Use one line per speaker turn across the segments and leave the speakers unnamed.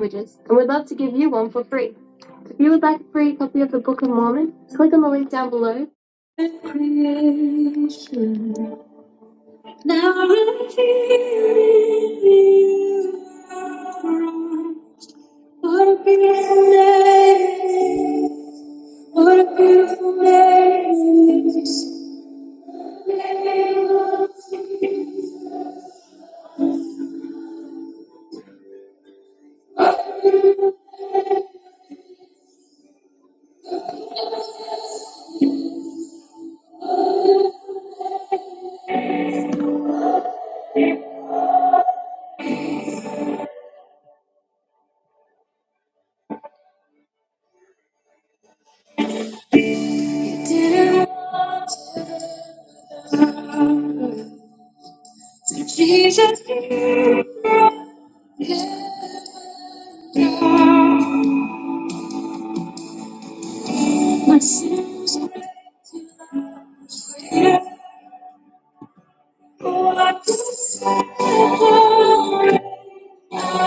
languages, and we'd love to give you one for free. If you would like a free copy of the Book of Mormon, click on the link down below. Creation. Now What a beautiful day. What a beautiful day. She didn't want to. So she just gave my sin. What to say? God,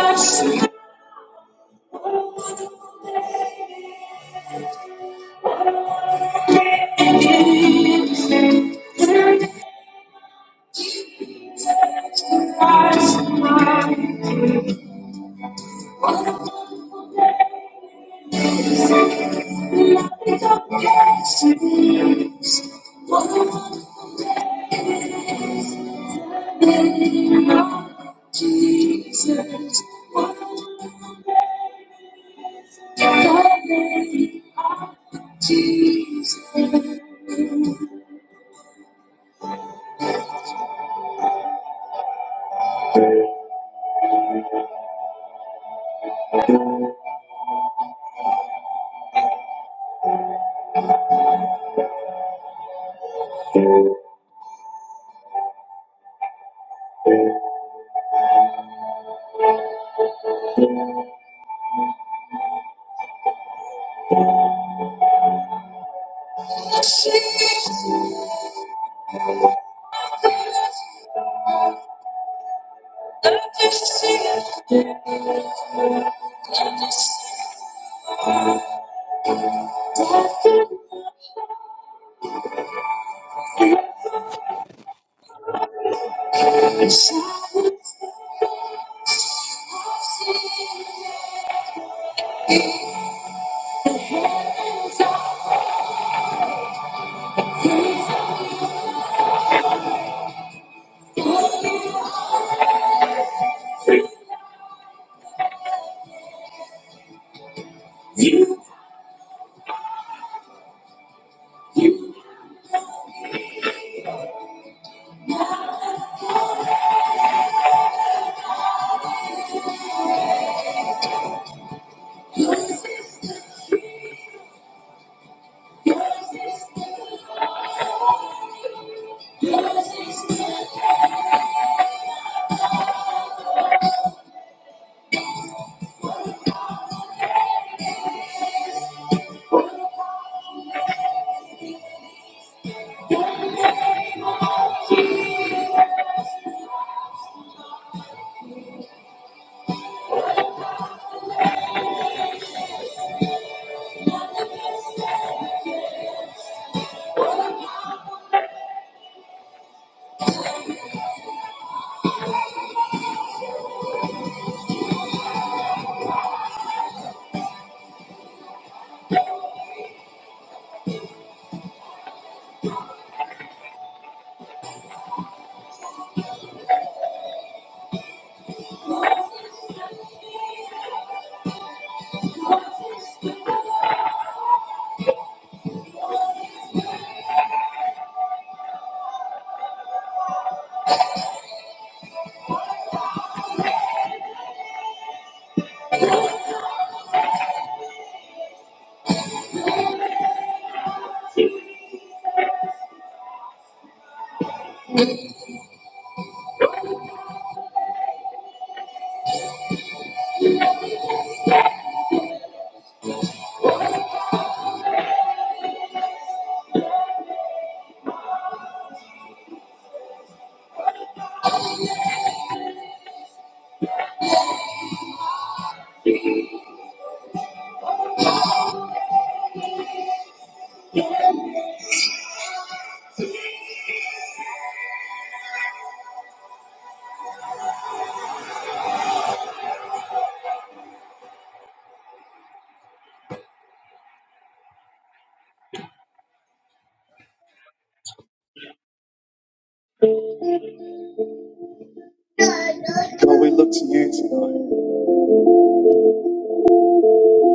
we look to you tonight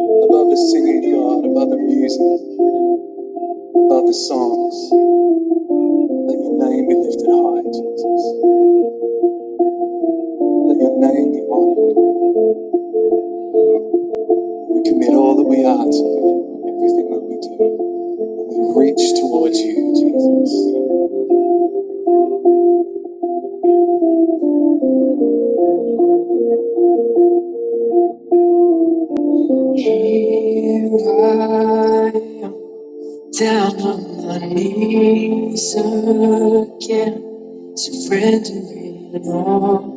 above the singing, God, above the music, above the songs. Let your name be lifted high, Jesus. Let your name be honored. We commit all that we are to you, everything that we do. We reach towards you, Jesus. Down on my knees again, surrendering all.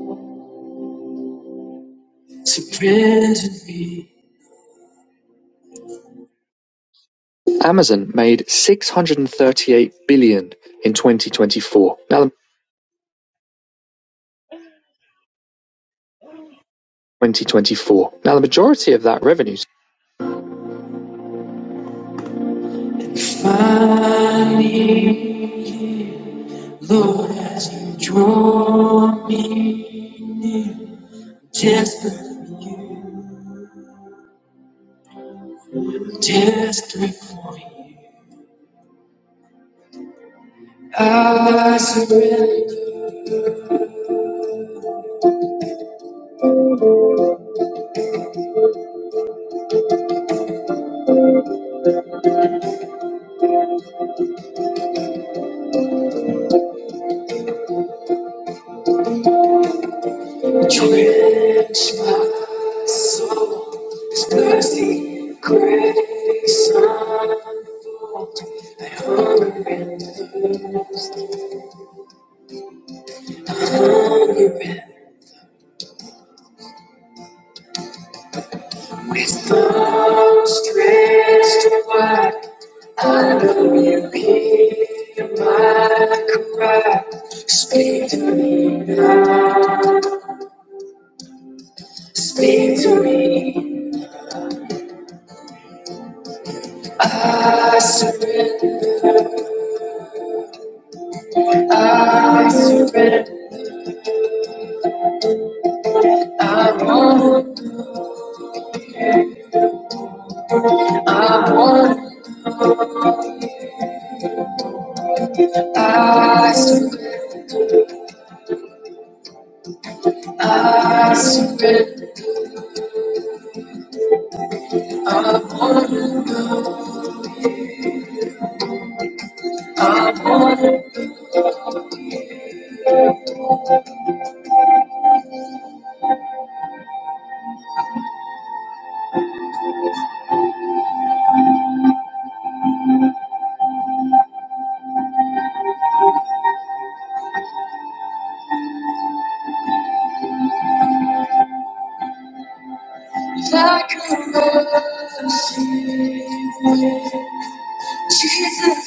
Amazon made six hundred and thirty-eight billion dollars in twenty twenty-four. Now the twenty twenty-four. Now the majority of that revenue With arms stretched wide, I know you hear my cry. Speak to me now, speak to me. I surrender, I surrender. Like a rose, Jesus.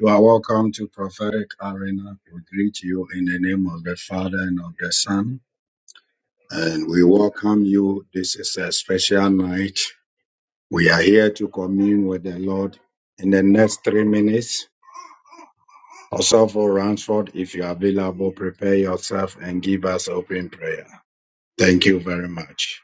You are welcome to Prophetic Arena. We greet you in the name of the Father and of the Son. And we welcome you. This is a special night We are here to commune with the Lord in the next three minutes. Also for Ransford, if you're available, prepare yourself and give us open prayer. Thank you very much.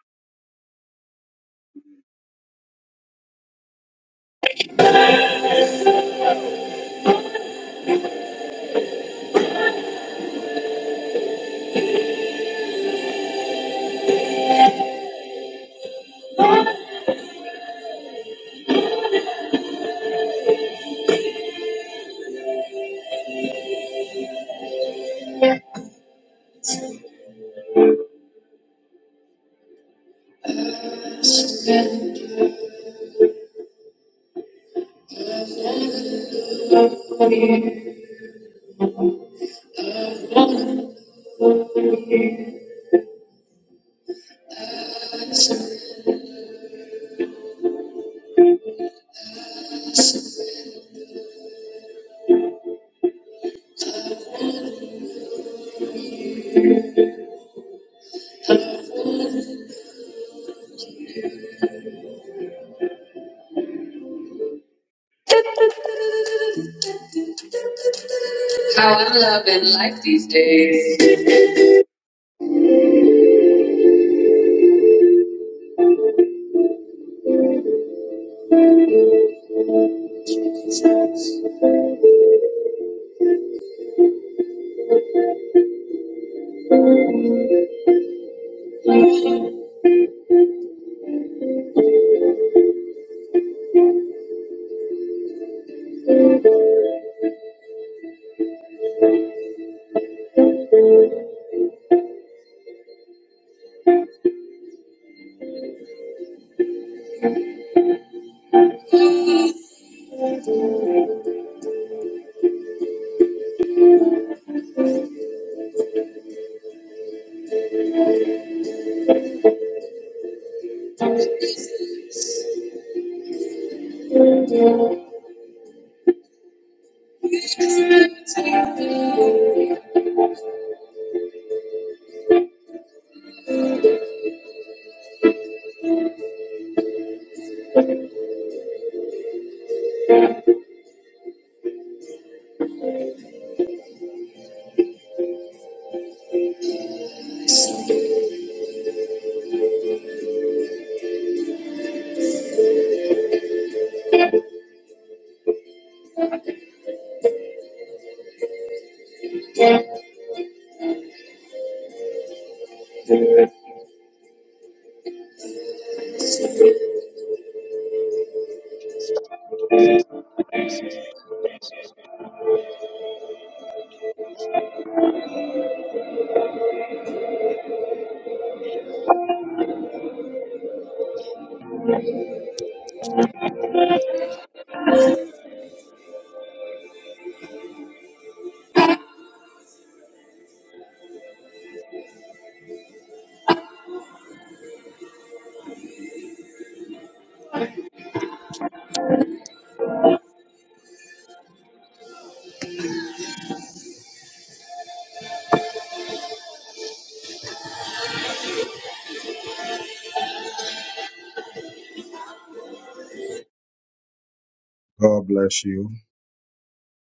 God bless you.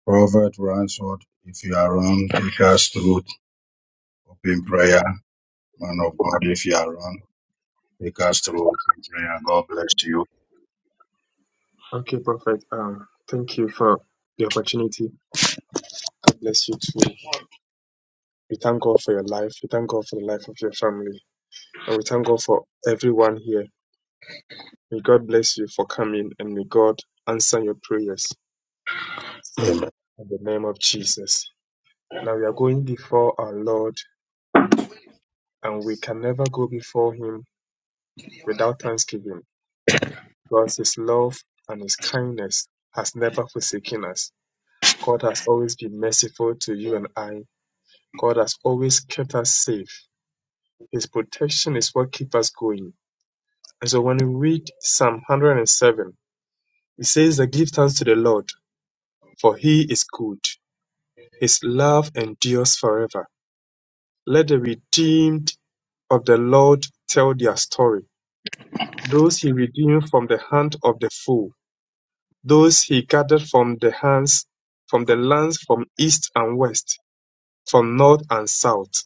Prophet Ransford, if you are around, take us through open prayer. Man of God, if you are around, take us through open prayer. God bless you.
Okay, Prophet. Um, thank you for the opportunity. God bless you too. We thank God for your life. We thank God for the life of your family. And we thank God for everyone here. May God bless you for coming and may God answer your prayers in the name of Jesus. Now we are going before our Lord and we can never go before Him without thanksgiving because His love and His kindness has never forsaken us. God has always been merciful to you and I. God has always kept us safe. His protection is what keeps us going. And so when we read Psalm 107, it says that give thanks to the Lord, for he is good. His love endures forever. Let the redeemed of the Lord tell their story. Those he redeemed from the hand of the foe, those he gathered from the hands, from the lands from east and west, from north and south.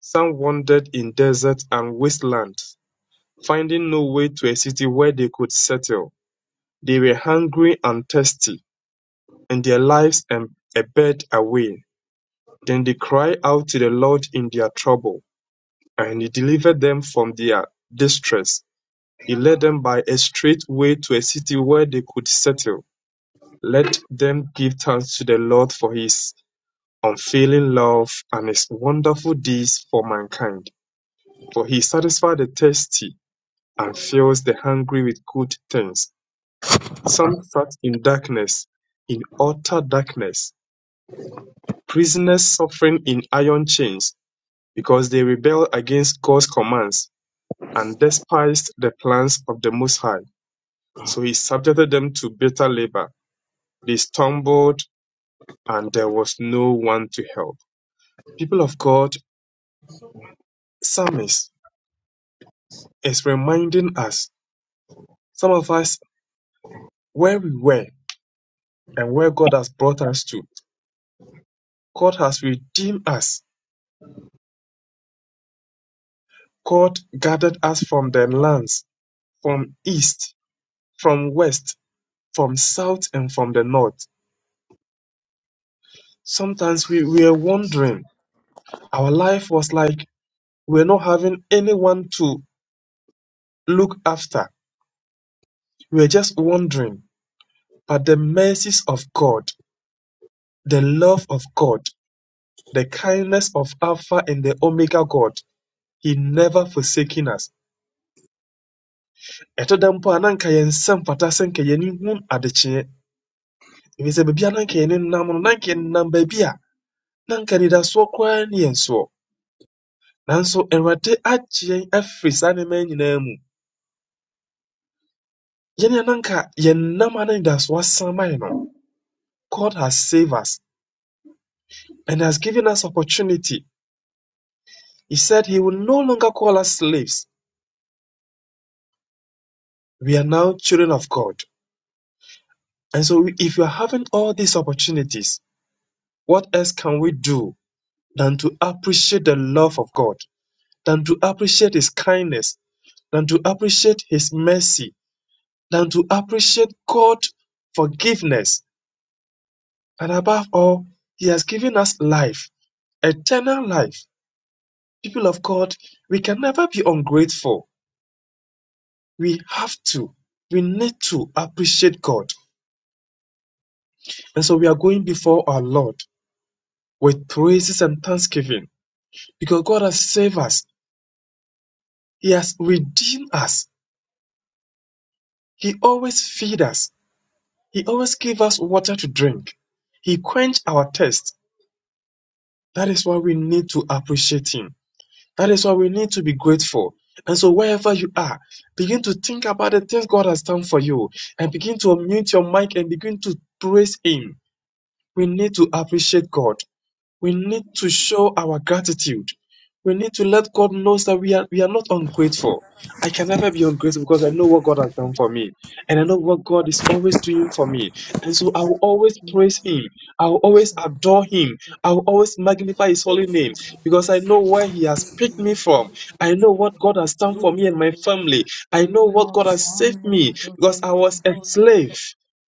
Some wandered in deserts and wastelands, finding no way to a city where they could settle. They were hungry and thirsty, and their lives ebbed away. Then they cried out to the Lord in their trouble, and he delivered them from their distress. He led them by a straight way to a city where they could settle. Let them give thanks to the Lord for his unfailing love and his wonderful deeds for mankind. For he satisfies the thirsty and fills the hungry with good things. Some sat in darkness, in utter darkness, prisoners suffering in iron chains because they rebelled against God's commands and despised the plans of the Most High. So he subjected them to bitter labor. They stumbled and there was no one to help. People of God, Psalmist is reminding us, some of us, where we were and where God has brought us to. God has redeemed us. God gathered us from the lands, from east, from west, from south, and from the north. Sometimes we were wondering Our life was like we're not having anyone to look after. We're just wondering, But the mercies of God, the love of God, the kindness of Alpha and the Omega God, He never forsaken us. ɛto da mpo a na nka yɛn nsa mfata sɛ nka yɛn ani hu adekyeeɛ ɛfiri sɛ baabi a na nka yɛn ani nam no na nka yɛnam baabi a na nka anidasoɔ koraa ne yɛn soɔ nanso awurade agye yɛn afiri saa nneɛma yi nyinaa mu Yɛne ananka yɛn nam anidaso asan no, God has saved us and has given us opportunity. He said He will no longer call us slaves. We are now children of God. And so, we- if you are having all these opportunities, what else can we do than to appreciate the love of God, than to appreciate His kindness, than to appreciate His mercy, than to appreciate God's forgiveness? And above all, He has given us life, eternal life. People of God, we can never be ungrateful. We have to, we need to appreciate God. And so we are going before our Lord with praises and thanksgiving because God has saved us. He has redeemed us. He always feeds us. He always gives us water to drink. He quench our thirst. That is why we need to appreciate Him. That is why we need to be grateful. And so, wherever you are, begin to think about the things God has done for you and begin to unmute your mic and begin to praise Him. We need to appreciate God. We need to show our gratitude. We need to let God know that we are, we are not ungrateful. I can never be ungrateful because I know what God has done for me. And I know what God is always doing for me. And so I will always praise Him. I will always adore Him. I will always magnify His holy name because I know where He has picked me from. I know what God has done for me and my
you, Lord.
family. I
Give
know
you
what
all
God
the
has saved
honor and
me because I was
adoration,
a
oh
slave
Lord,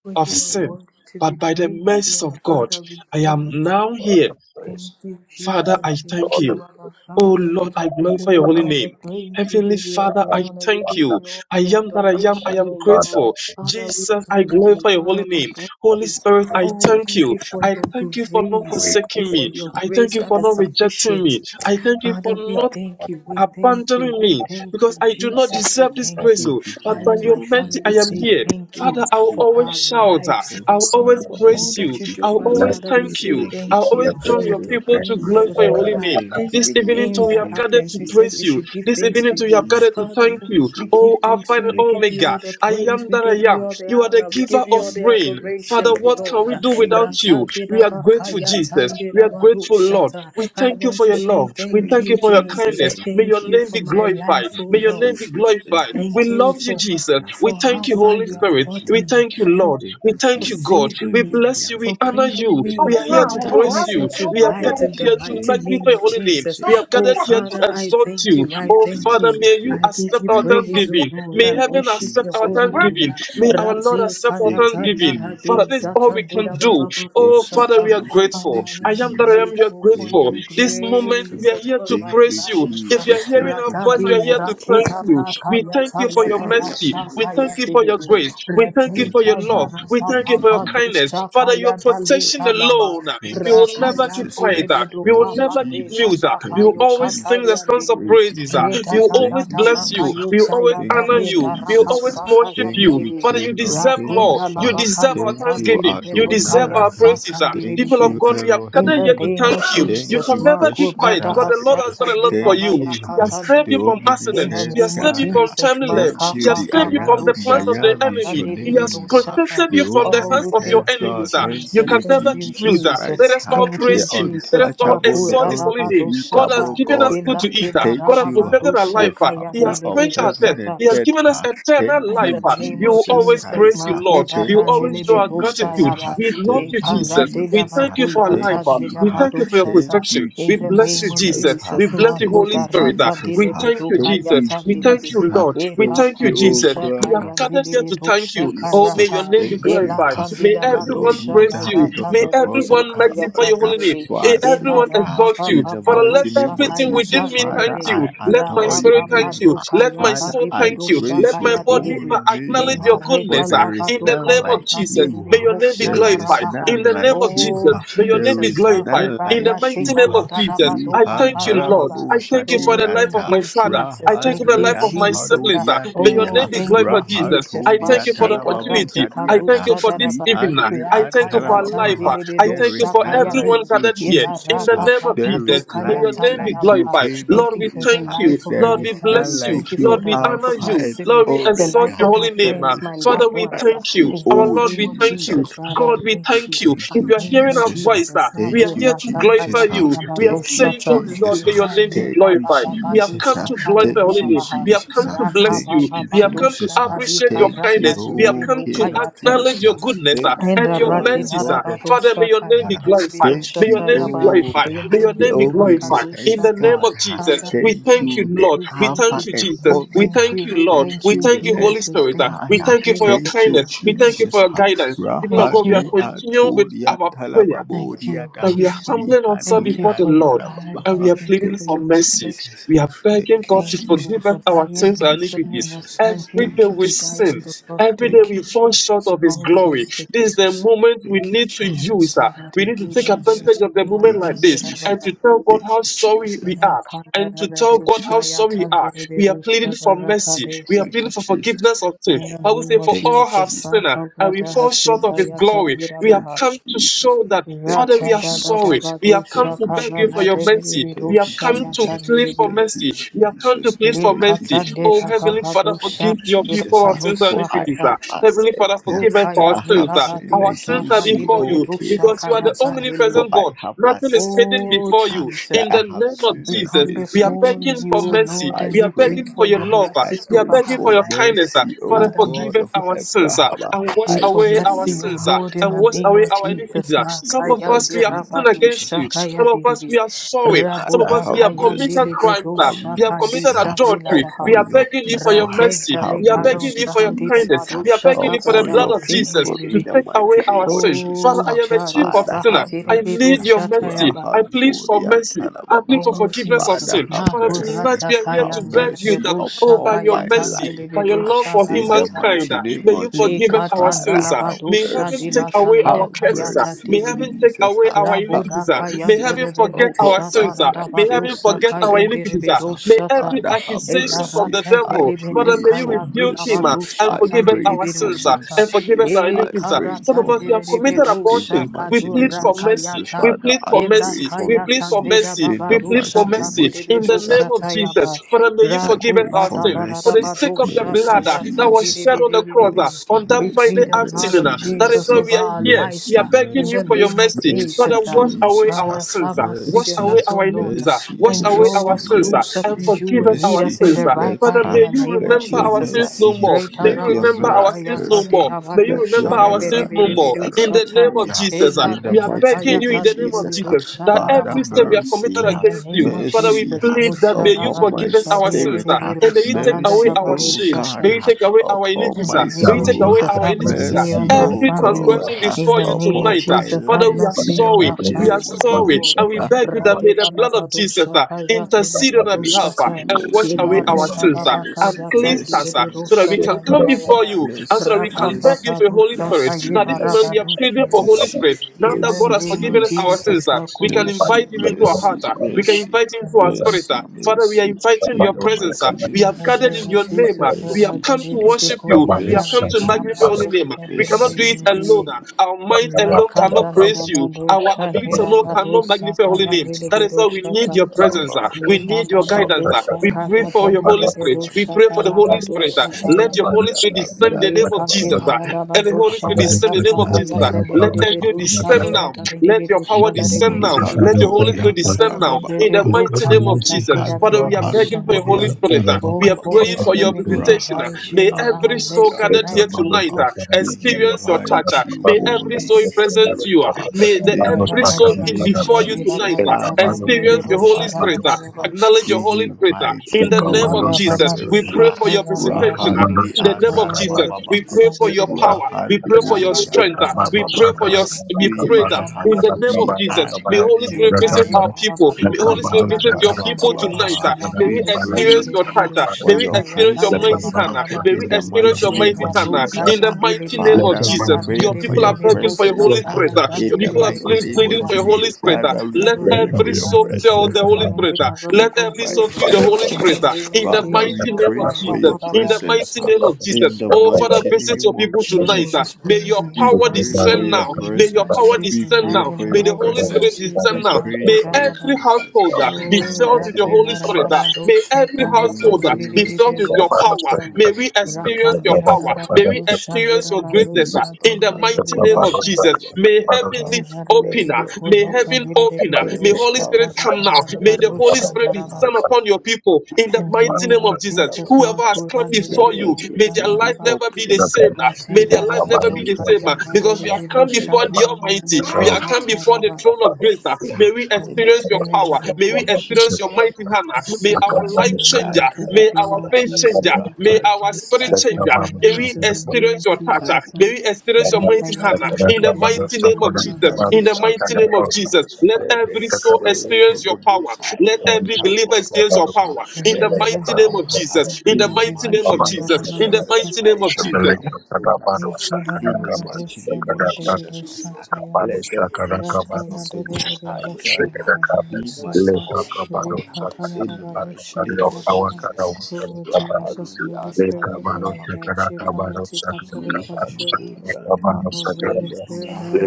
for
of
you are
sin.
worthy to be
But by the
praised,
mercies
Lord.
of God,
Father, we
I
thank
am
you.
now here
Thank you,
Father,
Jesus.
I thank
Thank
God
you,
the
you.
our
Oh
Father.
Lord, I
We
glorify
give
your
you
holy
all the
name.
praise. We
Heavenly
give you all
Father,
the
I
honor. We
thank
give
you.
you all
I
the
am that I am. I
Lord,
adoration,
am
oh
Father,
Lord.
grateful.
Father, we
Jesus, I
thank you.
glorify your
Father,
holy
we
name.
thank you.
Holy Spirit, I
Oh,
thank
thank
you.
you for
I
your
thank you for not
grace.
we
Thank you
forsaking
for
me.
your
I thank
grace
you
that
for
is
not rejecting
sufficient.
me. I thank you for
Father, we
not
thank you. We thank you.
abandoning
We
me
thank
because
you.
I do not
Jesus, we
deserve this
thank
grace,
you.
oh, but
I
by
and
your
my
mercy
family
I am
say
here.
thank you
Father, I will
for
always
our
shout, ah,
lives,
I
for,
will
how,
always
for all
praise
that
you,
you do
I will
for us.
always
Father, we
thank
say
you, I will
thank
always
you
join
for
your
the
people to
good, for
glorify your
the
holy
bad,
name. This evening too,
everything
we
that
have gathered
happens.
to
We said
praise
we should
you.
should give
This
thanks
evening
to
too, we
you.
have gathered to
Father,
thank
for
you.
we
Oh,
give
Alpha
thanks to
and
you. We give you
Omega,
all the
I
praise.
am
We
that
give
I
you
am.
all the
You are the
honor. We
giver
give you
of
all the
rain,
adoration,
Father,
O
what can
Lord.
we do without you? We are grateful, Jesus. We are grateful, Lord.
Ratadidabakayatandidabadoshata.
We
I
thank you
want
for
to
your
say
love. We
thank
thank
you,
you for your
Jesus.
kindness. May your
Thank you
name
for
be
my
glorified.
life, O
May your
Lord.
name be glorified. We
Thank you
love you,
for
Jesus. We
for how
thank you,
far
Holy
you have
Spirit.
brought
We
me,
thank you,
for
Lord.
Thank
We
you,
for
thank you,
Jesus.
God.
saving
We
Thank you,
me,
King
bless you.
of
We
for
Kings.
honor
bringing
you.
Thank
me
We are
you,
here
from
to praise
darkness
Jesus.
you.
into
We are
light
gathered
in
Thank
the
you,
here to
mighty name
magnify
Jesus.
your
of
holy name.
Jesus.
We
Thank
are
you,
Oh
gathered here
Jesus.
Father,
to
I
exalt
thank
you.
Thank
you. I
you,
Oh,
thank
Father,
you.
Jesus.
may you
Thank
I
you,
give
accept
you
our
praise,
thanksgiving
Jesus.
oh
thanksgiving.
Lord. I
May
Thank you,
heaven
worship
accept
your
our
Jesus.
holy
Thank
name.
thanksgiving.
you,
May our
Jesus.
Lord
Rate
accept our
Thank you,
kayata
thanksgiving. Father,
darade
Jesus.
this is
Thank you, Jesus. Thank
all
you,
we can
zatandela
Jesus.
do.
baba baba
Oh,
Thank you,
Father,
shata.
we are
Jesus.
Father,
grateful.
Thank you,
I
I am
am that I
Jesus.
am. You are
grateful for
Thank
grateful.
your
you,
This
Jesus.
moment,
grace
we are here
upon
to
my
Thank you, Jesus. Thank
my
you,
praise you. If you are
Jesus.
life.
hearing
Thank
our
you,
voice,
Ratadi,
we are here
Jesus.
to thank
Rakita,
you. We
Rakaya,
thank you for
Taya,
your
Thank
Baba,
mercy. We thank
Shakaya,
you for
Divi,
your grace. We thank you for
Ratika,
you,
your love. We
Jesus.
Rapa,
thank
Thank
you
you,
for your
Papa,
Jesus.
kindness. Father,
Shakaya,
your protection
Dalita, Laba,
alone.
Thank
We
you,
will never
Rakaya,
keep
Jesus.
quiet.
Dilibi,
We will
Thank you,
never
Dukapa,
keep
De,
mute
Jesus.
truth. ah.
Dapa,
Thank
You
you,
always sing
Jesus.
the
Yokataya,
songs of
Dilibi,
Thank you,
praises. ah.
Reda,
Jesus.
You always
Dada,
Thank you,
bless
Dabaka,
you.
Jesus.
You always
Yuchaya,
Thank you,
honor you.
Dareda,
You
Rapa,
Jesus.
always worship
Sakaya,
Thank
you.
you,
Dilibi,
Father, you
King of
deserve more.
Rapunda,
Kings.
You deserve
Labakaya,
our
Thank you,
thanksgiving.
Tandilibi,
You deserve
Nukaya,
Adonai.
our praises.
Satan,
ah.
Thank
People
Dilibi,
of
you,
God, we have
in
gathered
the
here to
Elohim.
name
thank
of
you.
Thank
You
Jesus,
can
you,
never
El
keep quiet
Makubrada
because
Shaddai.
the Lord has done
Hasata
a lot for
Thank
you.
Dirabaya
you,
He has
Kata
saved
the
you
Dilibi.
from
In the
accidents. He
Omniscient
has
name of
saved you
God.
from
Jesus,
timely
Thank
left. He
you,
has
Makaka
the I
saved you from
Am.
the
The
plans of
I
the
Kabarushata
Am
Yata
is your
enemy. He
Dilibi
has
name.
Rushata.
protected
The
you
whole
from the
Oh,
hands
we
of your
ministers,
thank you,
God,
enemies. ah. You
thank
Jesus.
can
you,
Thank
never
you,
keep
Jesus
mute. ah.
Jesus.
Let
Christ.
us
ah.
all
Thank you,
The
praise him. Let us
Jesus.
all
untouchable, the
exalt his
Makurada
holy name. God has
undefeatable
Badushata.
given us
God.
food
ah.
to eat.
Ilati
ah. God
Thank
has
Daraba
you, ah,
protected our
the
life.
Badushaka
ah. He
founder
has
of
Yadilibi
quenched our thirst.
heaven and
Dusata.
He has
earth.
given us
ah.
eternal
Thank
In
life.
the
you,
ah.
name
We
of
will
Jesus
always
Jesus,
Christ.
praise you,
ah.
Lord.
Makuda
We will
Thank you,
always
Ranele
show our
Bedosha
Jesus.
gratitude.
ah.
Yaba,
We love
E
you,
Thank you,
Jesus.
Paradela
We
Jesus.
thank
ah.
you for our
Makuyata
life.
Thank
ah.
you.
Dela
We
ah.
thank you for your
Thank
Badoshata.
protection.
you,
In
We
the
bless
name
you,
Jesus
of
Jesus.
Christ. ah.
We
Jesus,
bless you,
Thank
Holy
you,
Makuda
Spirit. ah.
Rata
Jesus.
We
ah.
thank
Delebedo
you,
Thank
Jesus.
you,
Kayata
We thank
Delebe,
Jesus.
you,
ah.
Lord.
E
We
Thank
thank
Papa
you,
you, oh
Jesus.
Dosha
We
God.
have
ah.
Kayan
gathered here to thank
Delebedosha
you. Oh,
Jesus, uh,
may your
Karata,
name be
thank you,
glorified.
uh,
May
Elatandila
Lord, all
everyone
Badusha
who
praise you.
died
Barata
on
May
the cross of
Delebedu
everyone magnify
Calvary
Kayatan
your
uh,
holy name.
Delebe
for
Eh,
our
Everyone
sake.
Enara
uh,
exalt
Papa
you.
In the
Father,
Papa
let
mighty
Dusha
name of
everything within
Kayatan
Jesus,
me thank
Father,
Delebe
you.
I
Let my
Rapa
adore your
spirit thank
Papa
name.
you.
Du
uh,
Let my
Kayatan
Father,
soul
I
Debedu
thank you. Let
praise
my
Shakaya
your
body
holy
Delebe
uh,
name.
acknowledge
uh,
your
For
Enareta
goodness. ah.
there is
In
Labadu
the
none
name of
Kayatan
like
Jesus,
you.
Delebe
may
uh,
your name be
There is
glorified.
Darabaha
In
none
the name
like
of
you.
Oh
Jesus,
uh,
may your name
There
be
Jesus
is
glorified.
Marku
none
In the
like
mighty
you.
name
Baratingala
uh,
of Jesus,
We
I
Dadabaduka
had
thank you, Lord.
Padaraba
Harababu
I thank you for
Oh,
Shadi
the
and
life of
thank
my
you,
father. I
Jesus.
thank
Father,
you
we
for
Thank
the life
bless
you,
Rahandli
of
your
life of
and
my
name. We
Jesus.
honor
siblings.
Ah,
you
ah. May your
Harodiadi.
tonight.
Oh,
name be
thank you,
glorified, Jesus.
Jesus.
I thank
Rahantulia
Thank
you
you,
for the
Masheda
Lord.
Talababu
rate
Thank
opportunity.
you,
I
Lord.
thank
Thank
Shadiata
you
kadosha
you,
for
Lord.
this
daraba.
evening. ah.
Rihandri
I thank you for
Rakaya
our life.
Antalababa.
ah.
tandelebe
I
no
There
thank you
is
for
shakaya
none
everyone
be.
like you,
gathered here. In
Jesus.
the
ah.
Imarapa
name of
papa
There
Jesus,
is
Allah
may
dokaya
your
none
Sahad
name be
like you,
tadaraba.
glorified.
King
Ibrahim
of
Lord,
Thank you
we
for
Kings.
the
thank
ah.
you.
life of
There
Allah
Lord,
my
is
we
sahat
family.
none
bless you.
Thank
like
you for
you,
Lord,
the
we
ibrada
life
honor
bakla
of
Alpha
my
you.
and
Lord,
siblings,
we
the
exalt
life
Omega.
your
of my
holy name.
There
friends,
ah.
my
is none
Sakara
Father,
loved
we
like
ones.
Yandala
ah.
thank you.
you,
In the
Our
oh
Lord,
name
we
of
Jesus.
thank
ah.
you.
Jesus, God, I
God, we
thank
thank
you.
you.
Thank
I
If
you,
you are
thank
hearing
you,
our
Jesus. Ah,
voice,
Jesus.
ah, we
Nado
are
Thank you,
here to
rata kaya
glorify
Jesus. Ah,
you. We
tarabado
are
Thank you,
saying,
shata.
Oh Lord,
Jesus.
may
Ah,
your name be
Inande
Thank you,
glorified. We have
Yakara
rabababado
Jesus.
come
Ah,
to
shakaya
glorify your holy
Thank you,
name.
dirabaha.
We have
Jesus.
come
Ah,
to
Raka
bless you.
Thank you,
We have
bababado
come to
Jesus. Ah,
Allah
appreciate
shabadika
your
Kata
Thank you,
raka
kindness. We have
dilebe
O
come
no
to
King of
kayate.
Kings.
acknowledge your
Ah,
goodness ah,
Thank
In
and
you,
the
your
Radin
O
Yavia
mercy, sir.
God of
Father,
Harabadosha
may your name be
God.
Kayanda
glorified.
Thank
May your
you,
name be
Shatayaba,
oh,
glorified.
the
in
May
the
your
the
name be
all
glorified. In
omniscience
the name
Nirakadoshata.
God.
of
ah.
Jesus,
Father,
we
we
Thank
thank
thank
you,
you,
you,
the
Lord.
we
We
thank
Alpha
thank
you,
you,
and
Jesus.
we
We
thank
Omega.
you,
thank you,
we
Lord.
thank
Thank
We
you,
you, the
thank you, Holy
H.
Jesus,
Spirit. ah.
thank
I,
We
you,
ah.
thank you for your
Jesus,
Thank you,
kindness.
thank you,
We thank you for
Jesus.
your
ah.
guidance. People of
thank
God, we are
Rahadli
you,
continuing with
Antonia
our prayer
thank
Talababodia.
you,
that we are
Jesus.
humbling ourselves
Thank
Rehadli
you
before the
for
and
your
Lord
Talababa.
and
ah.
we
guidance,
are
thank you
pleading
for
Thank
for
your
you,
mercy.
protection.
Jesus.
We
ah.
are begging
Thank you,
God
Thank
to
you
forgive
Jesus.
us
for
our
dying
sins
Thank you,
and
and sending
iniquities.
your
Jesus.
son
Every day
Thank
Jesus
you,
to
we
die
sin.
on the
Jesus.
cross
Every
for
day
us.
Thank you,
we fall short
Jesus.
of His
Oh
Thank
glory.
you,
Jesus.
This is the
Jesus.
moment we
Thank you,
need to use.
Jesus.
that.
Amen.
We need
Thank
to
you,
take advantage
Jesus.
of the moment
Thank you,
like this
Jesus.
and to tell God
Thank
how
you,
sorry
In
Jesus.
we are and to
the
tell God how sorry we are. We are pleading for mercy. We are
Thank
pleading
you,
for
Jesus.
forgiveness of sin. I will
name
say,
of
for
Thank you,
all have
Jesus,
Jesus.
sinned
Maka
uh, and we fall short of
Hasika
His
Jesus.
Yatan
glory. We have
Thank
Hirabaha.
you,
come to
Jesus.
show that,
Thank
Father,
you,
we
Rata
are
da da da
sorry.
Jesus.
ba
We have come
Thank
to
you,
beg you for
kabara
your
de
Jesus.
de
mercy. We
Thank
have
you,
come
Jesus.
to
yatan de
plead for
Thank you,
mercy. We have come to
Jesus.
plead for
Thank you,
mercy.
Likatan de
Oh,
Jesus. Uh,
Heavenly
rababa
Father,
Thank you,
forgive your people
Jesus.
our
Uh,
sins and
For I
iniquities.
hata.
ah.
have
Heavenly
accepted
Father, forgive us
that
for our
Ukaya
I
de
sins.
have
ah.
sinned
Our sins are
against
and de
you,
before
O
you
King of
because you are the
Kings.
kayatan
Uh,
de
For
omnipresent
I
God.
have
Nothing is hidden
Oh
accepted
before
uh,
you.
that
In
Jesus,
I
the
have
name of
sinned
We
Jesus,
come
against
we are
you,
before
begging
you,
for
Jesus. Uh,
mercy.
Lord,
I
and
We are
we
pray,
begging
plead
for
for
your
your
uh,
love. ah.
I
mercies
We are
over
pray
begging
our
for
for
your
lives.
kindness, uh,
mercy,
Father,
O
Father,
forgive
God
us
of
mercy,
our sins uh,
Abraham.
and wash
plead
I
for
away
pray
our
mercy,
you
O
sins
uh,
uh,
Lord, in
and
the
for
wash
name
away
of
our
mercy,
Jesus.
iniquities. uh. Some
your
of us
Makayandi
mighty
we have
name
sinned
of
rabadu
against
Jesus.
you.
shakaya
Some of us
diribi.
we are sorry. Some of
Father,
us
Rabuda
we
have
have
kayandi
committed
mercy.
crimes.
libedo
uh,
Have
We have
shaka
committed
mercy ah,
adultery.
disabilabaha.
We
upon
are
your
begging you for
people.
your
ah.
Rate
mercy.
Have
dale
We are
karon
begging
mercy,
you for your
sahandi
kindness.
Jesus, ah,
lebado
We are begging
shaka
you for the
upon
brada
blood
your
of Jesus
hasihindi
people
to
in the
libihi.
take away
mighty
our
name of
sin.
Jesus.
Father,
O
I
ah.
am a chief
jaro
of
Father,
sinner.
have
sahatire
I
mercy.
bedo
need
ah.
your mercy.
shatayaba.
I
Rahan
plead for
Furi
mercy.
Antana
I
Baba,
plead for
ah.
Oh
forgiveness of
Father,
Jesus,
sin.
have
Father, tonight
mercy.
Makurata
we are here
Have
to
Kayan
beg you
mercy
that Oh,
Delvedosha
by
upon
your
my
Kayatan
mercy,
life.
by your
ah.
love
Delvedosha
for
In the
humankind,
mighty
ah,
Bayatayaba
name
may you
of
forgive us
Jesus,
our
Father,
sins. ah.
have
May
Lekatandalavadosha
heaven
mercy.
take
Dilata
away our
Lida
Have
curses. ah.
Kayata
mercy,
May heaven
Dilibihi
take
Jesus.
away
ah.
our
Have
Rabuda
iniquities. ah.
Kayan
May
mercy
heaven forget
upon
our
Delvedosha
my
sins. ah. May
life in
heaven
the
Tanadavadosa
forget
mighty
our
name
Kayan
of
iniquities. ah.
Jesus. Uh,
May
Delvedosha Ta
every
Father, have
Ela
accusation from
mercy.
the
Rata
I
devil,
Delimino
Father,
prayed
may you
for
Kayan
rebuke him
mercy.
ah, and
Dilavadosha
I
forgive
Tan
us
prayed
our
for
sins
Delivedosha
ah,
Ta
and
mercy.
forgive us our
E
I
iniquities. ah.
prayed
Some of
for
Karatan
us, we have
mercy
committed
in the
Delvedosha
abortions. We
mighty
plead
name
Kadura
of
for
Jesus.
mercy. We
Kayata
Father,
plead
I
for
prayed
mercy.
for
We plead
Enakayata
for
mercy
Neda
mercy.
in
Baba
the
We plead for
mighty
Dushata
name of
mercy in the
Jesus. Ah,
name of Jesus.
Nidibidusatayaba
Father, Father, May You
I
forgive us
Rakuba Dadadaba Dusha ta yaba. Raku
pray
our
ba
for
da
sin
da da
for
da
the
mercy,
ba
sake of the
dusha
mercy,
blood uh, that
Kayata
was
Jesus.
shed
ah.
on the cross uh,
Nidibidibidibi.
Mercy,
on that
We
Friday
mercy,
plead the blood
afternoon.
mercy,
of
uh. That is
Jesus
why
mercy,
over
we are
our
here. We
lives
are
uh,
mercy,
begging
in
you
the
for
mercy,
your
name of
mercy. Father,
mercy,
Jesus.
wash away
Jesus.
our
ah.
Father,
sins.
have
uh, Wash
mercy on
away
Mercy,
us, O
our
Lord,
iniquities. uh,
mercy,
Wash
and
away
draw
our
mercy,
us
sins uh,
closer
and
mercy,
to you
forgive us
and lead
our
mercy.
us in
sins.
the
uh,
right
Let
Father,
path in
may
her,
the
you
name of
let
remember
your
our
Jesus.
sins no
mercy,
more. May
Reta
you
let your
remember our
rabasuka
sins
yata
no
miracles,
more.
ah,
May
dirabadu
you
let your
remember
shara
our
bere
sins no
bere
miracles
more.
beru
In the
around
name
shata.
me.
of
ah.
Jesus, ah,
Ela
In the
we are
reta
mighty
begging
name
you
kayata
in
of
the name of
Jesus, ah.
diribiru
Jesus that
shata
Father,
every
rabaha.
sin we have
mercy,
committed
In
ah.
the
against you,
name of
Father, we
mercy.
Jesus,
ah
plead that may you
upon
Musharabadu
my
forgive us our sins
spirit,
ah,
have
and
Shadiribiru
may you take away
mercy,
our
Sahandarabadu
O
shame.
God,
Shata.
May you
have
take away our
upon
In
iniquities.
the
ah.
my
name
May you
of
take
soul,
away
Jesus,
our
have
have
iniquities. uh,
mercy
mercy,
on our
O
every
family.
God,
transgression
have
In
before
the
you
name of
upon
tonight. uh,
my
Jesus, have
Father,
life
we are
in
mercy
the
on
sorry.
our
mighty
We are
name
family.
of
Oh
sorry.
Lord,
Jesus.
And we beg you that may
Rade
the
da da
blood
da
of
do
Jesus uh,
shaka ya di da
intercede
da
on our
do sa
behalf uh,
Mercy,
sa.
and wash
mercy,
Ila
away
re
our
mercy,
da
sins
da
uh,
ba ka
mercy,
and
ya
mercy,
ta
cleanse
di le
mercy,
us
mercy,
uh,
bi do
so that
sha
we
ta
can
ya
come
ba ya
mercy,
before
ba.
you and so that
Ra
we
pa
can
pa
beg you
mercy,
pa
for
do
mercy,
Holy
sha ka
Spirit.
ye
Now,
da
this
ra
moment
ba
we
mercy,
are
do shi
pleading
le
for
de
Holy
bi.
mercy,
Spirit. Now
In
that
the
God
mercy,
has
name of
forgiven us our
Jesus.
Jesus,
sins, uh, we can
Makurata
Mercy,
de
invite Him into our heart.
mercy,
uh,
Revelation.
We can
mercy,
invite Him into our spirit.
mercy,
ah. Father, we are
mercy,
inviting
in
your
the
presence. ah.
mighty
We
In
name
have
of
the
gathered
name
in
of
your
Jesus.
name. ah.
Jesus,
We have
Mercy,
Radha
come to
Dede
Jesus.
worship you.
Koya
We have come
Mercy,
to
Sandila
magnify your
Jesus.
holy name. ah.
Labadosha
We
Viri
cannot do
Viri
Mercy,
it
Viri
alone.
Viri
ah. Our mind alone cannot
Rakada
praise you. Our
Labadosha
ability
Nira
alone cannot
Badosa
magnify your holy
Kaya
name.
Viri
That is why we
Vidosha
need
Ka
your presence. ah. We
Liba
need your guidance. ah.
Babadosha
We
mercy.
pray for
Karata
your Holy
Nira
Spirit. We
Vidosha
pray for the
Hanyan
Holy Spirit. ah.
Karabadosa
Nababu
Kaya
Let your
Ba
Holy
Yada
Spirit descend in
Lavia
the
Le
name of Jesus.
katina
Talababa
ah.
la la la
And the
do
Holy Spirit
shava
descend
ya
Rahati
in the name of Jesus.
kakaya
ah.
sendiri
Let
de be
Atalababa
angel
do
descend
shava
now
da de de
let
be
your
do
power
shava de be
descend
de
we
now.
be de be
Let your
Rihanto
Holy Spirit descend
ra
Yantala Baba
de
now.
be
In
be
the
Baba
do
mighty name
kaya
of
ta
We
de
Jesus.
da da
Father,
ba
Rihanri
we are
do
begging for
Anho
shana
your
de
Holy
be.
Spirit. uh,
Yantala Baba
We
Oh
are
Holy
praying
Baba
for your
Spirit, we
visitation. uh,
invite you
Rahanri
May
in our
every
Anho
soul
midst
gathered
Yantala
here
tonight,
tonight
Baba
uh,
Guru.
We
experience your touch.
invite
uh,
you,
May every
Holy
soul present to you.
Spirit,
uh,
uh,
May the
in
Da
the
da
every
da
soul
da
mighty
da
in
do
name of
before you
da
tonight
Jesus.
ba ya
uh,
ka
Father,
ta de
we
be
experience
do
your Holy
invite
shava da
Spirit.
ba
you.
uh,
da
uh,
ba.
Acknowledge
We
your Holy Spirit. uh,
invite
In
you,
the name of
Limala
Holy
Jesus, we
Spirit.
babadusha
pray
uh,
for your
kayanda
visitation. uh,
Rahanri
in
rabadusha
the name of
Antala
Jesus,
Baba
we
tayandelebusha
pray
Baba
for your
belebe.
power. We pray
Rahanto
for your
Labala
strength. uh,
Yantala
We pray for
Baba
your.
babababadusha
We
we
pray
kadirada
that
have,
in the name
rabadusha
we
of
ta.
Jesus, may
honor
Holy
your
Spirit visit
name.
our
Limarina
people. May
babaduka
Holy
We
Spirit
have,
visit your
yapalosha
people tonight.
nirabama
uh, May
we
we
babadusha
experience
prayed
your touch. uh,
nirebirusha
for
May we
your
kaya
experience your
kaya
mighty
presence
hand.
ah,
uh,
babababa.
May
in
we
the
experience
mighty
your
name
mighty
of
hand.
Rebabu
uh, In
Jesus.
the
ah.
mighty name of
Father,
katandilebirusha
we
Jesus,
pray
your
for
people
your
are begging for your
tarirelebirusha
Holy
presence ah,
kaya
Spirit. uh,
in
Your
the
people are
mighty
ple-
kandirelebirusha
name of
pleading
ta.
for your Holy
Jesus.
Spirit. uh,
Holy
Father, we
let
Spirit, we
pray
every
for your
soul
invite you
feel the
to
presence
Holy
come and
Spirit.
take
ah.
absolute
Let
in the
every
control
soul feel
mighty
the
name of
Holy
in
Spirit.
Jesus.
the
ah.
name
In
of
the
Father,
Jesus.
we
mighty
My
name of
pray
God,
for
my
Jesus.
your
God,
In the
about you.
presence
mighty
huh?
name of Jesus.
in the
Oh, Father,
mighty
visit your
name of
people
Dear
tonight. ah.
Holy
Jesus. huh?
May
Spirit,
your
we
We
power
pray
invite
descend
for
you,
your
now.
we
May your
presence.
invite
power
you
We
descend
pray
tonight
now.
in
for
the
May
your
the
mighty
Holy
name
Spirit
of
presence.
descend
We
Jesus.
now.
My
pray
May
God,
for your
every
about you.
presence
household ah,
in
be
the
Oh,
filled
mighty
with your
name
Ratina
Holy
of
Spirit. ah.
Jesus.
May
Rabadosha,
every
In the
Kayatan,
household ah,
mighty name
be
of
filled with your
Jesus.
power.
Diribirosata,
In the
May we
mighty name
experience
of
your
Rakandira
your
Jesus.
power. May we
Rabadosha,
experience your greatness ah,
Nirabanosha,
in the mighty
Rahani
name of
ad
Tinaribirosha.
Jesus. May
In
heaven
Rabababaha.
open.
Let
the
ah.
your
May
power,
heaven
huh?
open. ah.
let
May
the
Holy Spirit
house, huh?
come now. May
let
the
the
Holy Spirit
house. huh?
descend upon your people in the
We
mighty
name
name
of
of
had
Jesus.
Jesus,
Whoever
Baba.
has come
Makura
Let
before
May
you,
their
Niribino
may their
everything be
life
Shandaraba,
never be the
open
same. ah.
life never be
in
May
the
their
the
life
same.
Ratendaraba,
never
mighty
be
May
the
name of
same ah,
Lokayana
Jesus.
because we have
Niribino
come
Let
before
them
the
Shandaraba,
Almighty.
Nabari
We have come before the
Satayaba.
throne
be
of grace. ah. May
open
we
in
Holy
experience
the
your
Spirit,
mighty
power.
we
name
May we
of
invite you.
experience
Jesus.
your mighty hand. May
We
Accept me
our
had
life changer.
tonight in the
the
May
name
our
of
Baba.
faith
Jesus.
changer. May
Rahad
our spirit
Visit me
changer. May
tonight
the
we
in the name
experience
of
your touch.
Baba.
Jesus.
May we experience your
We
mighty hand.
Rakayata
have
In the
Niribino
mighty name of Jesus. In
you, Lord
the mighty
Shandaraba,
name of Jesus. Let
Let the
every soul
spirit
experience
of the
your power.
Most High
Let
God
every
come
believer experience
upon
your
us. ah.
power.
Oh
In the
Let
Jesus,
the
mighty name
power
of
Holy
ah,
Jesus. In the
in the
mighty name
mighty
of
name
Jesus.
of
In the
Jesus
mighty name of
Christ ah,
Jesus.
come upon us. ah. In the mighty name of Jesus Christ, ah. let the blessings of the Most High God ah, be my portion. ah. In the mighty name of Jesus. ah. Rahalu bi an
Spirit, we
harababa
invite you come and take absolute
we have
control.
and her.
Come, oh,
Let
Holy
the
Spirit,
power,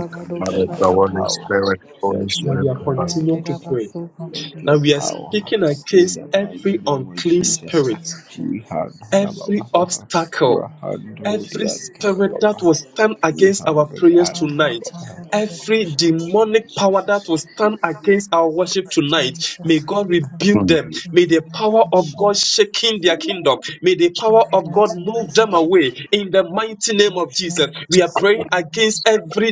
let the power, let
Now
your
we are
Rakaya,
continuing to
miracles, uh,
pray.
let your
Now we are
power
speaking
in
against
the mighty
every
name of
unclean
in the
Jesus. uh,
spirit.
name of
We have
Jesus.
every
Halababa,
Jesus,
we
obstacle,
handle
every
the
spirit that
Antalababa,
will stand
we
against our
handle the
prayers tonight.
Antalababa
Every
in the mighty name of
demonic power that
Jesus.
will stand against our worship tonight, may God
we come
rebuke them.
in
May
the
the
name
power
of
of
Jesus,
God shake in their kingdom. May the
in
power
the
of God
mighty name
move
of
them
Jesus.
away in the mighty name
Thank
of Jesus.
Lord, for saving
We are
us. In
praying against every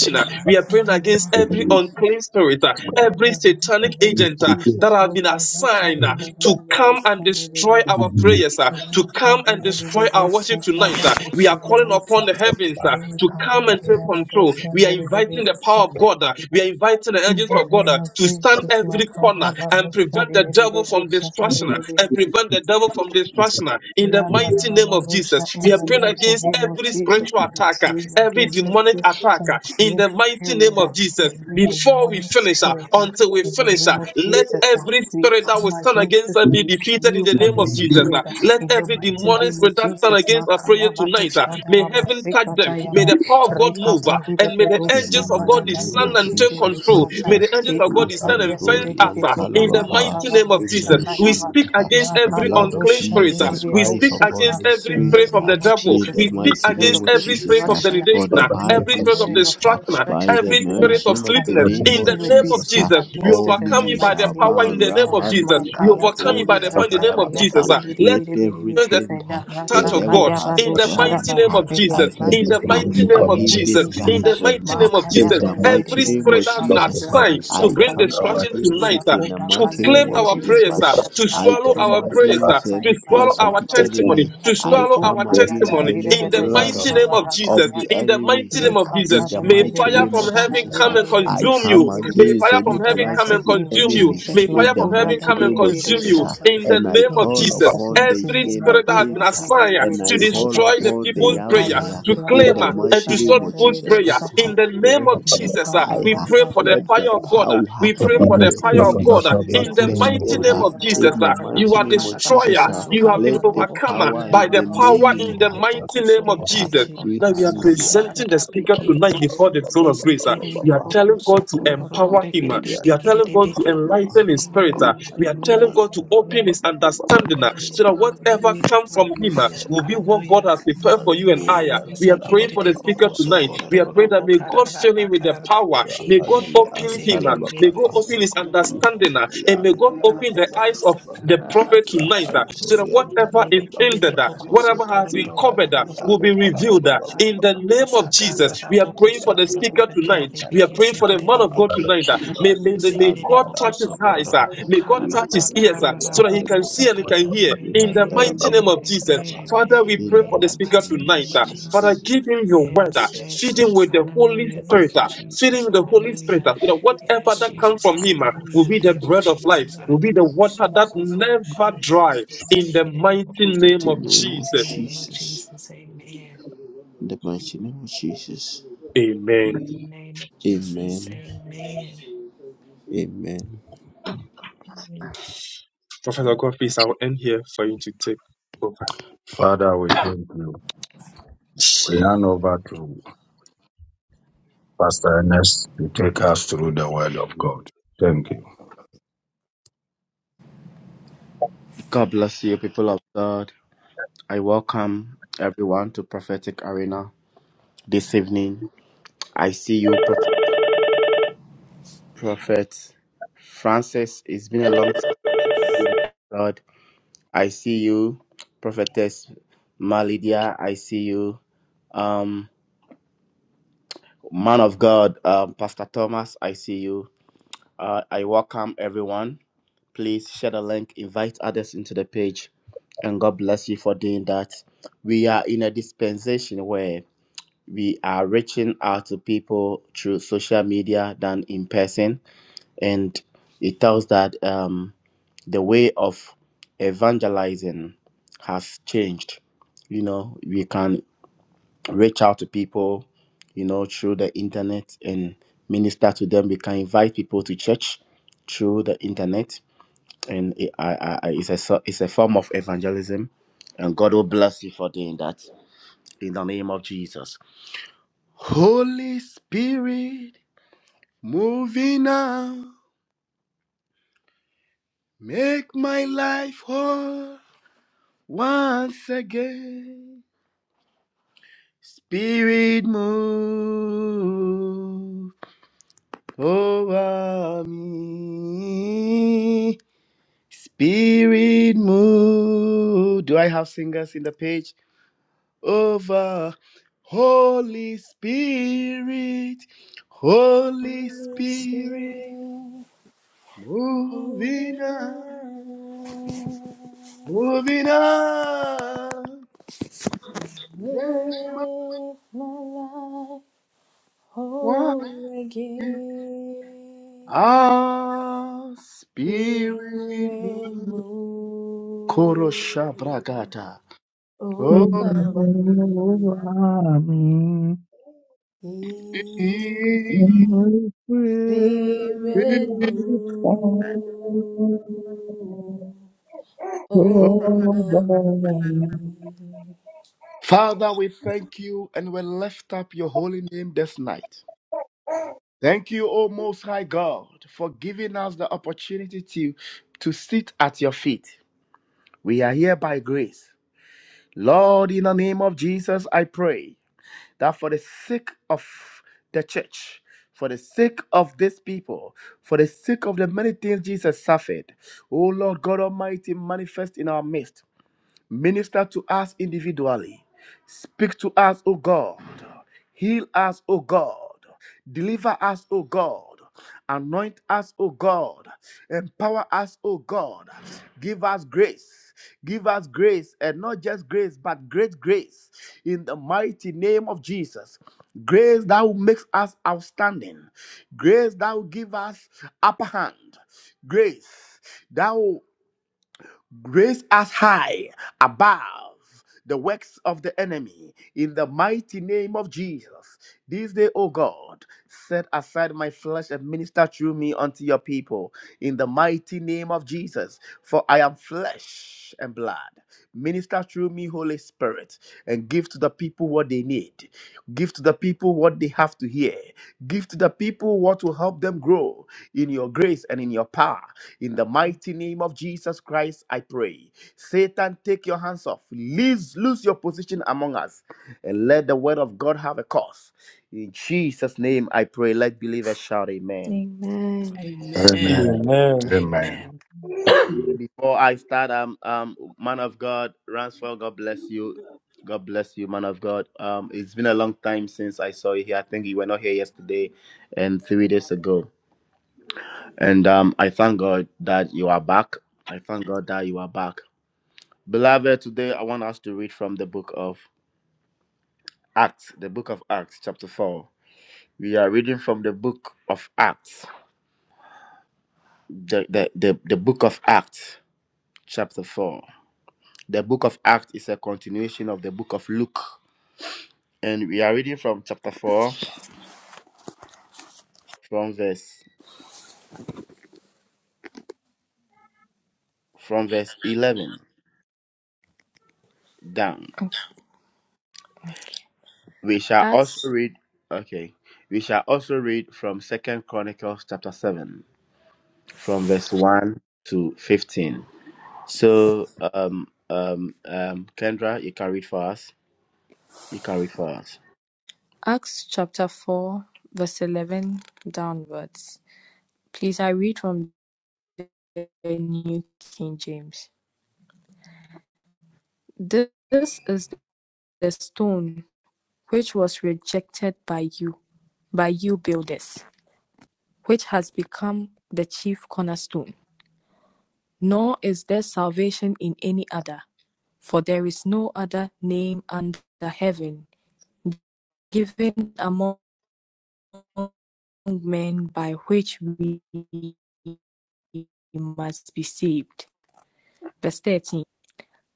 the
uh, We are praying against
mighty name
every
of Jesus.
unclean spirit, uh,
In
every
the
satanic
mighty name
agent
of
uh, that
Jesus,
have been assigned
Mokarata
uh,
in the
to come and
Revolution
destroy
Baby.
our prayers, uh, to come
Rakada
and
Baby
destroy our worship
Rosa,
tonight. uh. We are
Tada Baby
calling upon
Rosa.
the heavens agents uh, to come and
Lukaya
take
Baby
control.
Rosa,
We are
Baby
inviting the power
Rosa.
of God. uh, we are inviting the
In
angels
the
of God
name
uh,
of
to stand
Jesus,
every corner and
Makarabahusha,
prevent the devil from
Riribihusa,
destruction uh, and prevent the devil from destruction uh, in the mighty name of
Randanarabandosha,
Jesus.
In
We are
the
praying
mighty
against
name of
every
Jesus,
spiritual
I
attacker,
decree
every
against
demonic
every
attacker in
unclean
the mighty name
spirit, uh,
of Jesus.
every
Before we
demonic
finish, uh,
spirit. uh,
until we
In the
finish, uh,
name of
let
Jesus, uh,
every
we
spirit that
come
will stand
against
against
this,
us
we
be defeated in the
rebuke
name
every
of Jesus. uh.
spirit. uh, In
Let
the
every
mighty
demonic
name of
spirit that stand
Jesus,
against us uh, prayer
Makayaba
tonight, uh,
dosha
may
daraba
heaven touch them.
sekata
May
yaba
the power of God move,
rekata
uh, and may
dilebe
the
In
dosha
the
angels of God
mighty
barata
name
descend
of
and
dilebe
take
Jesus
control.
Christ,
dosata
May
uh,
the angels of
we
God
ekata
descend and
yaba
handle
fence
the
us
dilebe
uh, in the
kurana
Antalababa,
mighty
baraba
name
we
of Jesus. We
dosha
mentioned
speak
uh,
against
the
every
blood of
unclean
Rakabalusha,
spirit. uh,
Jesus
we
Christ
speak
upon
Nidibilusata.
against
his
every
In the
spirit
spirit.
of
uh,
the
name of
devil.
in the
Jesus,
We
any
speak
mighty
spirit
name
against
of
of
every spirit
Jesus,
of
uh,
destruction,
for
denigration,
the
uh,
any
every
Bible
spirit of
spirit of
says, uh,
destruction, uh,
destruction,
by the
every
every
spirit
act
of
mention of the
sleepiness.
unclean
name
In the
of
spirit,
name
we
of
Jesus,
speak
uh,
Jesus, we
against
all
it in
overcome
the
you
knees
by
mighty
the
shall
name of
power
bow,
in the
Jesus.
name of Jesus.
Rahandi
We
Makayata,
overcome you by
Antoli
the power in
Nirata,
the name of
Kayata,
Antalababa.
Jesus. uh. Let
Let
Nidibiribiribi,
the
everything uh, the
Nidarata,
touch of
devil
God
has
in the mighty
planned.
Kayabadushadaba.
name
uh,
of
May your
Jesus. In
plans
against
the
her,
fail
mighty
in the
name of
name
against
of
Jesus.
this
Jesus.
In the
gathering.
mighty
uh,
name of
In
Jesus.
Makayata,
the mighty
Every
name
spirit
of
that
Nidibilusha,
has been
Jesus, uh,
assigned to
I
Kabratusha,
bring
come
Kayabo,
destruction
against
tonight,
it
uh,
in the
Raboda,
to
mighty
claim
name of
our
Jesus
prayers,
Christ.
uh,
uh,
Kayandiribirusha.
to
I
Aya
swallow
come
our
birabado
prayers, uh,
against
sataya
to
any
swallow
plans of
our
the
barabaraba.
testimony,
enemy.
to
I
swallow
Rapupu
our
come
aya
against
testimony.
any
In
tandirebe
the
plan
mighty
dosa
uh,
name of
of
Jesus.
marataya
the
da.
In the
enemy.
mighty
uh,
Le
name of
In
Jesus.
the
May
katarebe
mighty
fire
name
from
of
dosa
heaven
Jesus, uh,
come and
handirebe
I
consume
dosa
come
you.
direbe.
May
against
fire
any
from
In the
heaven come
plans
come
mighty
of
and
the
name of
consume you.
enemy.
Jesus,
May
In
fire
the
from
Makura
heaven
mighty
da
come and
name of
direbe
consume
Jesus,
you
uh,
dosa.
in the
and I
name
In
of
call
Jesus.
Jesus'
upon the
mighty
Every
name,
King
spirit
of
that has been
Makura
Kings.
da
assigned
direbe
And I
to
dosa.
call
destroy the
upon the
people's
Le
prayer,
kaya
Yahweh
to
in
claim
birababa
the
uh, and
dosa
mighty
to stop
name of
people's
direbe
Jesus
prayer,
dosa.
Christ. ah.
in the name
Let
of
the
Le
Jesus, uh,
kaba
we
fire,
bara.
pray for
bara.
the
let the
fire of God. uh,
power
We
In
pray
the
for
in
the
the
mighty
Amen.
fire of
name
Holy
of
God. uh,
Amen.
In
Spirit
Amen.
Jesus,
the
burn
mighty
them
name
ah.
of Jesus,
in the
uh, you
mighty
are
Makobaladadabalosha,
name of Jesus.
destroyer.
ah.
You have been
Let the
Rakabalosha,
overcome uh,
power
by
in
the
the
Didabaha.
power
name
in the
ah,
mighty name of
Thank
ha
you,
Jesus. Now we are
Jesus.
rihandli
presenting
Mashakada.
the
antala
speaker
baba
tonight
baba
before the
baba baba
throne of grace. ah.
baba baba
We are
baba
telling God to empower him. ah. We are telling God to enlighten his spirit. ah. We are telling God to open his understanding ah, so
Amen.
that whatever
Hallelujah.
comes from him ah,
Hallelujah.
will be what God
Hallelujah.
has prepared for you and I.
Azuri
ah. We are
antala ba
praying
ba
for the
baba ba
speaker
ba ba
tonight.
ba.
We are praying that may God fill him with the power.
Amen.
May God
Rahanini
open him.
antala
ah.
Ezekielinde
baba.
May
ba ba.
God
pokoso
open his
kororo
understanding. ah.
Rihanini
And may God
antala
open
pokarara
baba
the
baba baba.
eyes
ba
of
pakasa
ba ba.
the
karara
prophet
paki.
tonight ah, so that
Rahantoli
whatever
antala
Ezekielinde
is
kerebe
ended, ah,
pokoso
whatever has been
kororo
covered, uh,
pokororo
will be
pokarara
revealed
baba
uh,
paka.
baba. ba
in
ba
the
ba. antala baba baba baba. ba ba ba.
name of Jesus.
Asakarara
We are praying
Rahantoli
pokoso
for the
kororo
speaker
antoli
tonight.
pekerere
We
antala
are praying
baba
pekese
for the
baba.
man
kerere
of
ba ba.
God
peke.
tonight. uh. May, may,
Rihanini
the- may
Zekere
God
antala
boko
touch
baba
his
baba ba
eyes.
sokororo
uh.
boko
May God
karara
touch
ba
his ears uh,
karara
Rihantoli
ba
so that he
antala
boko
can
ba
see
In
and
the
he can
sokororo.
mighty
hear.
Amen,
name
In
of
the
Rihantala
Jesus,
ba
mighty name
ba ba
amen,
of
amen,
Jesus.
amen,
Father, we
In
pray
amen.
the
for
In
the
the
mighty
speaker
mighty
name of
tonight.
name of
uh. Father,
Jesus.
Jesus.
give
Dadadabosha,
him your word. uh.
Yes, yes,
Feed him
yes.
with the Holy
Hallelujah. Thank
Spirit.
you,
Didababa,
uh. Feed him
Jesus.
with the Holy Spirit
Rakabalosha,
Hallelujah.
uh, so that
Didababa,
whatever
Yes,
that comes
Jesus.
from him uh, will
Hallelujah.
Didababosha.
be the
Thank you,
bread of life,
In
Jesus.
the
will be
Hallelujah.
the
name of
Boko
water that
sokororo
Jesus,
boko ka-
never dry.
Mashakada.
In the
Zekere boko
mighty name
the
sokororo.
of
In the
name
Jesus.
of
mighty name of
Jesus.
Jesus. Amen.
In the mighty name of Jesus.
Amen.
In the name of Jesus.
Amen.
Amen.
Amen.
Amen.
Professor, of God, please, I will end here for you to take over.
Father, we thank you. Over to you. Thank you.
God bless you, people of God. I welcome everyone to Prophetic Arena this evening. I see you, Prophet, Prophet Francis. It's been a long time, God. I see you, Prophetess Malidia. I see you, um, man of God, um, Pastor Thomas. I see you. Uh, I welcome everyone. Please share the link, invite others into the page, and God bless you for doing that. We are in a dispensation where we are reaching out to people through social media than in person and it tells that um, the way of evangelizing has changed you know we can reach out to people you know through the internet and minister to them we can invite people to church through the internet and it, I, I, I- it's, a, so- it's a form of evangelism and god will bless you for doing that in the name of jesus Holy Spirit, moving now, make my life whole once again. Spirit, move over me. Spirit, move. Do I have singers in the page? Over. Holy Spirit, Holy
Holy
Spirit,
Spirit, move
moving
in
now.
my life.
Moving on, let my
Live my life.
quiet.
Holy again,
Ah,
hear
spirit
and
move.
move
Korosha bragata. Oh,
over me.
spirit.
Spirit move over me.
Father, we thank you and we lift up your holy name this night. Thank you, O Most High God, for giving us the opportunity to, to sit at your feet. We are here by grace. Lord, in the name of Jesus, I pray. that for the sake of the church, for the sake of this people, for the sake of the many things Jesus suffered, O Lord God Almighty, manifest in our midst. Minister to us individually. Speak to us, O God. Heal us, O God. Deliver us, O God. Anoint us, O God. Empower us, O God. Give us grace. Give us grace, and not just grace, but great grace in the mighty name of Jesus. Grace that will make us outstanding. Grace that will give us upper hand. Grace. that will grace as high above the works of the enemy in the mighty name of Jesus. This day, O God, set aside my flesh and minister through me unto your people in the mighty name of Jesus. For I am flesh and blood. Minister through me, Holy Spirit, and give to the people what they need. Give to the people what they have to hear. Give to the people what will help them grow in your grace and in your power. In the mighty name of Jesus Christ, I pray. Satan, take your hands off. Lose, lose your position among us and let the word of God have a cause. In Jesus' name, I pray. Let believers shout amen.
Amen.
Amen.
Amen.
Amen.
Amen.
Amen.
Before I start, um, um, man of God, Ransford, God bless you. God bless you, man of God. Um, it's been a long time since I saw you here. I think you were not here yesterday and three days ago. And um, I thank God that you are back. I thank God that you are back. Beloved, today I want us to read from the book of Acts, the book of Acts, chapter 4. We are reading from the book of Acts, the, the, the, the book of Acts, chapter 4. The book of Acts is a continuation of the book of Luke. And we are reading from chapter 4, from verse from verse 11 down. We shall also
Acts,
read, okay, we shall also read from Second Chronicles chapter 7, from verse 1 to 15. So, um, um, um, Kendra, you can read for us. You can read for us.
Acts chapter 4, verse 11 downwards. Please, I read from the New King James. This is the stone which was rejected by you, by you builders, which has become the chief cornerstone. Nor is there salvation in any other, for there is no other name under heaven given among men by which we must be saved. Verse 13.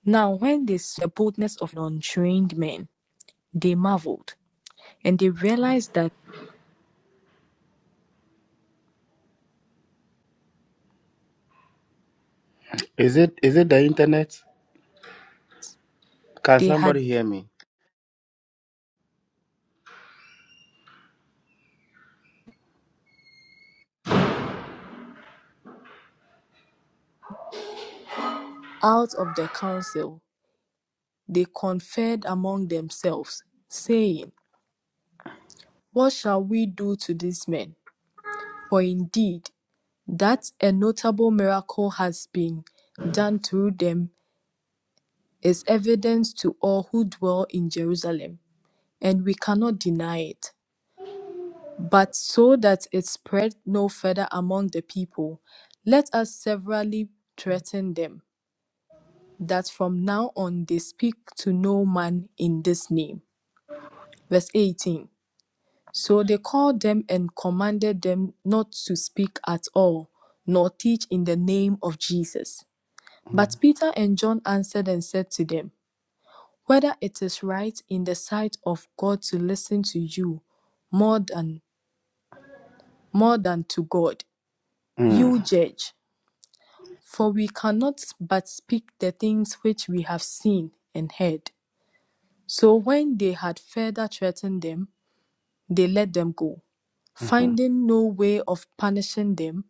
Now, when they saw the boldness of untrained men, they marveled, and they realized that
Is it is it the internet? Can
they had
somebody
been
hear me?
out of the council They conferred among themselves, saying, What shall we do to these men? For indeed, that a notable miracle has been done through them is evident to all who dwell in Jerusalem, and we cannot deny it. But so that it spread no further among the people, let us severally threaten them, that from now on they speak to no man in this name. Verse 18 So they called them and commanded them not to speak at all, nor teach in the name of Jesus.
Mm.
But Peter and John answered and said to them, Whether it is right in the sight of God to listen to you more than more than to God, you
Mm.
judge. For we cannot but speak the things which we have seen and heard. So when they had further threatened them, they let them go.
Mhm.
finding no way of punishing them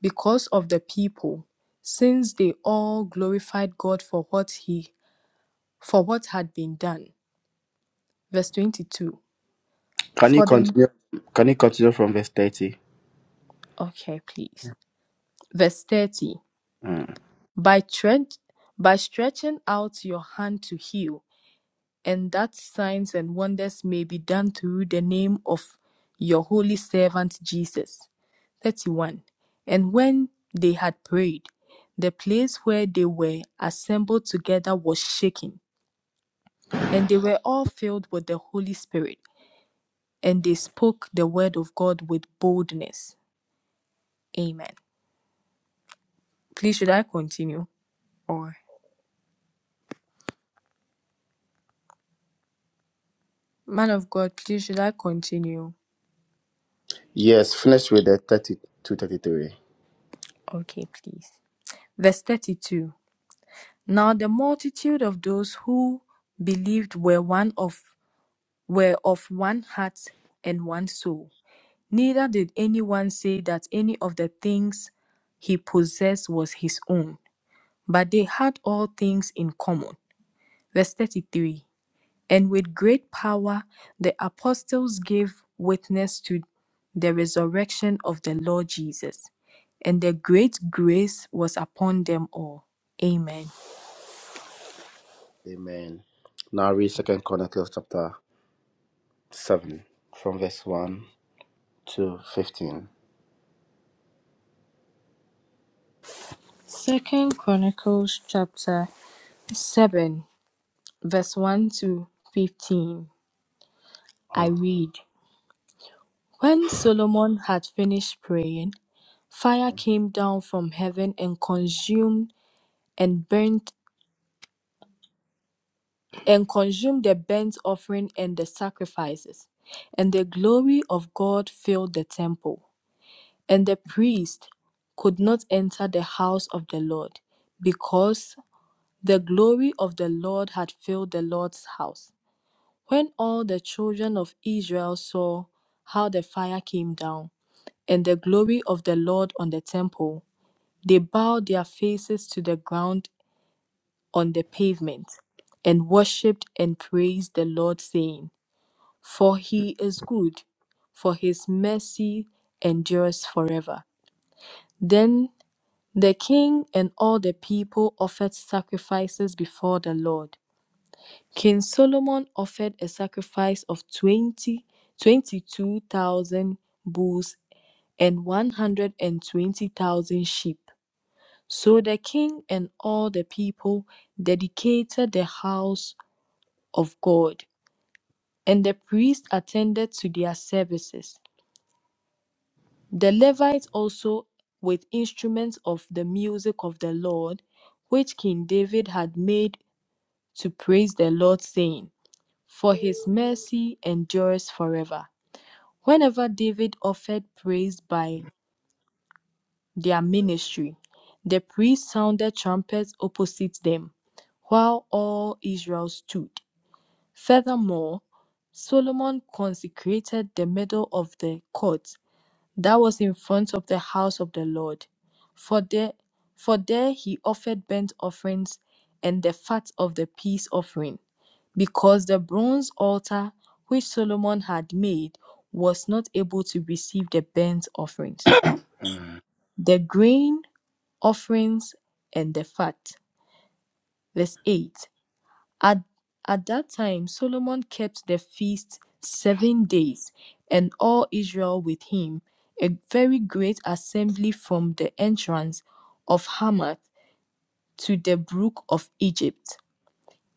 because of the people, since they all glorified God for what he for what had been done. Verse 22.
Can you
For them
continue? Can you continue from verse thirty?
okay, please. Verse 30.
Mm.
By tre- by stretching out your hand to heal, and that signs and wonders may be done through the name of your holy servant Jesus. 31. And when they had prayed, the place where they were assembled together was shaken, and they were all filled with the Holy Spirit, and they spoke the word of God with boldness. Amen. Please, should I continue? Or, man of God, please, should I continue?
Yes, finish with the thirty to thirty-three.
Okay, please. Verse 32 Now the multitude of those who believed were one of were of one heart and one soul. Neither did anyone say that any of the things he possessed was his own, but they had all things in common. Verse 33 And with great power the apostles gave witness to the resurrection of the Lord Jesus, and the great grace was upon them all. Amen.
Amen. Now read Second Chronicles chapter seven, from verse one to fifteen.
Second Chronicles chapter 7, verse 1 to 15. I
Mm.
read When Solomon had finished praying, fire came down from heaven and consumed and burnt and consumed the burnt offering and the sacrifices, and the glory of God filled the temple. And the priest could not enter the house of the Lord, because the glory of the Lord had filled the Lord's house. When all the children of Israel saw how the fire came down, and the glory of the Lord on the temple, they bowed their faces to the ground on the pavement, and worshipped and praised the Lord, saying, For he is good, for his mercy endures forever. Then the king and all the people offered sacrifices before the Lord. King Solomon offered a sacrifice of 20 22,000 bulls and 120,000 sheep. So the king and all the people dedicated the house of God, and the priests attended to their services. The Levites also, with instruments of the music of the Lord, which King David had made to praise the Lord, saying, For his mercy endures forever. Whenever David offered praise by their ministry, the priests sounded trumpets opposite them, while all Israel stood. Furthermore, Solomon consecrated the middle of the court that was in front of the house of the Lord. For there, for there he offered burnt offerings and the fat of the peace offering, because the bronze altar which Solomon had made was not able to receive the burnt offerings,
Mm.
the grain offerings, and the fat. Verse 8 at, at that time, Solomon kept the feast seven days, and all Israel with him, a very great assembly from the entrance of Hamath to the brook of Egypt.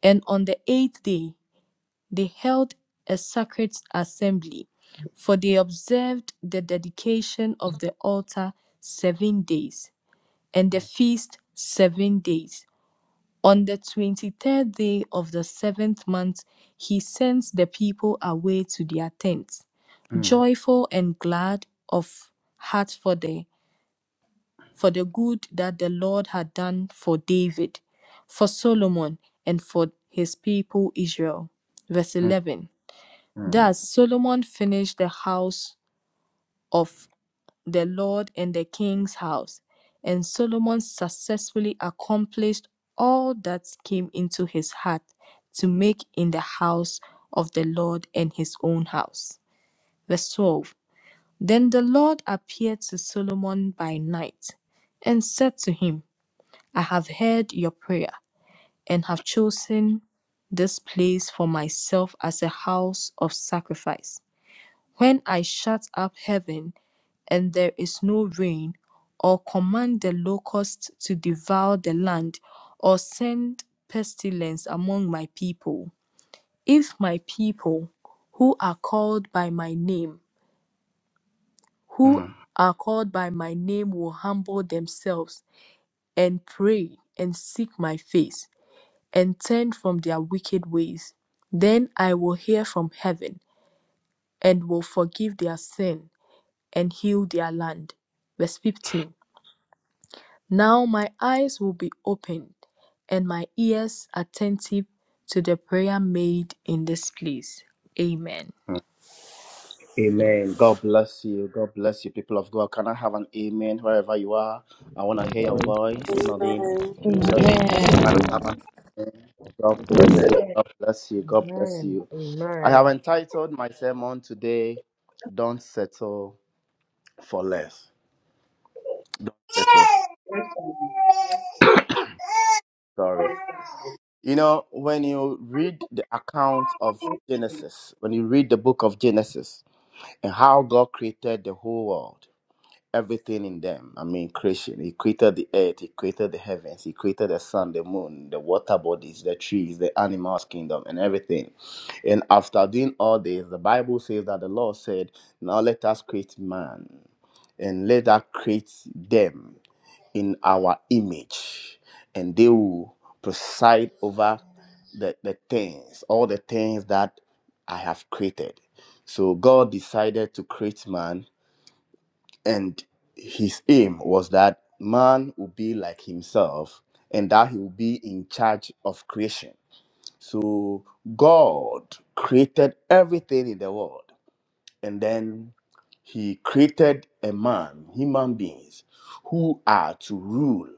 And on the eighth day, they held a sacred assembly, for they observed the dedication of the altar seven days, and the feast seven days. On the twenty third day of the seventh month, he sends the people away to their tents,
Mm.
joyful and glad of heart for the, for the good that the Lord had done for David, for Solomon, and for his people Israel. Verse
Mm.
11
Mm.
Thus Solomon finished the house of the Lord and the king's house. And Solomon successfully accomplished all that came into his heart to make in the house of the Lord and his own house. Verse 12 Then the Lord appeared to Solomon by night and said to him, I have heard your prayer and have chosen this place for myself as a house of sacrifice. When I shut up heaven and there is no rain, or command the locusts to devour the land, or send pestilence among my people. If my people, who are called by my name, who
Mm.
are called by my name will humble themselves and pray and seek my face and turn from their wicked ways, then I will hear from heaven and will forgive their sin and heal their land. Verse 15 Now my eyes will be opened and my ears attentive to the prayer made in this place. Amen.
Amen. God bless you. God bless you, people of God. Can I have an amen wherever you are? I want to hear your voice in the name of
Amen.
Jesus.
Amen.
Can I
Amen.
have an amen? God bless you. God bless you. God bless
Amen.
you. I have
Amen.
entitled my sermon today, Don't Settle for Less. Don't Settle for Sorry. You know, when you read the account of Genesis, when you read the book of Genesis and how God created the whole world, everything in them. I mean, creation. He created the earth, he created the heavens, he created the sun, the moon, the water bodies, the trees, the animals, kingdom, and everything. And after doing all this, the Bible says that the Lord said, Now let us create man and let us create them in our image, and they will preside over the, the things, all the things that I have created. So God decided to create man and his aim was that man would be like himself and that he would be in charge of creation. So God created everything in the world and then he created a man, human beings, who are to rule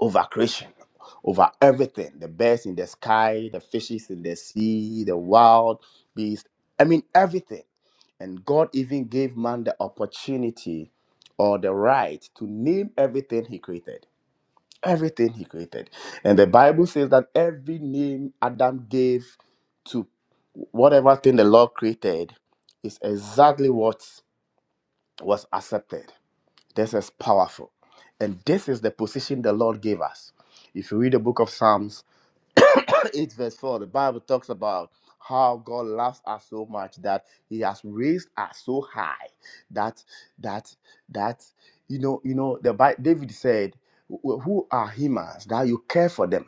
over creation, over everything the birds in the sky, the fishes in the sea, the wild beasts. I mean, everything. And God even gave man the opportunity or the right to name everything he created. Everything he created. And the Bible says that every name Adam gave to whatever thing the Lord created is exactly what was accepted. This is powerful. And this is the position the Lord gave us. If you read the book of Psalms 8, verse 4, the Bible talks about how God loves us so much that He has raised us so high that that that you know, you know, the Bi- David said, "Wh- Who are humans that you care for them?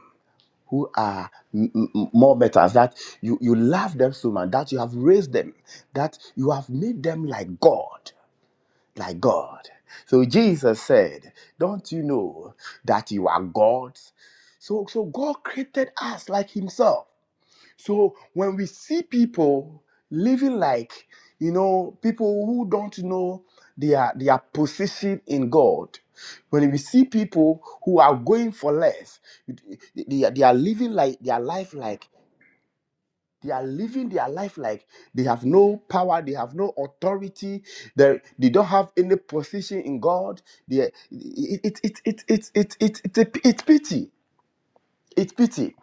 Who are m- m- more better that you, you love them so much, that you have raised them, that you have made them like God like God. So Jesus said, Don't you know that you are God's? So, so God created us like Himself. So when we see people living like, you know, people who don't know their, their position in God, when we see people who are going for less, they, they are they are living like their life like they are living their life like they have no power, they have no authority, they, they don't have any position in God. They, it, it, it, it, it, it, it, it's it's pity. It's pity.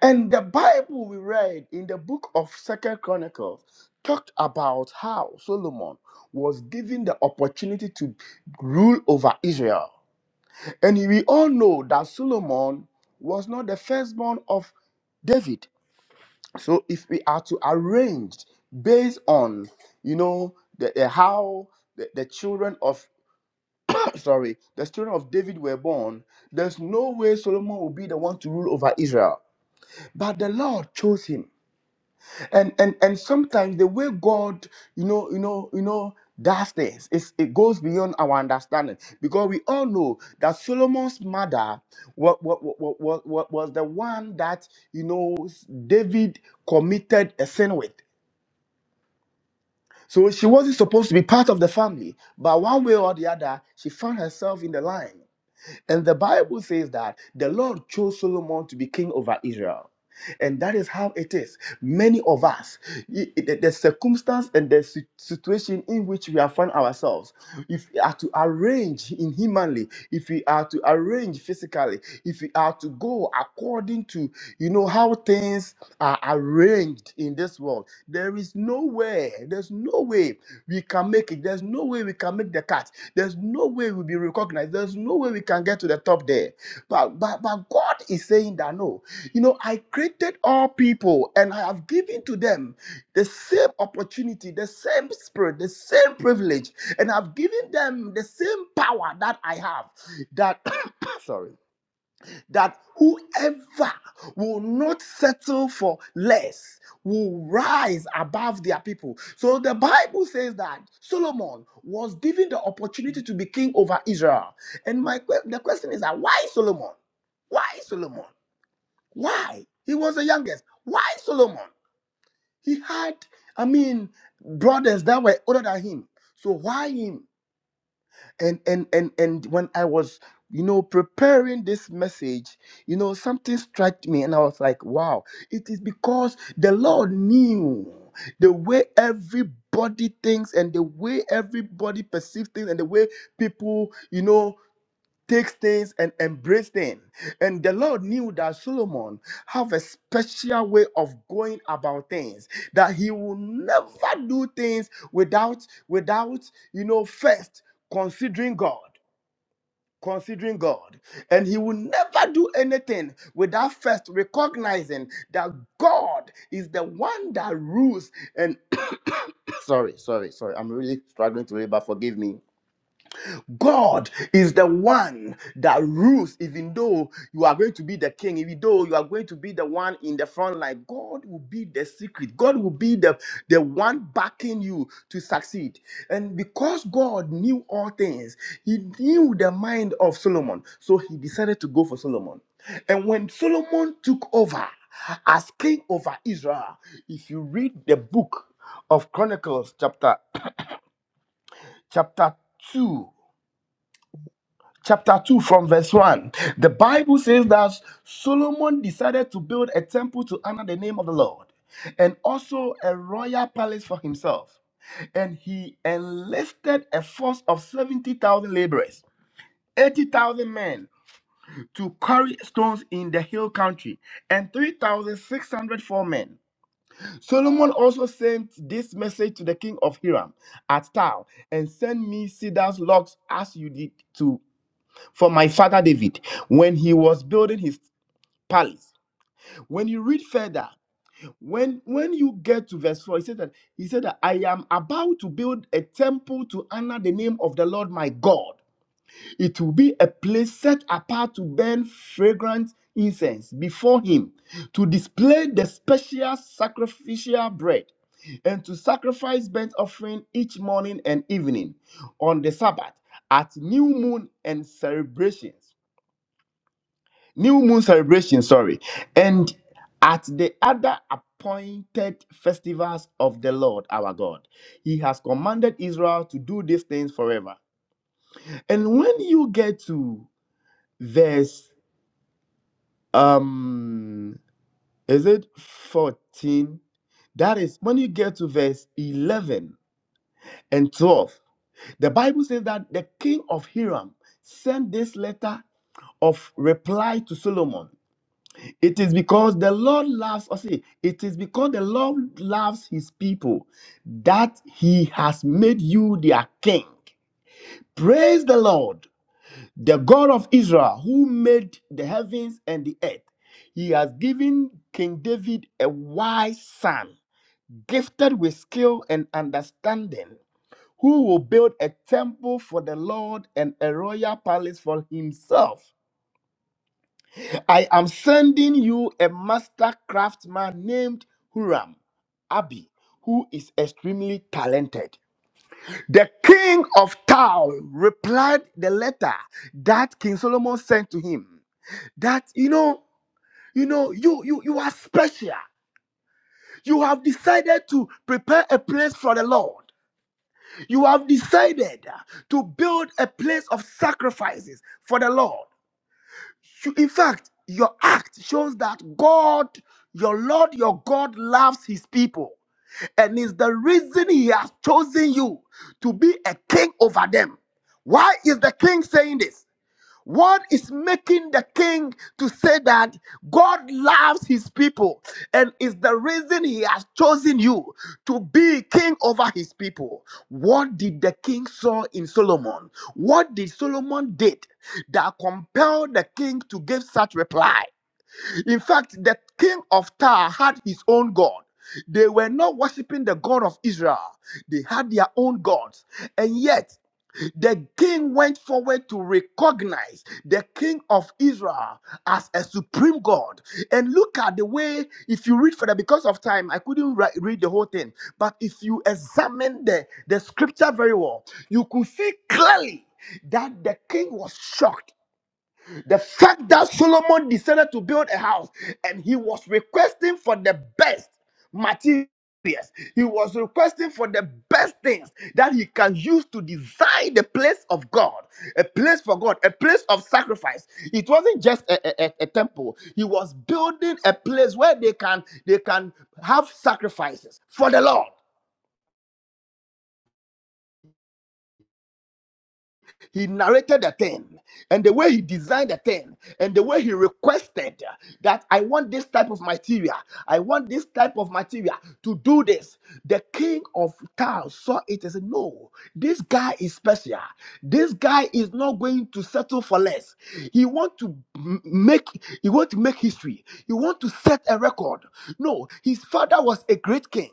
And the Bible we read in the book of Second Chronicles talked about how Solomon was given the opportunity to rule over Israel. And we all know that Solomon was not the firstborn of David. So if we are to arrange based on you know the, the how the, the children of sorry the children of David were born, there's no way Solomon will be the one to rule over Israel. But the Lord chose him, and and and sometimes the way God you know you know you know does things it's, it goes beyond our understanding because we all know that Solomon's mother was, was, was was the one that you know David committed a sin with. So she wasn't supposed to be part of the family, but one way or the other, she found herself in the line. And the Bible says that the Lord chose Solomon to be king over Israel. And that is how it is. Many of us, i- i- the the circumstance and the si- situation in which we have found ourselves, if we are to arrange inhumanly, if we are to arrange physically, if we are to go according to you know how things are arranged in this world, there is no way. There's no way we can make it. There's no way we can can make the cut. There's no way we'll be recognized. There's no way we can get to the top there. But, but, but God is saying that no. You know, I created all people and I have given to them the same opportunity, the same spirit, the same privilege, and I've given them the same power that I have. That, sorry that whoever will not settle for less will rise above their people. So the Bible says that Solomon was given the opportunity to be king over Israel. And my que- the question is that why Solomon? Why Solomon? Why? He was the youngest. Why Solomon? He had, I mean, brothers that were older than him. So why him? and and and and when i was you know preparing this message you know something struck me and i was like wow it is because the lord knew the way everybody thinks and the way everybody perceives things and the way people you know Take things and embrace things, And the Lord knew that Solomon have a special way of going about things. That he will never do things without, without, you know, first considering God. Considering God. And he will never do anything without first recognizing that God is the one that rules. And sorry, sorry, sorry. I'm really struggling to read, but forgive me God is the one that rules, even though you are going to be the king, even though you are going to be the one in the front line. God will be the secret. God will be the, the one backing you to succeed. And because God knew all things, He knew the mind of Solomon. So He decided to go for Solomon. And when Solomon took over as king over Israel, if you read the book of Chronicles, chapter chapter 2 chapter 2 from verse 1 the bible says that solomon decided to build a temple to honor the name of the lord and also a royal palace for himself and he enlisted a force of 70,000 laborers 80,000 men to carry stones in the hill country and 3,600 for men. Solomon also sent this message to the king of Hiram at Tau and send me cedar logs as you did to for my father David when he was building his palace. When you read further, when when you get to verse 4, he said that he said that I am about to build a temple to honor the name of the Lord my God. It will be a place set apart to burn fragrant incense before him, to display the special sacrificial bread, and to sacrifice burnt offering each morning and evening on the Sabbath at new moon and celebrations. new moon celebration sorry and at the other appointed festivals of the lord our god he has commanded israel to do these things forever and when you get to verse um is it 14 that is when you get to verse 11 and 12 the bible says that the king of hiram sent this letter of reply to solomon It is because the Lord loves us. It is because the Lord loves his people that he has made you their king. Praise the Lord, the God of Israel, who made the heavens and the earth. He has given King David a wise son, gifted with skill and understanding, who will build a temple for the Lord and a royal palace for himself. I am sending you a master craftsman named Huram Abi, who is extremely talented. The king of Tao replied the letter that King Solomon sent to him. That you know, you know, you you you are special. You have decided to prepare a place for the Lord. You have decided to build a place of sacrifices for the Lord. You- In fact, your act shows that God, your Lord, your God loves his people. And is the reason he has chosen you to be a king over them. Why is the king saying this? What is making the king to say that God loves his people and is the reason he has chosen you to be king over his people? What did the king saw in Solomon? What did Solomon did that compelled the king to give such reply? In fact, the king of Tyre had his own god. They were not worshiping the God of Israel, they had their own gods. And yet, the king went forward to recognize the king of Israel as a supreme God. And look at the way, if you read further, because of time, I couldn't ri- read the whole thing. But if you examine the, the scripture very well, you could see clearly that the king was shocked the fact that Solomon decided to build a house and he was requesting for the best materials, he was requesting for the best things that he can use to design the place of God, a place for God, a place of sacrifice. It wasn't just a, a, a a temple. He was building a place where they can they can have sacrifices for the Lord. He narrated the thing and the way he designed the thing and the way he requested that I want this type of material, I want this type of material to do this. The king of Tyre saw it and said, No, this guy is special. This guy is not going to settle for less. He want to m- make he want to make history. He want to set a record. No, his father was a great king.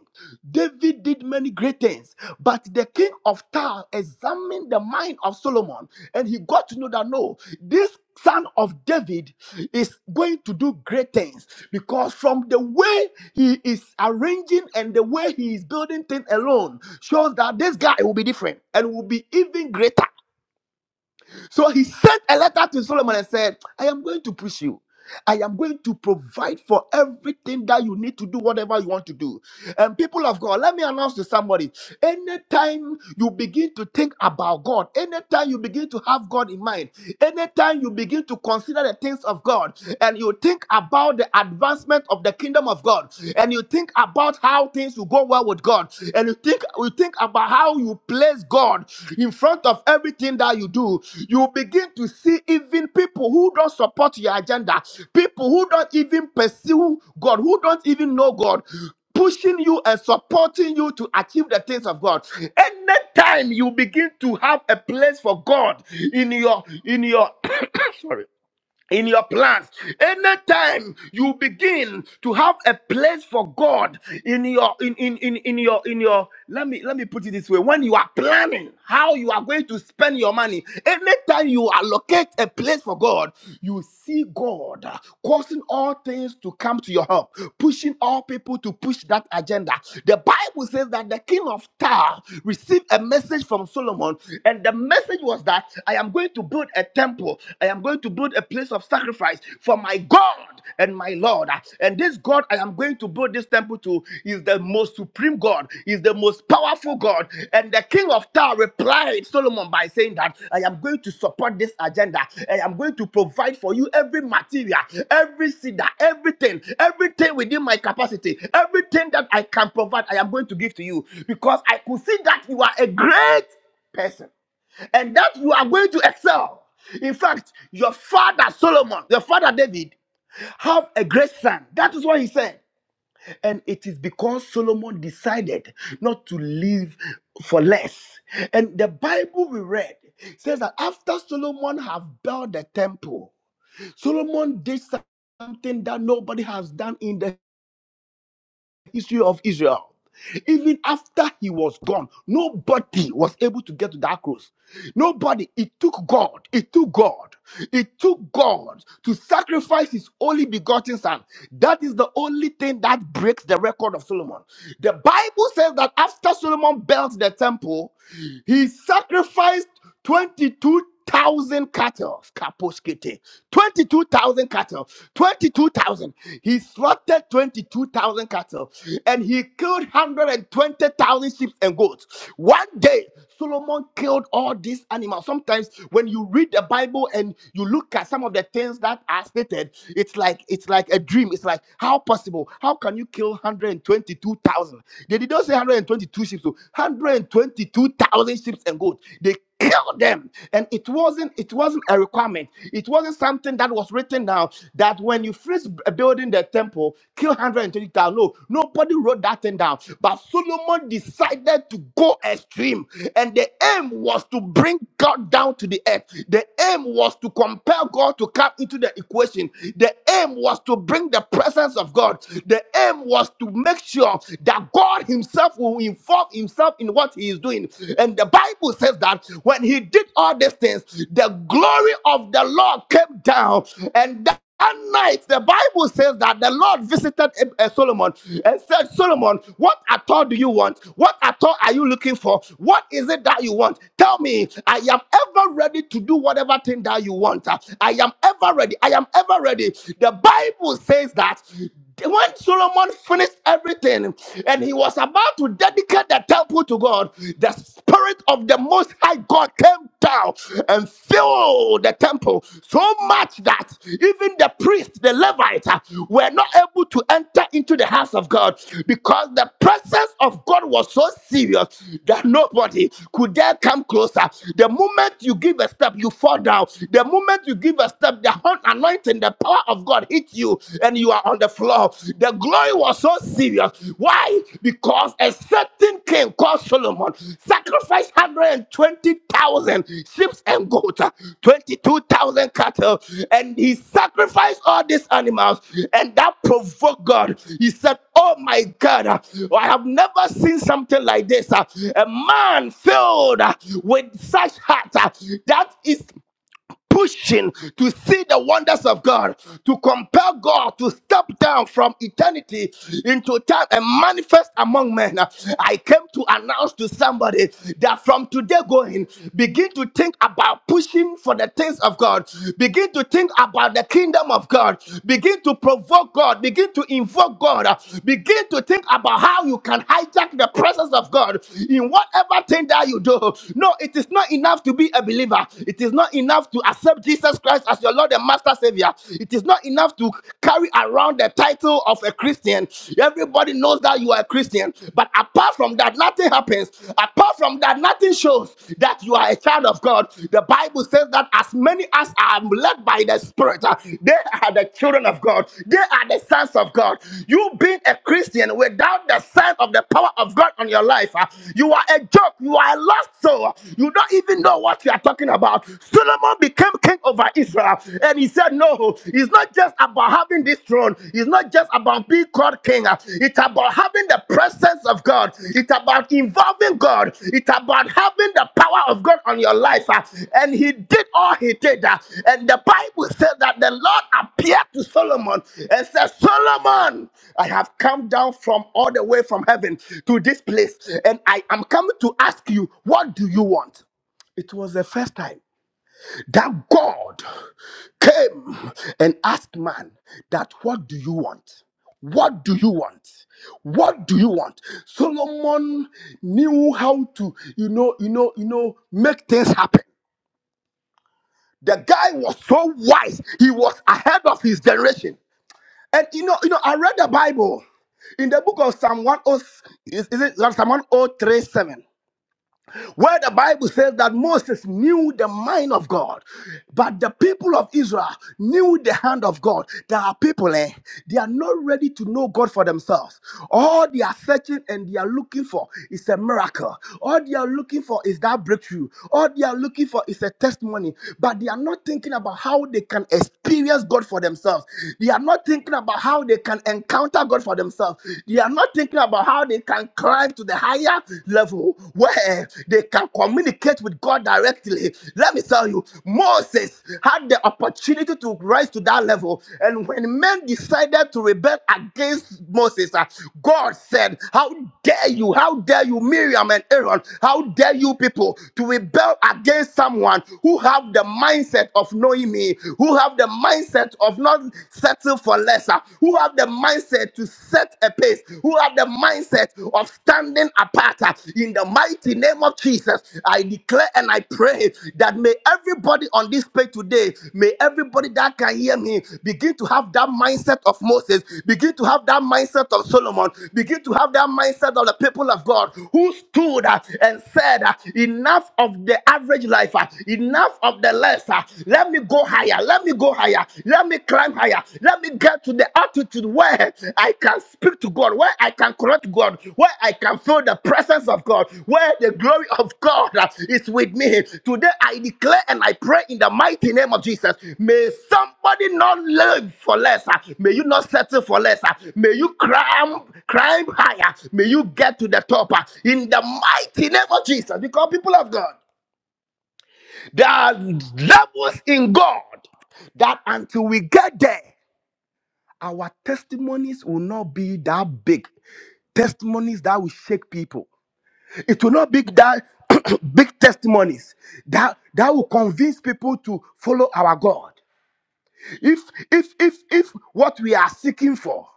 David did many great things, but the king of Tyre examined the mind of Solomon and he got to know that no, this son of David is going to do great things because from the way he is arranging and the way he is building things alone shows that this guy will be different and will be even greater. So he sent a letter to Solomon and said, I am going to push you. I am going to provide for everything that you need to do, whatever you want to do. And people of God, let me announce to somebody anytime you begin to think about God, anytime you begin to have God in mind, anytime you begin to consider the things of God, and you think about the advancement of the kingdom of God, and you think about how things things will go well with God. And you think you think about how you place God in front of everything that you do. You begin to see even people who don't support your agenda, people who don't even pursue God, who don't even know God, pushing you and supporting you to achieve the things of God. Anytime you begin to have a place for God in your in your sorry in your plans. Anytime you begin to have a place for God in your in, in in in your in your let me let me put it this way when you are planning how you are going to spend your money, anytime you allocate a place for God, you see God uh, causing all things to come to your help, pushing all people to push that that agenda. The Bible says that the king of Tyre received a message from Solomon, and the message was that I am going to build a temple, I am going to build a place of sacrifice for my God and my Lord. And this God I am going to build this temple to is the most supreme God, is the most powerful God. And the king of Tyre replied, Solomon by saying that I am going to support this agenda. I am going to provide for you every material, every seed, everything, everything within my capacity, everything that I can provide, I am going to give to you because I could see that you are a great person and that you are going to excel. In fact, your father Solomon, your father David, have a great son. That is what he said. And it is because Solomon decided not to live for less. And the Bible we read says that after Solomon have built the temple, Solomon did something that nobody has done in the history of Israel. Even after he was gone, nobody was able to get to that cross. Nobody. It took God. It took God. It took God to sacrifice his only begotten son. That is the only thing that breaks the record of Solomon. The Bible says that after Solomon built the temple, he sacrificed. 22,000 cattle. Kaposkete. 22,000 cattle. 22,000. He slaughtered 22,000 cattle and he killed 120,000 sheep and goats. One day, Solomon killed all these animals. Sometimes when you read the Bible and you look at some of the things that are stated, it's like it's like a dream. It's like how possible? How can you kill 122,000? They did not say 122 sheep, so 122,000 sheep and goats. They kill them and it wasn't it wasn't a requirement it wasn't something that was written down that when you first b- uh, building the temple kill 120,000 no nobody wrote that thing down but Solomon decided to go extreme and the aim was to bring God down to the earth the aim was to compel God to come into the equation the aim was to bring the presence of God the aim was to make sure that God himself will involve involve himself in what he is doing. And the Bible says that when he did all these things, the glory of the Lord came down and that night, the Bible says that the Lord visited uh, Solomon and said, Solomon, what at all do you want? What at all are you looking for? What is it that you want? Tell me, I am ever ready to do whatever thing that you want. Uh, I am ever ready. I am ever ready. The Bible says that when Solomon finished everything and he was about to dedicate the temple to God, the spirit of the Most High God came down and filled the temple so much that even the priests, the Levites, uh, were not able to enter into the house of God because the presence of God was so serious that nobody could dare come closer. The moment you give a step, you fall down. The moment you give a step, the anointing lightning, the power of God hit you and you are on the floor. The glory was so serious. Why? Because a certain king called Solomon sacrificed 120,000 sheep and goats, uh, 22,000 cattle, and he sacrificed all these animals, and that provoked God. He said, Oh my God, uh, I have never seen something like this. uh, A man filled uh, with such heart. uh, That is pushing to see the wonders of God, to compel God to step down from eternity into time and manifest among men. I came to announce to somebody that from today going, begin to think about pushing for the things of God, begin to think about the kingdom of God, begin to provoke God, begin to invoke God, begin to think about how you can hijack the presence of God in whatever thing that you do. No, it is not enough to be a believer. It is it is not enough to accept Jesus Christ as your Lord and Master Savior. It is not enough to carry around the title of a Christian. Everybody knows that you are a Christian. But apart from that, nothing happens. Apart from that, nothing shows that you are a child of God. The Bible says that as many as are led by the Spirit, uh, they are the children of God. They are the sons of God. You being a Christian without the sign of the power of God on your life, uh, you are a joke. You are a lost soul. You don't even know what you are what you are talking about. Solomon became king over Israel, and he said, No, it's not just about having this throne, it's not just about being called king, it's about having the presence of God, it's about involving God, it's about having the power of God on your life. uh, And he did all he did, uh, and the Bible says that the Lord appeared to Solomon and said, Solomon, I have come down from all the way from heaven to this place, and I am coming to ask you, what do you want? It was the first time that God came and asked man that what do you want? What do you want? What do you want? Solomon knew how to, you know, you know, you know, make things happen. The guy was so wise, he was ahead of his generation. And you know, you know, I read the Bible in the book of Psalm 103, is, is it Psalm 103 where the Bible says that Moses knew the mind of God, but the people of Israel knew the hand of God. There are people, eh, they are not ready to know God for themselves. All they are searching and they are looking for is a miracle. All they are looking for is that breakthrough. All they are looking for is a testimony, but they are not thinking about how they can experience God for themselves. They are not thinking about how they can encounter God for themselves. They are not thinking about how how they can climb to the higher level where they can communicate with God directly. Let me tell you, Moses had the opportunity to rise to that level. And when men decided to rebel against Moses, uh, God said, How dare you? How dare you, Miriam and Aaron? How dare you people to rebel against someone who have the mindset of knowing me, who have the mindset of not settle for lesser?" uh, who have the mindset to set a pace, who have the mindset of standing apart. uh, in the mighty name of Jesus, I declare and I pray that may everybody on this page today, may everybody that can hear me begin to have that mindset of Moses, begin to have that mindset of Solomon, begin to have that mindset of the people of God who stood uh, and said, uh, Enough of the average life, uh, enough of the lesser. Let me go go higher. Let me go higher. Let me climb higher. Let me get to the altitude where I can speak to God, where I can correct God, where I can feel the presence of God, where the glory of God uh, is with me. Today I declare and I pray in the mighty name of Jesus. May somebody not live for less. uh, May you not settle for less. uh, May you climb, climb higher. May you get to the top uh, in the mighty name of Jesus. Because people of God. There are levels in God that until we get there, our testimonies will not be that big. Testimonies that will shake people. It will not be that big testimonies that, that will convince people to follow our God. If if if if what we are seeking for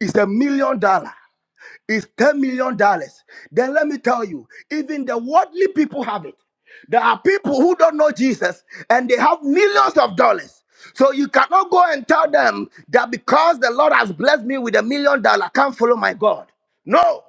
is a million dollar, is ten million dollars, then let me tell you, even the worldly people have it. There are people who don't know Jesus and they have millions of dollars. So you cannot go and tell them that because the Lord has blessed me with a million dollars, I can't follow my God. No.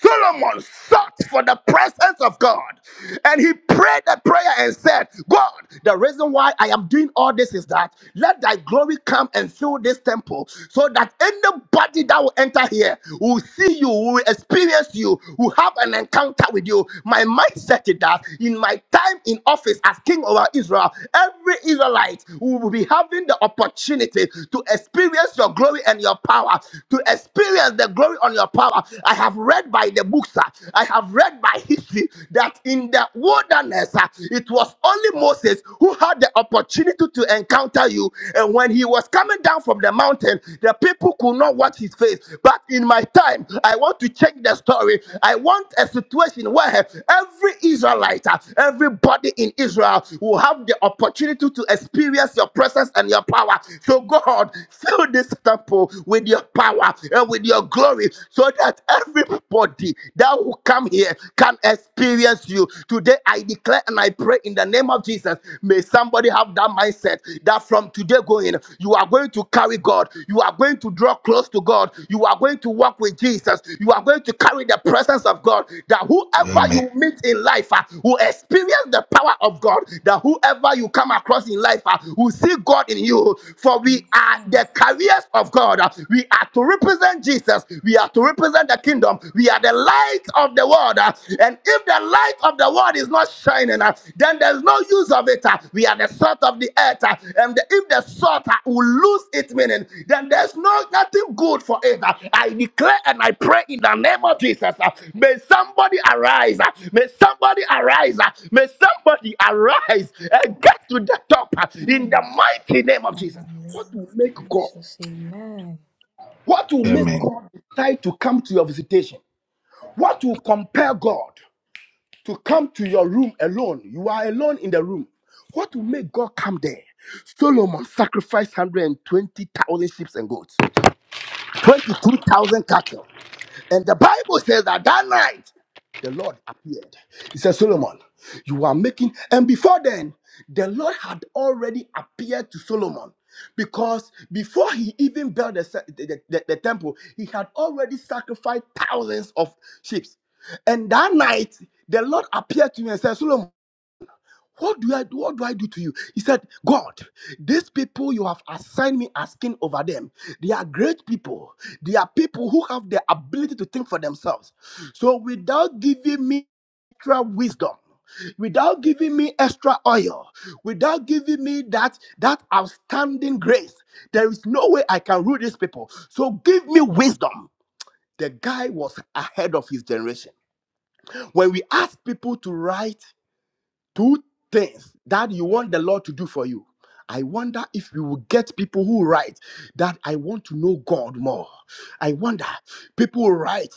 Solomon sought for the presence of God and he prayed a prayer and said, God, the reason why I am doing all this is that let thy glory come and fill this temple so that anybody that will enter here will see you, will experience you, will have an encounter with you. My mindset is that in my time in office as king over Israel, every Israelite will be having the opportunity to experience your glory and your power, to experience the glory on your power power. I have read by the books, uh, I have read by history that in the wilderness, uh, it was only Moses who had the opportunity to encounter you. And when he was coming down from the mountain, the people could not watch his face. But in my time, I want to change the story. I want a situation where every Israelite, uh, everybody in Israel will have the opportunity to experience your presence and your power. So, God, fill this temple with your power and with with your glory so that everybody that will come here can experience you. Today, I declare and I pray in the name of Jesus. May somebody have that mindset that from today going, you are going to carry God, you are going to draw close to God, you are going to walk with Jesus, you are going to carry the presence of God. That whoever
Amen.
you meet in life uh, will experience the power of God, that whoever you come across in life uh, will see God in you. For we are the carriers of God. We are to represent Jesus. We are to represent the kingdom. We are the light of the world. uh, And if the light of the world is not shining, uh, then there's no use of it. uh, We are the salt of the earth. uh, And the- if the salt uh, will lose its meaning, then there's no nothing good for it. uh. I declare and I pray in the name of Jesus. uh, May somebody arise. uh, May somebody arise. uh, May somebody arise and get to the top uh, in the
Amen.
mighty name of
In
Jesus.
the
What
name
will
of
make God
Jesus. Amen.
what will make
Amen.
God decide to come to your visitation? What will compel God to come to your room alone? You are alone in the room. What will make God come there? Solomon sacrificed 120,000 sheep and goats, 22,000 cattle. And the Bible says that that night the Lord appeared. He said, Solomon, you are making. And before then, the Lord had already appeared to Solomon because before he even built the, se- the, the, the- the temple, he had already sacrificed thousands of sheep. And that night, the Lord appeared to him and said, Solomon, what do I do? What do I do to you? He said, God, these people you have assigned me as king over them, they are great people. They are people who have the ability to think for themselves. So without giving me extra wisdom, without giving me extra oil, without giving me that that outstanding grace, there is no way I can rule these people. So give me wisdom. The guy was ahead of his generation. When we ask people to write two things that you want the Lord to do for you. I wonder if we will get people who write that I want to know God more. I wonder. People write.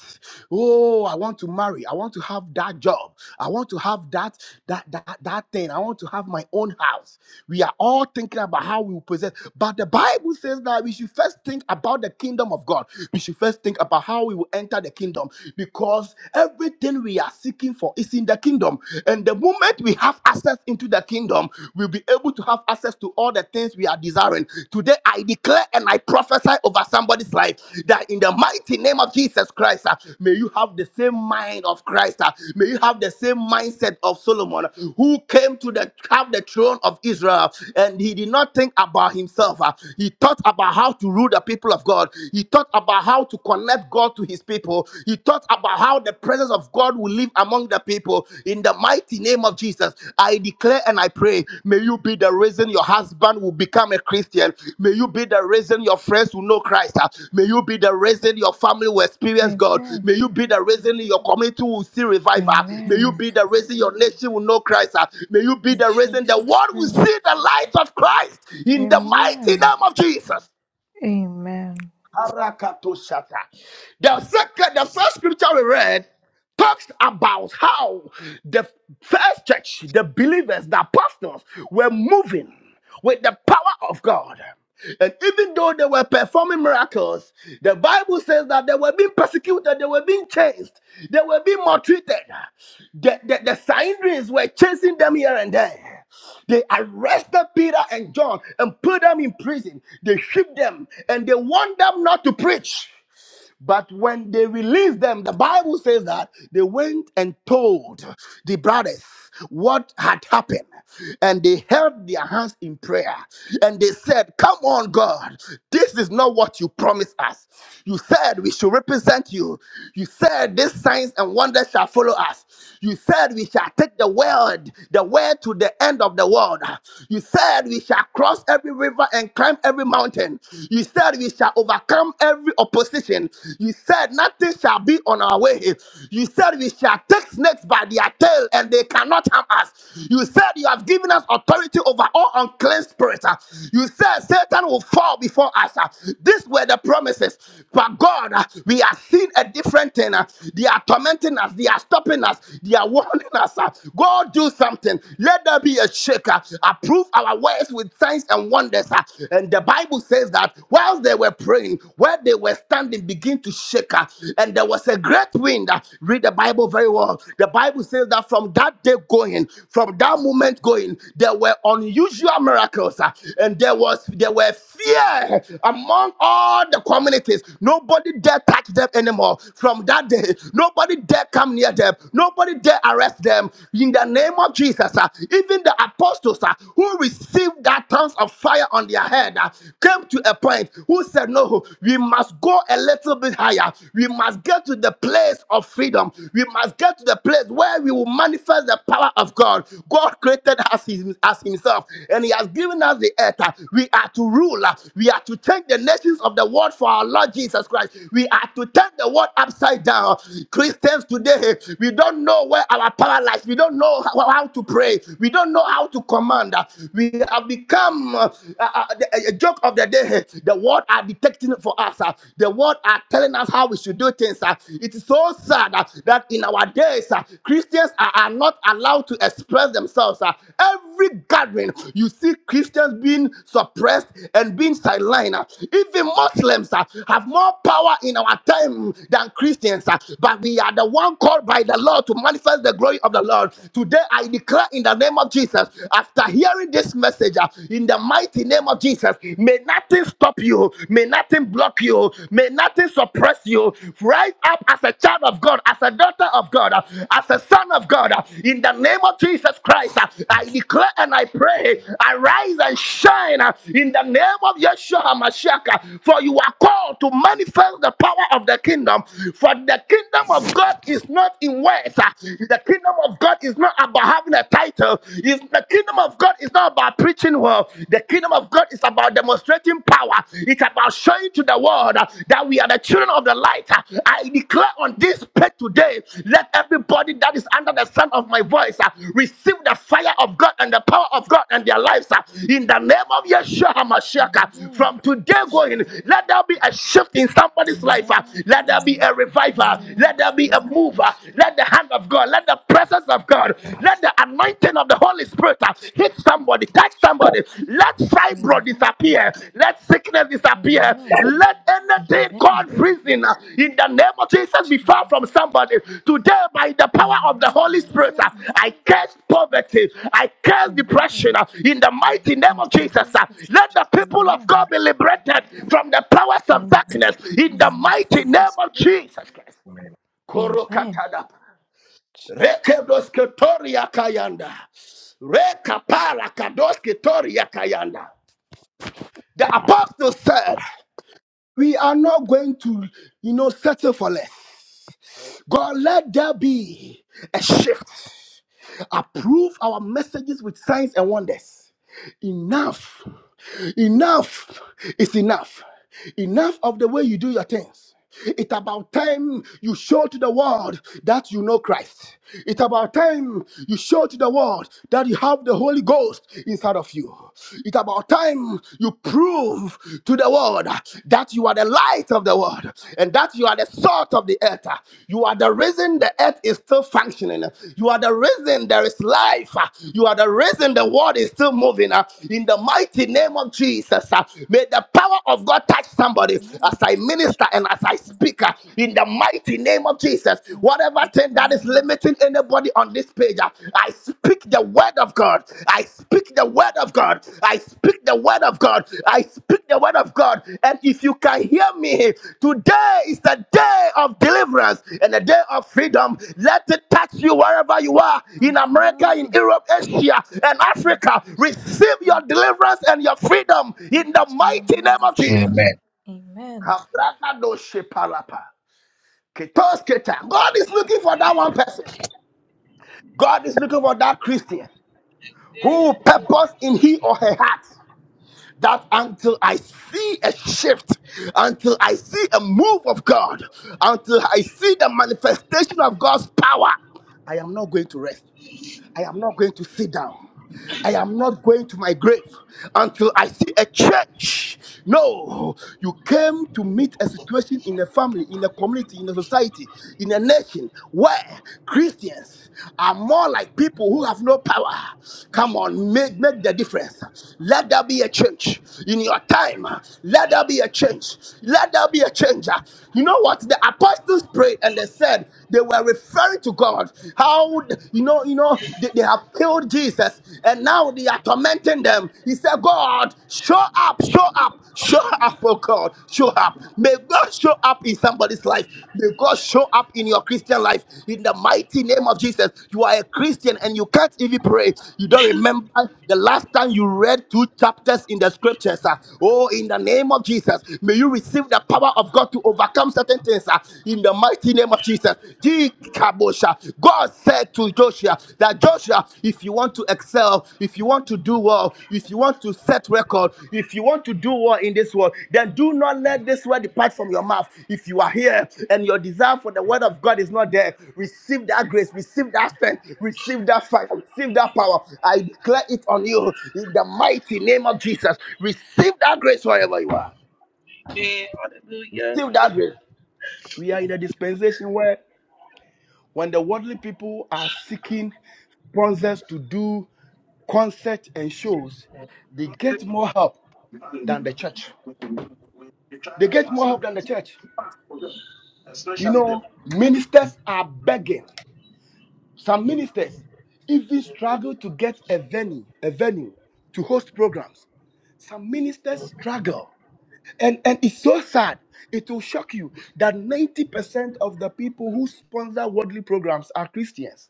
Oh, I want to marry. I want to have that job. I want to have that that that that thing. I want to have my own house. We are all thinking about how we will possess. But the Bible says that we should first think about the kingdom of God. We should first think about how we will enter the kingdom because everything we are seeking for is in the kingdom. And the moment we have access into the kingdom, we'll be able to have access to all the things we things we are desiring. Today, I declare and I prophesy over somebody's life that in the mighty name of Jesus Christ, uh, may you have the same mind of Christ. uh, may you have the same mindset of Solomon, who came to the have the throne of Israel, and he did not think about himself. uh, he thought about how to rule the people of God. He thought about how to connect God to His people. He thought about how the presence of God will live among the people. In the mighty name of Jesus, I declare and I pray, may you be the reason your husband will become a Christian. May you be the reason your friends will know Christ. Ah, May you be the reason your family will experience God.
Amen.
May you be the reason your community will see revival. May you
Amen.
be the reason your nation will know Christ. Ah, May you be
In
the reason the
Jesus'
world will
name.
see the light of Christ in the mighty
Amen.
name of Jesus.
Amen.
Harakatoshata. The second, the first scripture we read talks about how the first church, the believers, the apostles were moving with the power of God. And even though they were performing miracles, the Bible says that they were being persecuted, they were being chased, they were being maltreated. The, the, the Sanhedrins were chasing them here and there. They arrested Peter and John and put them in prison. They shipped them and they want them not to preach. But when they released them, the Bible says that they went and told the brothers what had happened. And they held their hands in prayer and they said, Come on, God, this is not what you promised us. You said we should represent you. You said these signs and wonders shall follow us. You said we shall take the world, the way to the end of the world. You said we shall cross every river and climb every mountain. You said we shall overcome overcome every opposition. You said nothing shall be on our way. You said we shall take snakes by their tail and they cannot harm us. You said you have given us authority over all unclean spirits. Uh, You said Satan will fall before us. Uh, These were the promises. But God, uh, we are seeing a different thing. Uh, They are tormenting us. They are stopping us. They are warning us. Uh, God, do something. Let there be a shaker. Approve our words with signs and wonders. Uh, And the Bible says says that whilst they were praying, where they were standing began to shake, uh, and there was a great wind. Uh, Read the Bible very well. The Bible says that from that day going, from that moment going, there were unusual miracles, uh, and there was there were fear among all the communities. Nobody dare touch them anymore. From that day, nobody dare come near them. Nobody dare arrest them. In the name of Jesus, uh, even the apostles uh, who received that tongues of fire on their head uh, came to a point who said, No, we must go a little bit higher. We must get to the place of freedom. We must get to the place where we will manifest the power of God. God created us his- as Himself, and He has given us the earth. uh, We are to rule. uh, We are to take the nations of the world for our Lord Jesus Christ. We are to turn the world upside down. Christians today, we don't know where our power lies. We don't know how how to pray. We don't know how to command. Uh, we have become uh, uh, uh, the- a joke of the day. The world are detecting for us. uh, The world are telling us how we should do things. uh. It is so sad uh, that in our days, uh, Christians are, are not allowed to express themselves. uh. Every gathering, you see Christians being suppressed and being sidelined. uh. Even Muslims uh, have more power in our time than Christians, uh, but we are the one called by the Lord to manifest the glory of the Lord. Today, I declare in the in the name of Jesus. After hearing this message, uh, in the mighty name of Jesus, may nothing stop you, may nothing block you, may nothing suppress you. Rise up as a child of God, as a daughter of God, uh, as a son of God, uh, in the name of Jesus Christ. uh, I declare and I pray, arise and shine uh, in the name of Yeshua HaMashiach, uh, for you are called to manifest the power of the kingdom. For the kingdom of God is not in words, uh, the kingdom of of God is not about having a title. It's, the kingdom of God is not about preaching well. The kingdom of God is about demonstrating power. It's about showing to the world uh, that we are the children of the light. Uh, I declare on this page today, let everybody that is under the sound of my voice uh, receive the fire of God and the power of God and their lives uh, in the name of Yeshua HaMashiach. uh,
Amen.
From today going, let there be a shift in somebody's life. uh, Let there be
Amen.
a
In
revival.
the name
Let there
of
be a mover.
Jesus.
Let the hand of God, let the presence of God, let the anointing of the Holy Spirit uh, hit somebody, touch somebody. Let fibro
Amen.
disappear. Let sickness disappear.
Amen.
Let anything
Amen.
called prison uh, in the name of Jesus be far from somebody. Today, by the power of the
Amen.
Holy Spirit, uh, I curse poverty. I curse depression
Amen.
uh, in the mighty name
In
of
the
Jesus.
name
uh,
of
Let the people
Jesus.
of
Amen.
God be liberated from the powers of
Amen.
darkness in the
In
mighty name
Jesus'
of
name.
Jesus Christ.
Amen.
Korokatadapa.
Jesus.
Rekedoske toria kayanda. Rekapara kadoske toria kayanda. The apostle said, We are not going to, you know, settle for less. God, let there be a shift. Approve our messages with signs and wonders. Enough. Enough is enough. Enough of the way you do your things. It's about time you show to the world that you know Christ. It's about time you show to the world that you have the Holy Ghost inside of you. It's about time you prove to the world that you are the light of the world and that you are the salt of the earth. You are the reason the earth is still functioning. You are the reason there is life. You are the reason the world is still moving. In the mighty name of Jesus, may the power of God touch somebody as
Amen.
I minister and as I speak. In the mighty name of Jesus,
Amen.
whatever
Yes,
thing that is limiting anybody on this page. I speak the word of God. I speak the word of God. I speak the word of God. I speak the word of God. And if you can hear me, today is the day of deliverance and the day of freedom. Let it touch you wherever you are in America, in Europe, Asia, and
Amen.
Africa.
Jesus.
Receive
I
your deliverance and your freedom
believe
in the
it in the
mighty name
name of
of
Jesus.
Jesus.
Amen.
Kabrakadoshepalapa. Ketosketa. God is looking for that one person. God is looking for that Christian who will purpose in he or her heart that until I see a shift, until I see a move of God, until I see the manifestation of God's power, I am not going to rest. I am not going to sit down. I am not going to my grave until I see a change. No, you came to meet a situation in a family, in a community, in a society, in a nation where Christians are more like people who have no power. Come on, make, make the difference. Let there be a change in your time. Let there be a change. Let there be a change. You know what? The apostles prayed and they said they were referring to God. How you know, you know, they, they have killed Jesus and now they are tormenting them. He said, God, show up, show up, show up, oh God, show up. May God show up in somebody's life. May God show up in your Christian life. In the mighty name of Jesus, you are a Christian and you can't even pray. You don't remember the last time you read two chapters in the scriptures. ah. Oh, in the name of Jesus, may you receive the power of God to overcome certain sentence uh, in the mighty name of Jesus. Gee, kabosha. God said to Joshua that Joshua, if you want to excel, if you want to do well, if you want to set record, if you want to do well in this world, then do not let this word depart from your mouth. If you are here and your desire for the word of God is not there, receive that grace, receive that strength, receive that fire, receive that power. I declare it on you in the mighty name of Jesus. Receive that grace wherever you are. Receive that grace. We are in a dispensation where when the worldly people are seeking sponsors to do concerts and shows, they get more help than the church. They get more help than the church. You
Especially the.
know, ministers are begging. Some ministers even struggle to get a venue, a venue to host programs. Some ministers struggle. And, and it's so sad. It will shock you that 90% of the people who sponsor worldly programs are Christians.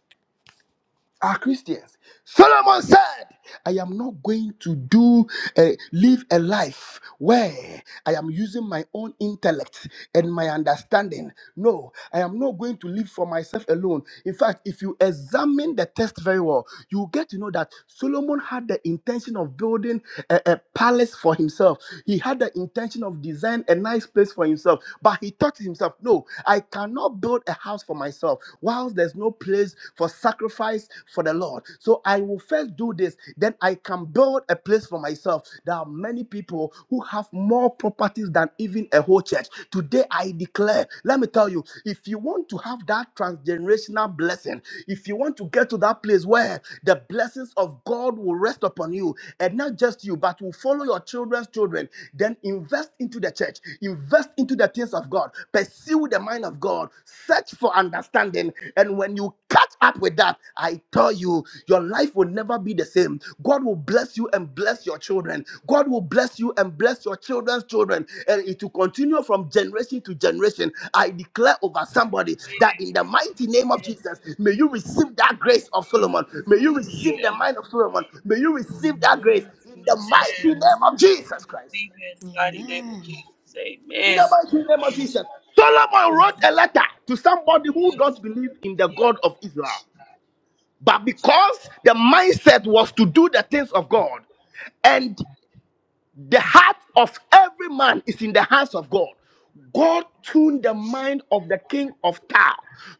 are Christians. Solomon said, I am not going to do a, live a life where I am using my own intellect and my understanding. No, I am not going to live for myself alone. In fact, if you examine the text very well, you get to know that Solomon had the intention of building a, a palace for himself. He had the intention of design a nice place for himself, but he thought to himself, no, I cannot build a house for myself myself, whilst there's no place for sacrifice for the Lord. So I will first do this, then I can build a place for myself. There are many people who have more properties than even a whole church. Today I declare, let me tell you, if you want to have that transgenerational blessing, if you want to get to that place where the blessings of God will rest upon you, and not just you, but will follow your children's children, then invest into the church, invest into the things of things of God, pursue the mind of God, search for understanding. And when you catch up with that, I tell you, your life will never be the same. God will bless you and bless your children. God will bless you and bless your children's children. And it will continue from generation to generation. I declare over somebody that in the mighty name of Jesus, may you receive that grace of Solomon. May you
Amen.
receive the mind of Solomon. May you
In the
receive that
name
grace
of
in the
Jesus.
mighty name of
Amen.
Jesus Christ.
Believe in the mighty name of
Amen.
Jesus.
In the
Amen.
mighty name of Jesus. Solomon wrote
Amen.
a letter to somebody who don't believe in the God of Israel. But because the mindset was to do the things of God, and the heart of every man is in the hands of God. God tuned the mind of the king of Tyre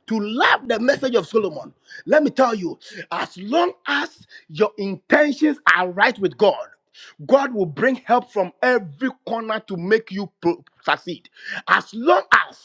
to love the message of Solomon. Let me tell you, as long as your intentions are right with God, God will bring help from every corner to make you pro- succeed. As long as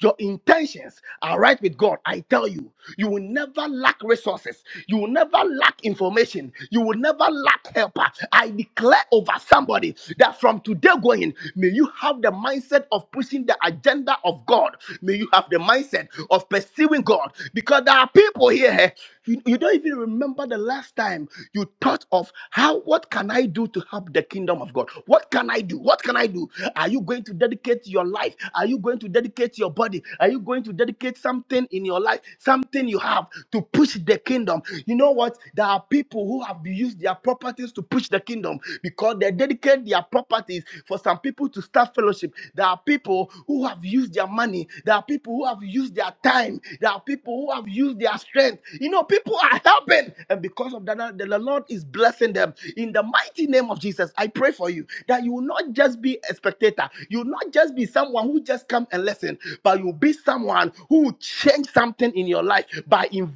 your intentions are right with God, I tell you, you will never lack resources. You will never lack information. You will never lack helper. I declare over somebody that from today going, may you have the mindset of pushing the agenda of God. May you have the mindset of pursuing God. Because there are people here. You, you don't even remember the last time you thought of how, what can I do to help the kingdom of God? What can I do? What can I do? Are you going to dedicate your life? Are you going to dedicate your body? Are you going to dedicate something in your life, something you have to push the kingdom? You know what? There are people who have used their properties to push the kingdom because they dedicate their properties for some people to start fellowship. There are people who have used their money. There are people who have used their time. There are people who have used their strength. You know, people are helping. And because of that, the Lord is blessing them. In the mighty name of Jesus, I pray for you that you will not just be a spectator. You will not just be someone who just come and listen, but you'll be someone who will change something in your life by inv-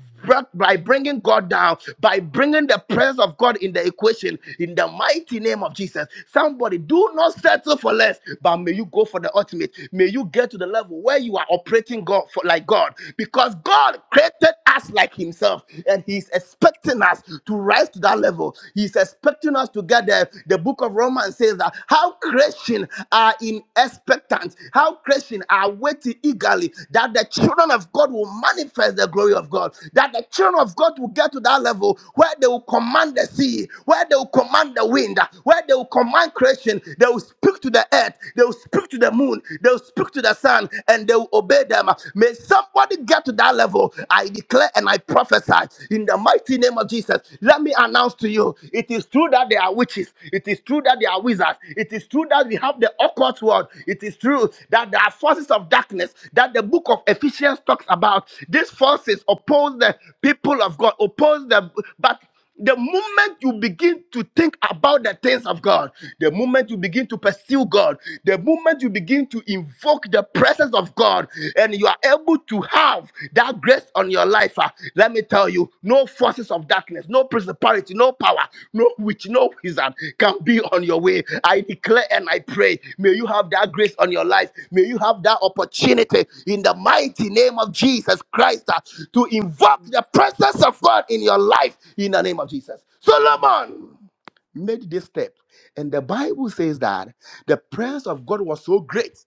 by bringing God down, by bringing the presence of God in the equation, in the mighty name of Jesus. Somebody, do not settle for less, but may you go for the ultimate. May you get to the level where you are operating God for like God because God created us like himself and he's expecting us to rise to that level. He's expecting us to get there. The book of Romans says that how creation are in expectant, how creation are waiting eagerly that the children of God will manifest the glory of God, that the children of God will get to that level where they will command the sea, where they will command the wind, where they will command creation, they will speak to the earth, they will speak to the moon, they will speak to the sun, and they will obey them. May somebody get to that level. I declare and I prophesy in the mighty name of Jesus. Let me announce to you it is true that there are witches, it is true that there are wizards, it is true that we have the occult world, it is true that there are forces of darkness that the book of Ephesians talks about. These forces oppose the people of God, oppose them, but the moment you begin to think about the things of God, the moment you begin to pursue God, the moment you begin to invoke the presence of God, and you are able to have that grace on your life, ah, let me tell you, no forces of darkness, no principality, no power, no witch, no wizard can be on your way. I declare and I pray, may you have that grace on your life. May you have that opportunity in the mighty name of Jesus Christ uh, to invoke the presence of God in your life in the name of Jesus. Solomon made this step, and the Bible says that the presence of God was so great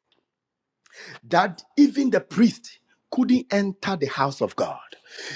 that even the priest couldn't enter the house of God.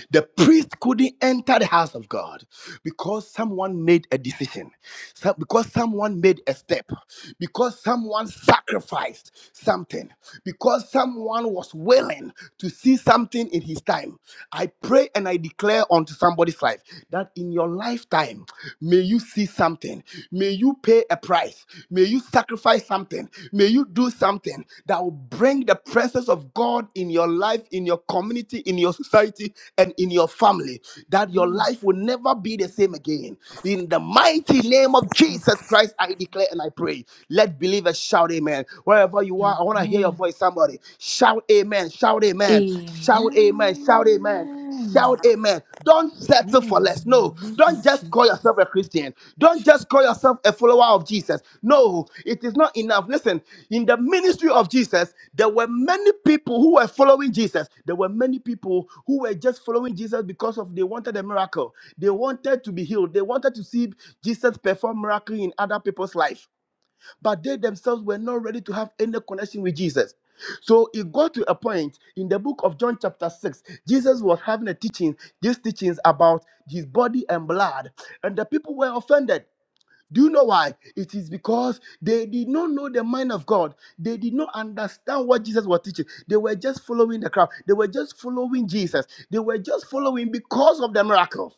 The priest couldn't enter the house of God because someone made a decision, so- because someone made a step, because someone sacrificed something, because someone was willing to see something in his time. I pray and I declare unto somebody's life that in your lifetime, may you see see something. May you pay a price. May you sacrifice something. May you do something that will bring the presence of God in your life, in your community, in your society, and in your family. That your life will never be the same again. In the mighty name of Jesus Christ, I declare and I pray. Let believers shout amen. Wherever you are, I want to hear
Amen.
your voice, somebody. Shout amen. Shout amen.
Amen.
Shout amen. Shout amen. Shout amen. Don't settle for less. No,
Amen.
don't just call
Jesus.
yourself a Christian. Don't just call yourself a follower of Jesus. No, it is not enough. Listen, in the ministry of Jesus, there were many people who were following Jesus. There were many people who were just following Jesus because of they wanted a miracle. They wanted to be healed. They wanted to see Jesus perform miracle in other people's life but they themselves were not ready to have any connection with Jesus. So it got to a point in the book of John, chapter 6. Jesus was having a teaching, these teachings about his body and blood, and the people were offended. Do you know why? It is because they did not know the mind of God. They did not understand what Jesus was teaching. They were just following the crowd. They were just following Jesus. They were just following because of the miracles.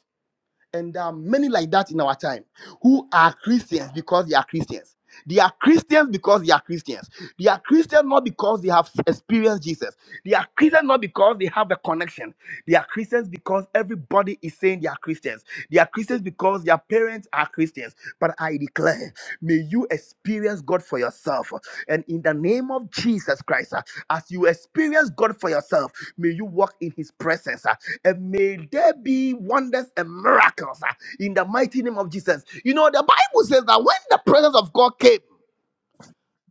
And there are many like that in our time who are Christians because they are Christians. They are Christians because they are Christians. They are Christians not because they have experienced Jesus. They are Christians not because they have a connection. They are Christians because everybody is saying they are Christians. They are Christians because their parents are Christians. But I declare, may you experience God for yourself. And in the name of Jesus Christ, uh, as you experience God for yourself, May you walk in his presence. ah, And may there be wonders and miracles ah, in the mighty name of Jesus. You know, the Bible says that when the presence of God came,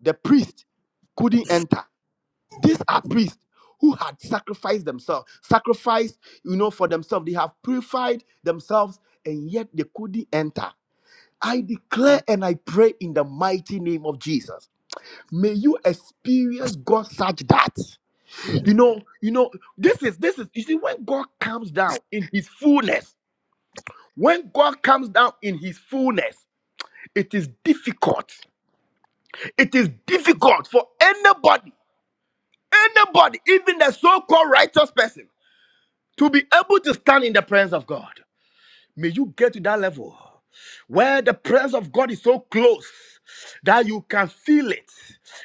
the priest couldn't enter. These are priests who had sacrificed themselves, sacrificed, you know, for themselves. They have purified themselves and yet they couldn't enter. I declare and I pray in the mighty name of Jesus. May you experience God such that. You know, you know, this is this is you see when God comes down in his fullness, when God comes down in his fullness, it is difficult. It is difficult for anybody, anybody, even the so-called righteous person, to be able to stand in the presence of God. May you get to that level where the presence of God is so close that you can feel it,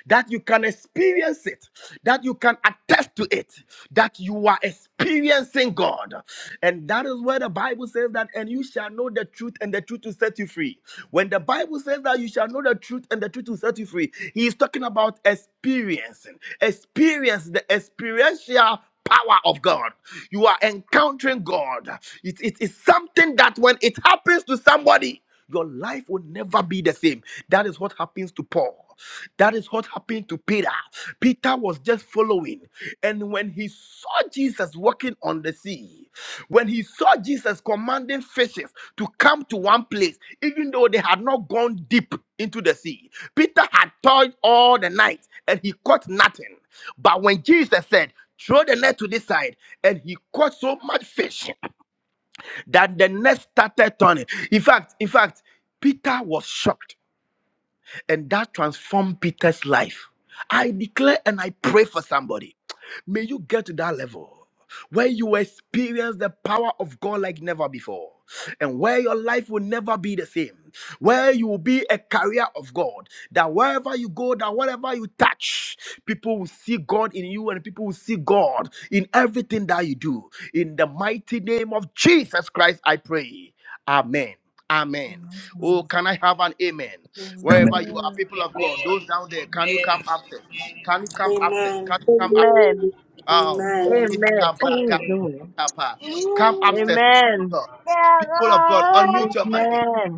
that you can experience it, that you can attest to it, that you are experiencing God. And that is where the Bible says that, and you shall know the truth, and the truth will set you free. When the Bible says that you shall know the truth, and the truth will set you free, he is talking about experiencing, experience the experiential power of God. You are encountering God. It, it is something that when it happens to somebody, your life will never be the same. That is what happens to Paul. That is what happened to Peter. Peter was just following. And when he saw Jesus walking on the sea, when he saw Jesus commanding fishes to come to one place, even though they had not gone deep into the sea, Peter had toiled all the night and he caught nothing. But when Jesus said, throw the net to this side and he caught so much fish that the net started turning in fact in fact peter was shocked and that transformed Peter's life. I declare and I pray for somebody. May you get to that level where you experience the power of God like never before, and where your life will never be the same. Where you will be a carrier of God, that wherever you go, that whatever you touch, people will see God in you and people will see God in everything that you do. In the mighty name of Jesus Christ, I pray. Amen. Amen.
Amen.
Oh,
Amen.
can I have an amen? Wherever you are, people of
Amen.
God, those down there, can you come
Amen.
up Can you come up
Amen.
Can you come up
Amen.
Oh,
Amen.
Amen.
Amen.
Oh, doing.
come upstairs, people of
Amen.
God. People of God, unmute your mic.
Amen.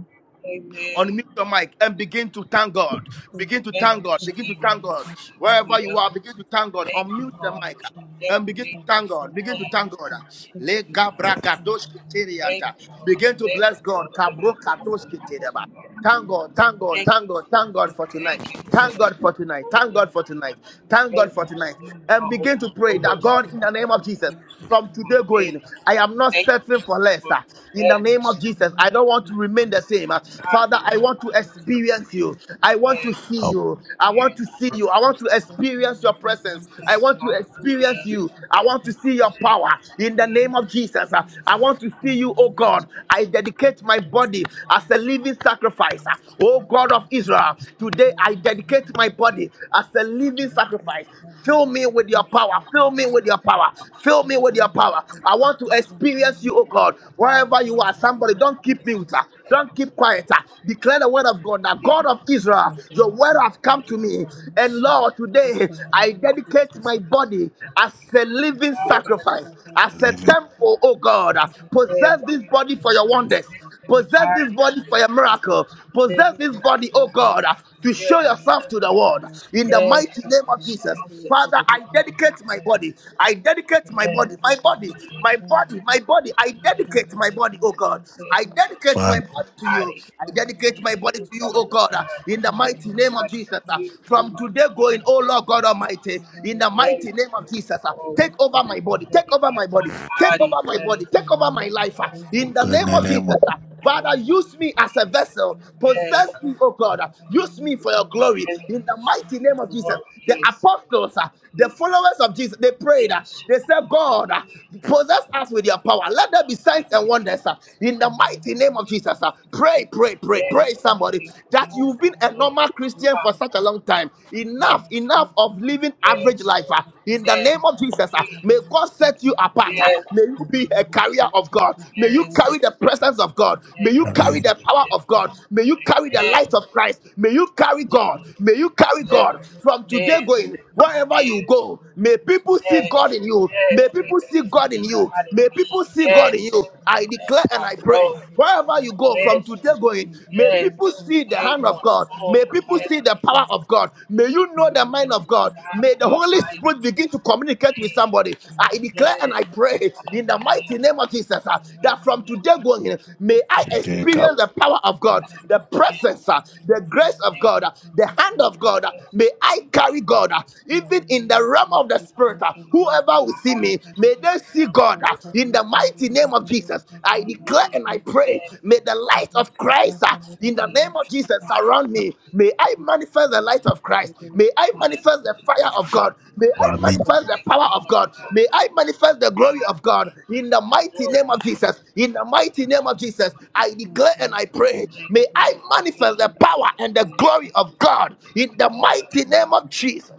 Amen. Amen.
Unmute your mic and begin to thank God.
Oh,
Begin to
Thank
thank
you,
God.
Thank you,
Begin to
very
thank
Jesus.
much.
God.
Thank you, Lord.
Wherever
Amen.
Yeah.
you are, begin
Jesus.
to thank God.
Thank
Unmute
you,
Thank
the
Lord.
you,
mic and begin
Jesus.
to
For
Everything.
your
thank God.
grace
Begin
Lord.
to
and
thank
mercy,
God.
Lord Jesus.
Le
You
gabra
know.
gadosh
Amen. That's
Thank
keterianta.
what
you,
I
Lord.
Begin
want.
to
Thank
bless
you,
God.
Lord, for
Kabro
your
kadosh
That's
ketereba.
what
mercy.
Thank
I
God, thank
want.
God,
Thank
thank
you,
God, thank
Thank you
God for tonight.
Thank you,
Thank God
Lord.
for tonight. Thank God for tonight. Thank God
Thank
for
you,
for
tonight.
your
Lord,
And
for
love
begin to
opening
pray
and
that
doors for
mercy, Lord of Jesus.
God,
Thank
in the name
me.
of Jesus. From
Thank
today
you.
going, I am not
Thank you,
settling for
Jesus,
less.
for
ah. In the
you,
name of
that.
Jesus, I
Lord.
don't want to remain the same. ah.
I'm not
Father, I
something
want to
that
experience
Thank
you.
you,
I want to
experience
see
I'll
you.
Lord
I
Jesus.
want
in
to see
the
you. I want
Jesus,
to
we
experience your
can
presence.
Jesus,
I want to
song and
experience you. I want to see your power. In the name of Jesus, ah, I want to see you, oh God. I dedicate my body as a living sacrifice. ah. Oh God of Israel, today I dedicate my body as a living sacrifice. Fill me with your power. Fill me with your power. Fill me with your power. I want to experience you, oh God. Wherever you are, somebody, don't keep mute. ah. Don't keep quiet. ah. Declare the word of God. The God of Israel, your word has come to
I
me.
will not
And
settle
Lord,
for this
today
in the
I
name of
dedicate my
profession
body as a living
God as a
sacrifice, as
and
a
much
believe it
Jesus.
temple, oh God.
Thank
prayer
Possess this body for your wonders.
for my
Possess this
body,
body for a miracle. Possess
living
this body, oh God, uh, to
here.
show yourself to the world. In the
Yes,
mighty name of
shout
Jesus.
it to
Father,
the
I
Lord.
dedicate my
Yes,
body. I dedicate
yes,
my
indeed,
body, my body,
indeed,
my body, my body. I dedicate my body, oh God.
yes, Yes,
I dedicate
yes,
my
yes,
body to you.
body
I dedicate my
to
body
you,
to you,
Father
oh God, uh,
God.
in the
Dedicate
mighty name
my
of Jesus. uh,
body
From
to you, in the mighty name
today
of
going, oh
Jesus.
Lord God Almighty, in the
Then,
mighty name of Jesus, uh, take
Lord,
over my
I
body body. Take over
dedicate
my
my
body. Take over
body,
my
yes,
body.
to
Take
the
over my life. ah.
Lord.
In the name of Jesus. ah.
In the
Father,
you.
name
use me
of
as a vessel.
Thank
Jesus.
Possess
Yes,
me, oh God. ah. Use
Yes, for your
me for your glory. In the mighty name of Jesus.
glory.
The apostles, ah, the followers of Jesus, they prayed. ah.
Yes, your
They said, God, ah,
glory.
possess us with your
Yes,
power. Let there be signs and
Jesus.
wonders. ah. In the mighty name of Jesus. ah. Pray, pray, pray, pray, somebody, that you've been a normal Christian for such a long time.
Hallelujah.
Enough, enough of living
Yes,
average
Yes,
life. ah. In the name
yes,
of Jesus, ah,
we,
may God set you
yes, yes,
apart. ah. May you be a carrier of God. May
yes,
you carry the presence of God. May
yes,
you carry the power of God. May you carry the light of Christ. May you carry God. May you carry
yes, yes, yes,
God from today
yes,
going. Wherever you
yes,
go, may people see
Yes,
God in you. May
yes, may
people
that
see
the
God
seed
in
of
you.
God in
May
me.
people see God in
Yes,
you.
Jesus.
I
Um,
declare and
I
I pray.
grow.
Wherever you go from
Yes,
today
Jesus.
going, may
Yes,
people see the
today
hand of
going
God. May
forward.
people
Yes,
see the power of God. May
keep
you
the
know the
of
mind of God. May the
my
Holy
life
Spirit begin to communicate with
today.
somebody. I declare and I
Yes,
pray in the
you.
mighty
hallelujah.
name of Jesus
In
uh,
the
Amen.
that
mighty
from
name
today
of
going, may I
Jesus.
today.
experience the power of God, the
Yes,
presence,
hallelujah.
uh, the grace of God, uh,
Amen.
the hand of God. uh, May I carry God, uh, even in the realm of the spirit. uh, Whoever will see me, may they mercy, God, uh, in the mighty name of Jesus. I
You
declare
need
and I pray,
medicine.
may the light of Christ, uh, in
You
the name
need
of Jesus, surround me. May I manifest the light of Christ. May I
yeah,
manifest the
you
fire of God. May
see
I manifest the
Christ
power of
all
God. May
around.
I manifest the
And
glory
I
of God in the
the
mighty
Lord,
name of Jesus. In the mighty name of Jesus, I declare and I pray, may I manifest the power and the
hallelujah,
glory of God in
And
the
the
mighty
Lord
name of Jesus.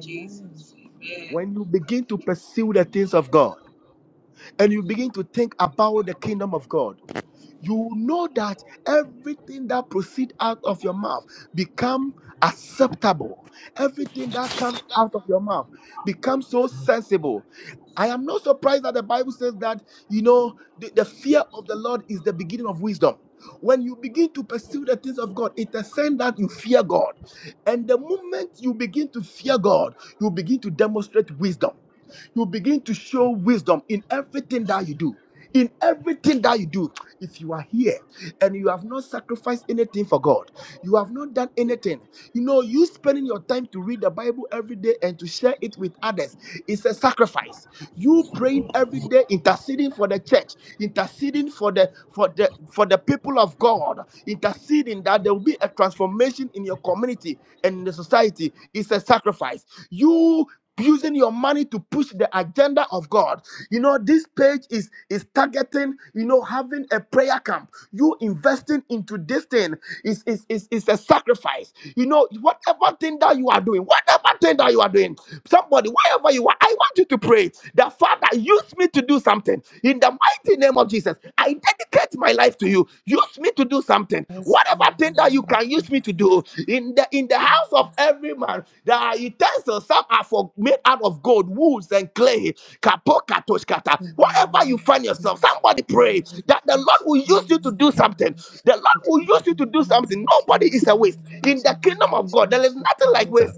Jesus, Amen.
When you begin to pursue the things of God, and you begin to think about the kingdom of God, you know that everything that proceeds out of your mouth become acceptable. Everything that comes out of your mouth becomes so sensible. I am not surprised that the Bible says that, you know, the, the fear of the Lord is the beginning of wisdom. When you begin to pursue the things of God, it's a sign that you fear God. And the moment you begin to fear God, you begin to demonstrate wisdom. You begin to show wisdom in everything that you do. In everything that you do, if you are here and you have not sacrificed anything for God, you have not done anything. You know, you spending your time to read the Bible every day and to share it with others is a sacrifice. You praying every day, interceding for the church, interceding for the for the for the people of God, interceding that there will be a transformation in your community and in the society is a sacrifice. You using your money to push the agenda of God. You know, this page is is targeting, you know, having a prayer camp. You investing into this thing is is is, is a sacrifice. You know, whatever thing that you are doing, whatever thing that you are doing, somebody, wherever you are, I want you to pray that Father, use me to do something in the mighty name of Jesus. I dedicate my life to you. Use me to do something.
Yes,
Whatever thing that you can use me to do
ma'am.
do in the in the house of every man there are utensils some are for made out of gold woods and clay kapoka toshkata wherever you find yourself
Jesus,
somebody pray that the lord will use you to do something the lord will use you to do something nobody is a waste in the kingdom of god there is nothing like waste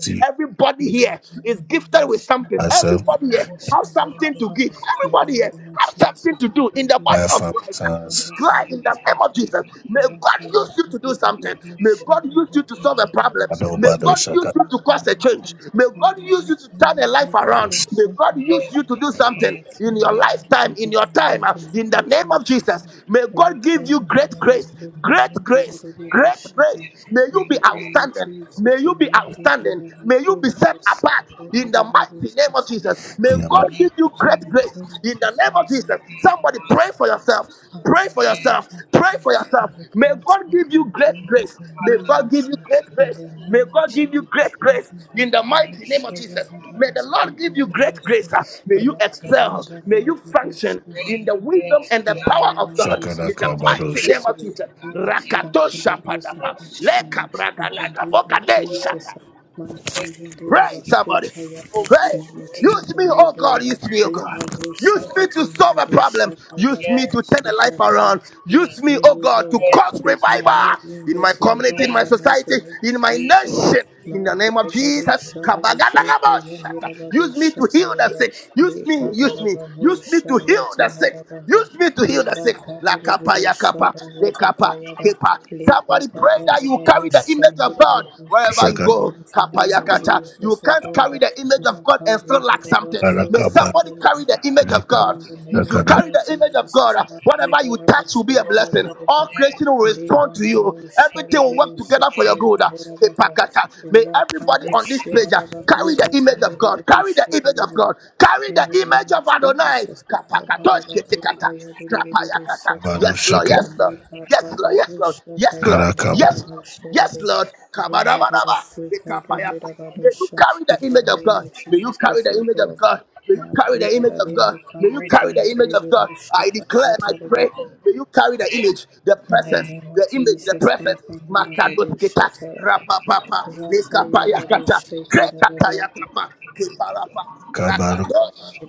in
everybody
the
here is
name
gifted
of
with something everybody here have something to give. Everybody here, have
Jesus,
something to
we
do in
do
the body
the
of Christ.
devotion, I
Look at
Declare
have
you
a
in the name
and
of
dosata,
Jesus.
say,
May God
Rataya,
use you to do something.
Havarebe,
May
Mosha,
God use you to solve
Latina,
a problem. May
Barosata.
God use you
In
to
the
cause
name
a
of
change. May
Jesus,
God
Father,
use you to
use me, O
turn a life
Lord, to
around.
do
May God
something, O
use you to
Lord,
do
in
something
your
in your
kingdom,
lifetime, in
in the
your time, uh,
mighty name
in the
of
name of
Jesus.
Jesus. May God give you
Rataya,
great grace,
Murabasota,
great
Yatina,
grace, great grace.
Devotion.
May you be
In the name of
outstanding.
Jesus,
May you be
Almighty God,
outstanding.
and our
May you be
Lord,
set
our
apart heart in
Savior,
the
our Lord,
mighty name
our
of Jesus.
Savior.
May
In
God give you
the
great
name of
grace in the
Jesus,
name of Jesus.
Almighty God,
Somebody pray for yourself. Pray for
Yes.
yourself. Pray for yourself.
and the
May
God
God
speak
give you great
great
grace. May God give
praise
you
uh,
great
in
grace.
the
May
name of
God give you
Jesus.
great grace in the
Hallelujah. No
mighty name of
shaya
Jesus. May
hadaba
the Lord
soka
give you great
yanderebe.
grace. uh, May you
Rata
excel. May you
yandaraba
function in the
doshindaraba.
wisdom and the
In the
power
name
of
of
God. In
Jesus,
the
Shakadaka
grant me the
bado.
mighty
grace
name
to
of Jesus.
excel,
Rakato
grant me the grace to
shapadapa.
function. uh,
Leka
In the name of Jesus,
bragadagabogadeshata.
Makaya de
Pray, somebody.
Rabasotayaba
Pray.
in your
Use me,
kingdom, O
oh God.
Lord.
Use me, oh God.
Evarosa
Use me to
Hatina
solve a
Varusha
problem. Use me to
Yes,
turn
Yavanusa
a life
Tadaba.
around.
yes,
Use
Use
me,
me,
oh
O
God, to
Lord.
yes,
cause
Use me
revival
mightily in
in
your
my community,
kingdom
in
in
my
the mighty
society,
name of
in my
Jesus.
nation. In the name of Jesus.
Maradekarusha Rabasuka
Kabagadagaboshata. Use me
Yamirabadusha
to heal the
Tayaba.
sick. Use me,
yes.
use me, use me to
Lekatarabanusha
heal the sick.
Ratinarabaha.
Use me to heal the
Ila
sick. La kapa ya
Kavarusha
kapa, le kapa
Ratakayada.
keeper.
Lepa
Somebody pray that you carry the
Dadabarusha
image of God
Nirabiha.
wherever you
In
Shakadaka
the
go.
mighty name of
Kapayakata. You
Jesus, O
can't
Lord.
carry the image of God
Maka
and still
heda
lack
da
something.
basu
May
kadara
somebody carry
baha.
the image of God.
In the
If you
name
carry
of
the image of
Jesus,
God,
my
whatever you touch will be a
Udarabasuka
blessing.
Debe,
All creation will respond
Deva
to you.
Manu
Everything will work
Sharaberu
together for your
Sakaya
good.
Herabaha,
Kepakata. May everybody
Rapando
on this page uh, carry the
Shirabakuya
image of God.
Tanderebu
Carry the image of
Shirebe.
God. Carry
In
the
the name
image
of
of Adonai.
Jesus,
Kapakatos
Udarabatu
ketikata.
Kaya Derebu
Krapayakata.
Sata,
Yes, Lord. Yes, Lord.
Lupa
Yes, Lord. Yes, Lord.
Babadusha
Yes, Lord. Yes,
Kayandarabanu
Lord. Yes,
Sharabe.
Lord.
Rana
Kabadabadaba.
Rabasuka
Rekapayapa. May you
Ganderabadusha,
carry
in
the
the
image of
name
God.
of
May you
Jesus,
carry the
O
image of
Lord,
God. May you
in
carry the image
the
of God. May you carry the image of God. I declare and I pray. May you carry the image, the presence,
name of
the image,
Yes,
the
Jesus,
presence. Makadosketa.
Makanirabadushataraba.
Rapapapa. Lekapayakata.
Ratayavadushekadarabadushata.
Krekatayakapa. Keparapa.
bado.
Rakadosh.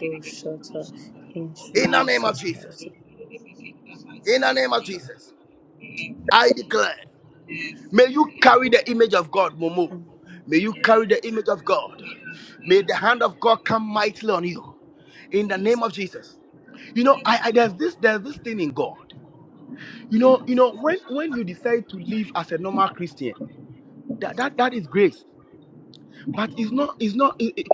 in
In the name of
Jesus'
Jesus.
mighty
In the name of Jesus. I declare. May you carry the image of God, Momo.
name.
May you carry the image of God. May the hand of God come mightily on you. In the name of Jesus. You know, I, I there's this there's this thing in God. You know, you know, when when you decide to live as a normal Christian, that that, that is grace. But it's not it's not it- it-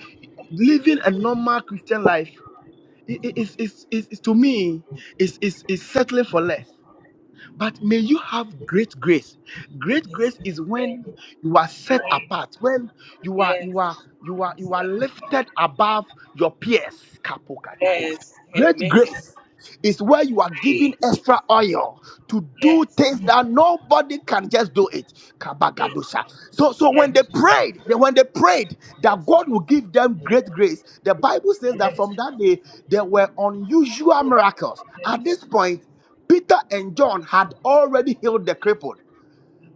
living a normal Christian life. it's, is is is to me is is is settling for less. But may you have great grace. Great grace is when you are set apart, when you are
Yes,
you are you
yes,
are you are lifted above your peers. Kapokata.
Yes.
Great
amen.
grace is where you are giving
Praise.
extra oil to do
Yes.
things
Mm.
that nobody can just do it. Kabagadosha. So, so
Yes.
when they
Yes.
prayed, they, when they prayed that
Yes.
God will
Yes.
give them great grace, the Bible says that from that day there were unusual miracles. At this point, Peter and John had already healed the crippled.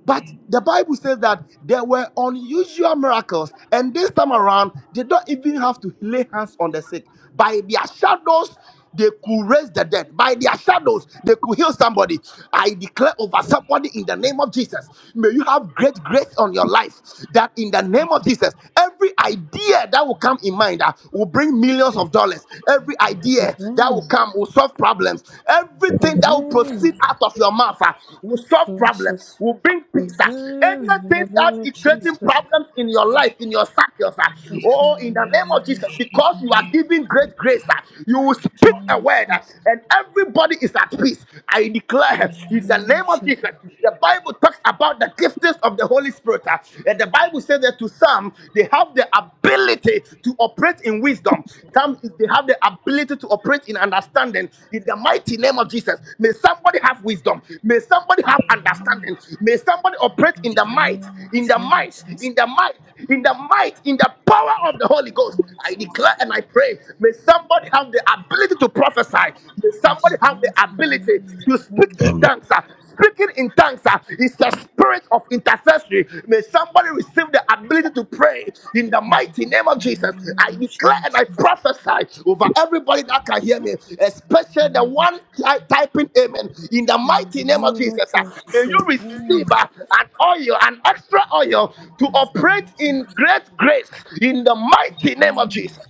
But the Bible says that there were unusual miracles, and this time around, they don't even have to lay hands on the sick. By their shadows, they could raise the dead. By their shadows, they could heal somebody. I declare over somebody in the name of Jesus. May you have great grace on your life that in the name of Jesus, Every idea that will come in mind uh, will bring millions of dollars. Every idea that
Amen.
will come will solve problems. Everything that will
Amen.
proceed out of your mouth uh, will solve problems,
Jesus.
will bring peace. uh.
Amen. In the
Anything
name
that
of
is creating
Jesus.
problems in your life, in your circles, uh,
Yes, in the
oh, in the name of
name of
Jesus,
Jesus.
because you are
Be
giving great grace, uh, you will speak
In the
speak
name
a
of
word
Jesus.
and everybody is at peace. I declare in the name of Jesus. The Bible talks about the giftings of the Holy Spirit. uh, And the Bible says that to some, they have the ability to operate in wisdom. Some, they have the ability to operate in understanding. In the mighty name of Jesus, may somebody have wisdom. May somebody have
Amen.
understanding. May somebody operate
In
in the
the
might,
name of
in the might,
Jesus.
in the might in the might, in the power of the Holy Ghost. I
Nations
declare and I pray. May somebody have the ability to prophesy. May
in the
somebody have the
lands of the
ability to speak in
nations
Amen.
tongues. ah. Speaking in tongues ah, is the spirit of intercessory. May somebody receive the ability to pray in the
and
mighty in the
about
name of
the
Jesus,
million
I declare and
nations.
I prophesy over everybody that can hear me, especially the
Lord
one ty- typing amen. In the mighty name of Jesus, uh,
Jesus,
may you receive uh, an oil, an extra oil to operate in great grace in the mighty name of Jesus.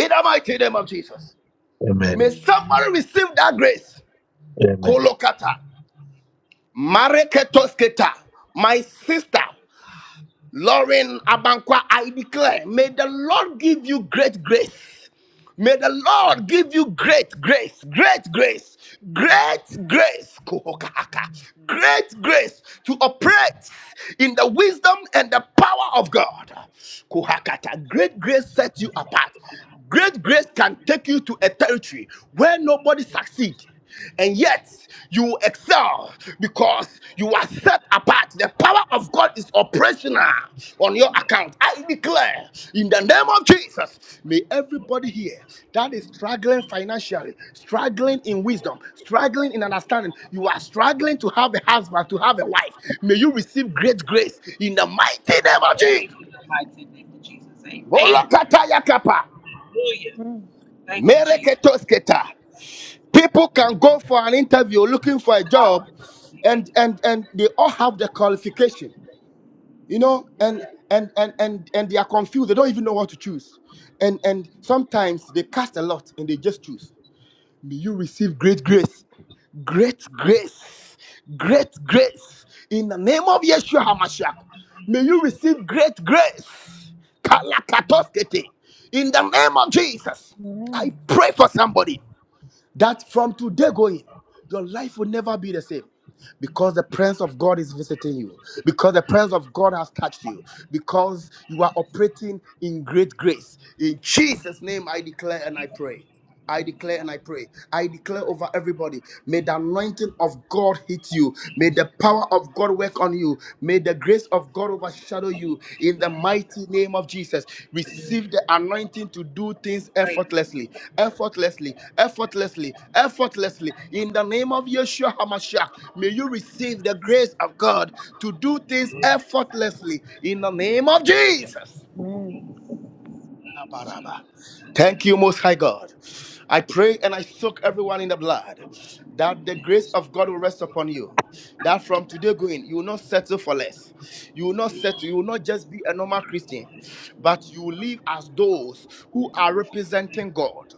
In the mighty name of Jesus. May
Amen. Amen. Amen. Amen.
somebody receive that grace. Kolokata. Mareketosketa. My sister. Lauren Abankwa, I declare, may the Lord give you great grace. May the Lord give you great grace, great grace, great grace, kohokahaka, great grace to operate in the wisdom and the power of God. Kohakata, great grace sets you apart. Great grace can take you to a territory where nobody succeeds and yet you excel because you are set apart. The power of God is operational on your account. I declare in the name of Jesus, may everybody here that is struggling financially, struggling in wisdom, struggling in understanding, you are struggling to have a husband, to have a wife. May you receive great grace in the mighty name of Jesus.
in the mighty name of Jesus. Amen.
Molokatayakapa,
Hallelujah. Thank you, Jesus.
mereketosketa. People can go for an interview looking for a job
God, we give
and
you
and and they all have the qualification, you know, and and and and and they are confused. They don't even know what to choose. And and sometimes they cast a lot and they just choose. May you receive great grace. Great grace. Great grace. In the name of Yeshua HaMashiach. May you receive great grace. Kalakatoskete. In the name of Jesus. I pray for somebody that from today going, your life will never be the same. Because the presence of God is visiting you, because the presence of God has touched you, because you are operating in great grace. In Jesus' name, I declare and I pray. I declare and I pray. I declare over everybody. May the anointing of God hit you. May the power of God work on you. May the grace of God overshadow you in the mighty name of Jesus. Receive the anointing to do things effortlessly, effortlessly, effortlessly, effortlessly. In the name of Yeshua HaMashiach, may you receive the grace of God to do things effortlessly in the name of Jesus. Kabaraba. Thank you, Most High God. I pray and I soak everyone in the blood that the grace of God will rest upon you. That from today going, you will not settle for less. You will not settle. You will not just be a normal Christian, but you will live as those who are representing God,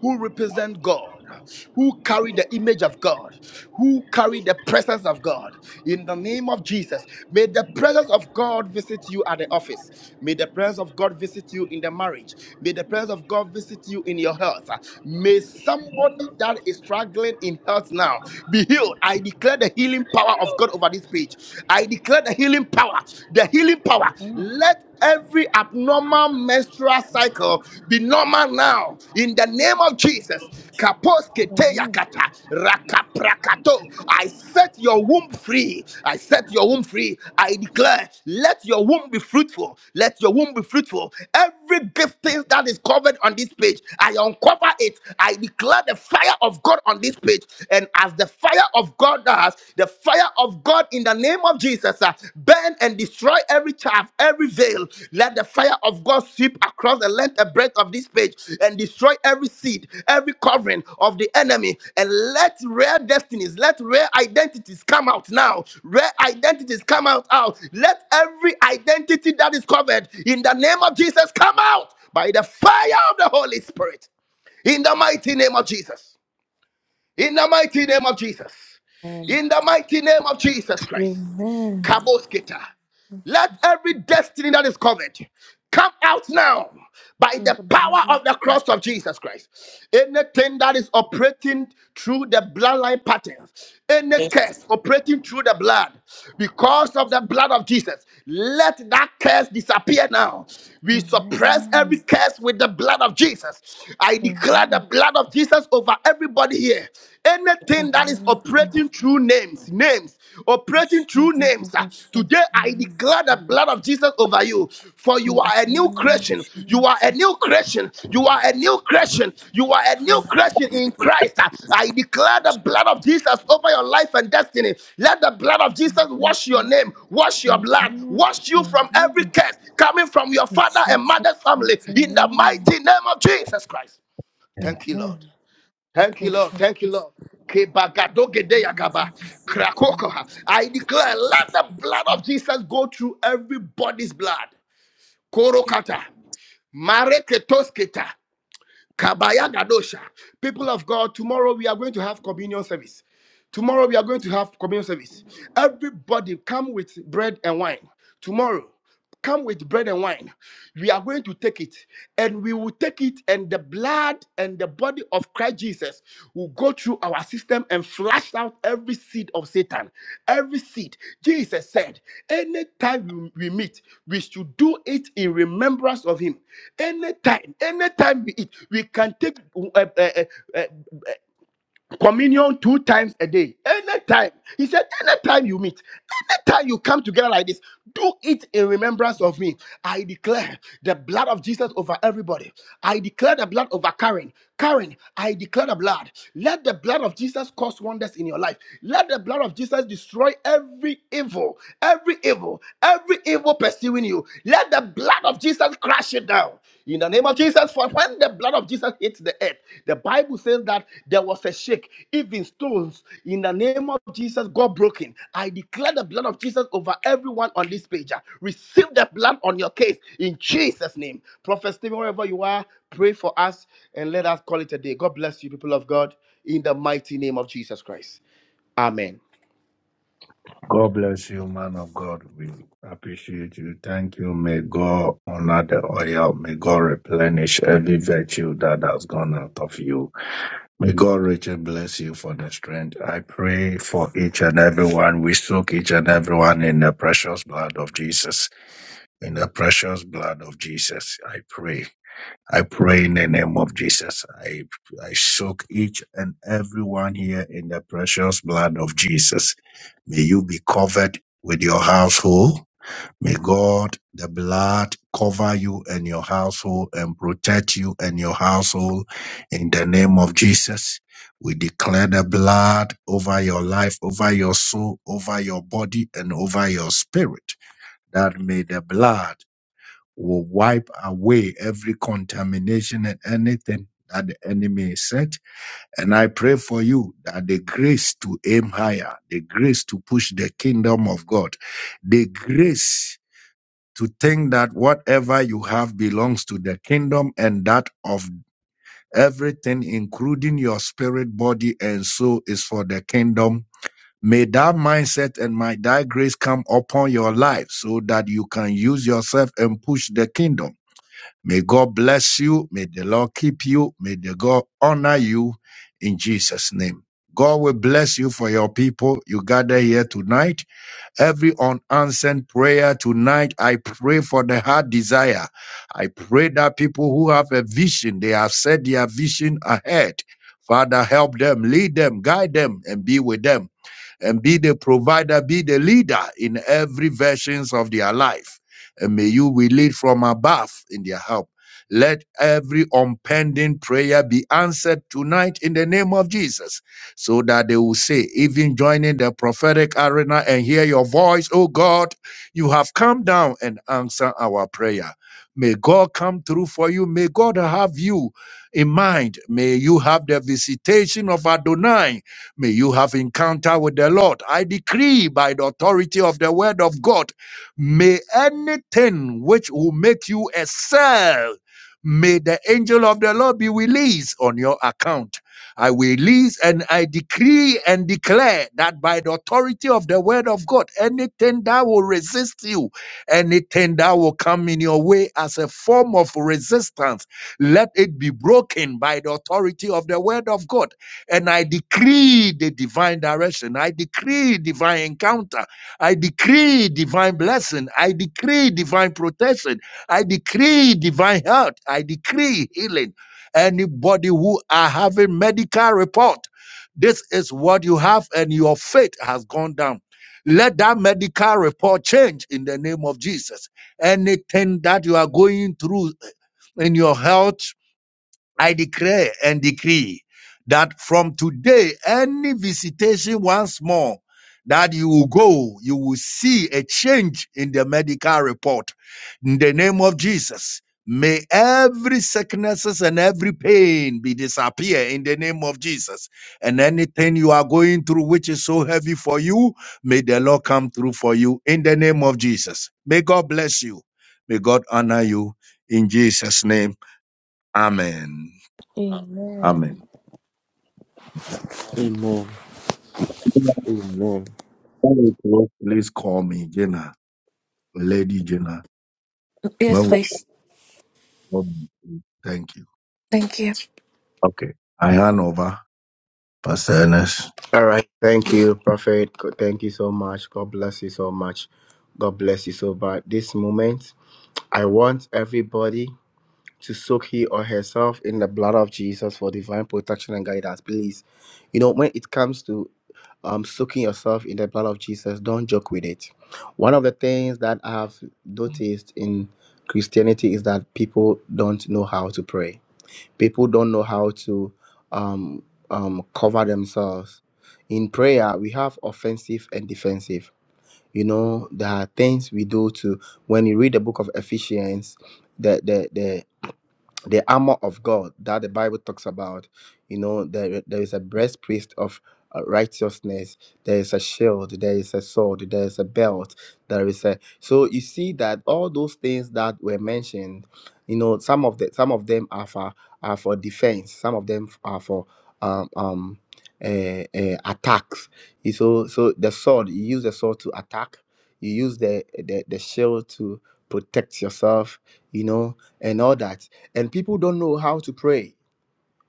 who represent God. God, who carry the image of God, who carry the presence of God. In the name of Jesus, may the presence of God visit you at the office. May the presence of God visit you in the marriage. May the presence of God visit you in your health. May somebody that is struggling in health now be healed. I declare the healing power of God over this page. I declare the healing power, the healing power. Let every abnormal menstrual cycle be normal now in the name of Jesus.
Amen. Amen. Amen.
Kaposke
Amen. Amen.
teyakata, rakaprakato. I set your womb free. I set your womb free. I declare, let your womb be fruitful. Let your womb be fruitful every gift thing that is covered on this page, I uncover it. I declare the fire of God on this page. And as the fire of God does, the fire of God in the name of Jesus uh, burn and destroy every chaff, every veil. Let the fire of God sweep across the length and breadth of of this page and destroy every seed, every covering of the enemy, and let rare destinies, let rare identities come out now. Rare identities come out out. Let every identity that is covered in the name of Jesus come out by the fire of the Holy Spirit. In the mighty name of Jesus. In the mighty name of Jesus.
And
In the mighty name of Jesus Christ.
Amen.
Kabosketa. Let
Jesus,
every destiny that is covered come out now by
in
the
the
power
name
of the
of
cross of Jesus Christ. Anything that is operating through the bloodline patterns, any
praise.
curse operating through the blood, because of
Jesus.
the blood of Jesus, let that curse disappear now. We suppress
Amen.
every curse with the blood of Jesus. I declare
Amen.
the blood of Jesus over everybody here.
The Lord
Anything that is operating operating
Jesus,
through names, names, operating
in
through
the
names. ah.
name
Today I
of
declare the
Jesus.
blood of Jesus over you, for you are a new
Amen.
creation. You are a
Jesus.
new creation. You are a new creation. You are a new creation in Christ. ah. I declare the blood of Jesus over your life and destiny. Let the blood of Jesus
Amen.
wash your name, wash your blood,
Amen.
wash you from every
Amen.
curse coming from your
In
father and
Jesus'
mother's family
mighty
in the
name.
mighty name of Jesus Christ. Thank you, Lord.
Amen. Thank
Thank
you,
you, Lord. Thank you,
Jesus.
Lord.
and the Lord
Kebagadogedeyagaba.
of Israel.
Krakokoha. I declare, let the
Thank
blood of
you.
Jesus go through everybody's blood. Korokata. Mareketosketa. Kabayagadosha. People of God, tomorrow we are going to have communion service. Tomorrow we are going to have communion service. Everybody come with bread and wine. Tomorrow, come with bread and wine. We are going to take it and we will take it and the blood and the body body of Christ Jesus will go through our system and flash out every seed of Satan. Every seed. Jesus said, anytime we we meet, we should do it in remembrance of him. Anytime, anytime we eat, we can take uh, uh, uh, uh, communion two times a day anytime he said anytime you meet anytime you come together like this do it in remembrance of me i declare the blood of jesus over everybody i declare the blood over karen karen i declare the blood let the blood of jesus cause wonders in your life let the blood of jesus destroy every evil every evil every evil pursuing you let the blood blood of Jesus crash it down. In the name of Jesus, for when the blood of Jesus hits the earth, the Bible says that there was a shake, even stones. In the name of Jesus, got broken. I declare the blood of Jesus over everyone on this page. ah. Receive the blood on your case in Jesus' name. Prophet Stephen, wherever you are, pray for us and let us call it a day. God bless you, people of God, in the mighty name of Jesus Christ. Amen.
God's blood of Jesus, I pray. I pray in the name of Jesus. I I soak each and everyone here in the precious blood of Jesus. May you be covered with your household. May God, the blood, cover you and your household and protect you and your household in the name of Jesus. We declare the blood over your life, over your soul, over your body, and over your spirit. That may the blood will wipe away every contamination and anything that the enemy is set. And I pray for you that the grace to aim higher, the grace to push the kingdom of God, the grace to think that whatever you have belongs to the kingdom and that of everything, including your spirit, body, and soul, is for the kingdom. May that mindset and my that grace come upon your life so that you can use yourself and push the kingdom. May God bless you. May the Lord keep you. May the God honor you in Jesus' name. God will bless you for your people. You gather here tonight. Every unanswered prayer tonight, I pray for the heart desire. I pray that people who have a vision, they have set their vision ahead. Father, help them, lead them, guide them, and be with them and be the provider, be the leader in every versions of their life. And may you will lead from above in their help. Let every unpending prayer be answered tonight in the name of Jesus, so that they will say, even joining the prophetic arena and hear your voice, oh God, you have come down and answer our prayer. May God come through for you. May God have you in mind. May you have the visitation of Adonai May you have encounter with the Lord. I decree by the authority of the word of God, may anything which will make you excel, may the angel of the Lord be released on your account. I release and I decree and declare that by the authority of the word of God, anything that will resist you, anything that will come in your way as a form of resistance, let it be broken by the authority of the word of God and I decree the divine direction. I decree divine encounter. I decree divine blessing. I decree divine protection. I decree divine health. I decree healing. Anybody who are having medical report, this is what you have, and your faith has gone down. Let that medical report change in the name of Jesus. Anything that you are going through in your health, I declare and decree that from today, any visitation once more that you will go, you will see a change in the medical report. In the name of Jesus, may every sicknesses and every pain be disappear in the name of Jesus. And anything you are going through which is so heavy for you, may the Lord come through for you in the name of Jesus. May God bless you. May God honor you in Jesus' name. Amen.
Amen.
Amen.
Amen. Amen.
Please call me Jenna, Lady Jenna.
Yes,
When we
please.
call you, thank you.
Thank you.
Okay. I hand over Pastor Ernest.
All right. Thank you, Prophet. God- Thank you so much. God bless you so much. God bless you so much. This moment, I want everybody to soak he or herself in the blood of Jesus for divine protection and guidance. Please, you know, when it comes to um, soaking yourself in the blood of Jesus, don't joke with it. One of the things that I have noticed in Christianity is that people don't know how to pray people don't know how to um, um, cover themselves. In prayer, we have offensive and defensive. You know, there are things we do to when you read the book of Ephesians, the the the the armor of God that the Bible talks about. You know, there, there is a breastplate of uh, righteousness, there is a shield, there is a sword, there is a belt, there is a so you see that all those things that were mentioned, you know, some of the some of them are for are for defense, some of them are for um um uh, uh, attacks. You- So so the sword, you use the sword to attack, you use the the, the shield to protect yourself, you know, and all that and people don't know how to pray.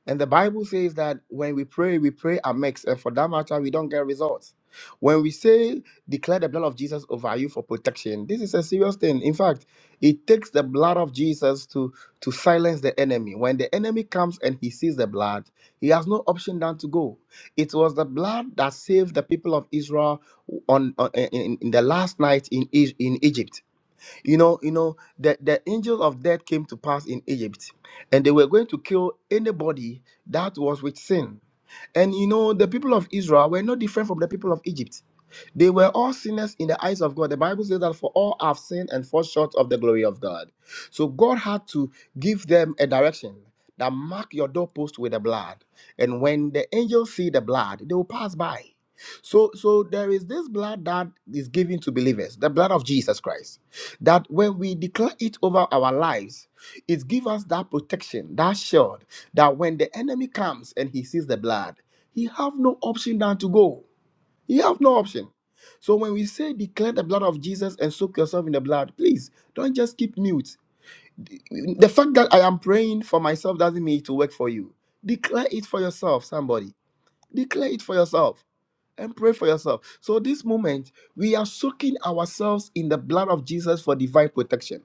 And the Bible says that when we pray, we pray mix, and for that matter, we don't get results. When we say declare the blood of Jesus over you for protection, this is a serious thing. In fact, it takes the blood of Jesus to to silence the enemy. When the enemy comes and he sees the blood, he has no option than to go. It was the blood that saved the people of Israel on, on- in, in the last night in, E- in Egypt you know you know the, the angel of death came to pass in egypt and they were going to kill anybody that was with sin and you know the people of israel were no different from the people of egypt they were all sinners in the eyes of God. The Bible says that for all have sinned and fall short of the glory of God. So God had to give them a direction that mark your doorpost with the blood. And when the angels see the blood, they will pass by. So, so there is this blood that is given to believers, the blood of Jesus Christ, that when we declare it over our lives, it gives us that protection, that shield, that when the enemy comes and he sees the blood, he have no option than to go. You have no option. So when we say declare the blood of Jesus and soak yourself in the blood, please don't just keep mute. The fact that I am praying for myself doesn't mean it will work for you. Declare it for yourself, somebody. Declare it for yourself and pray for yourself. So, this moment, we are soaking ourselves in the blood of Jesus for divine protection.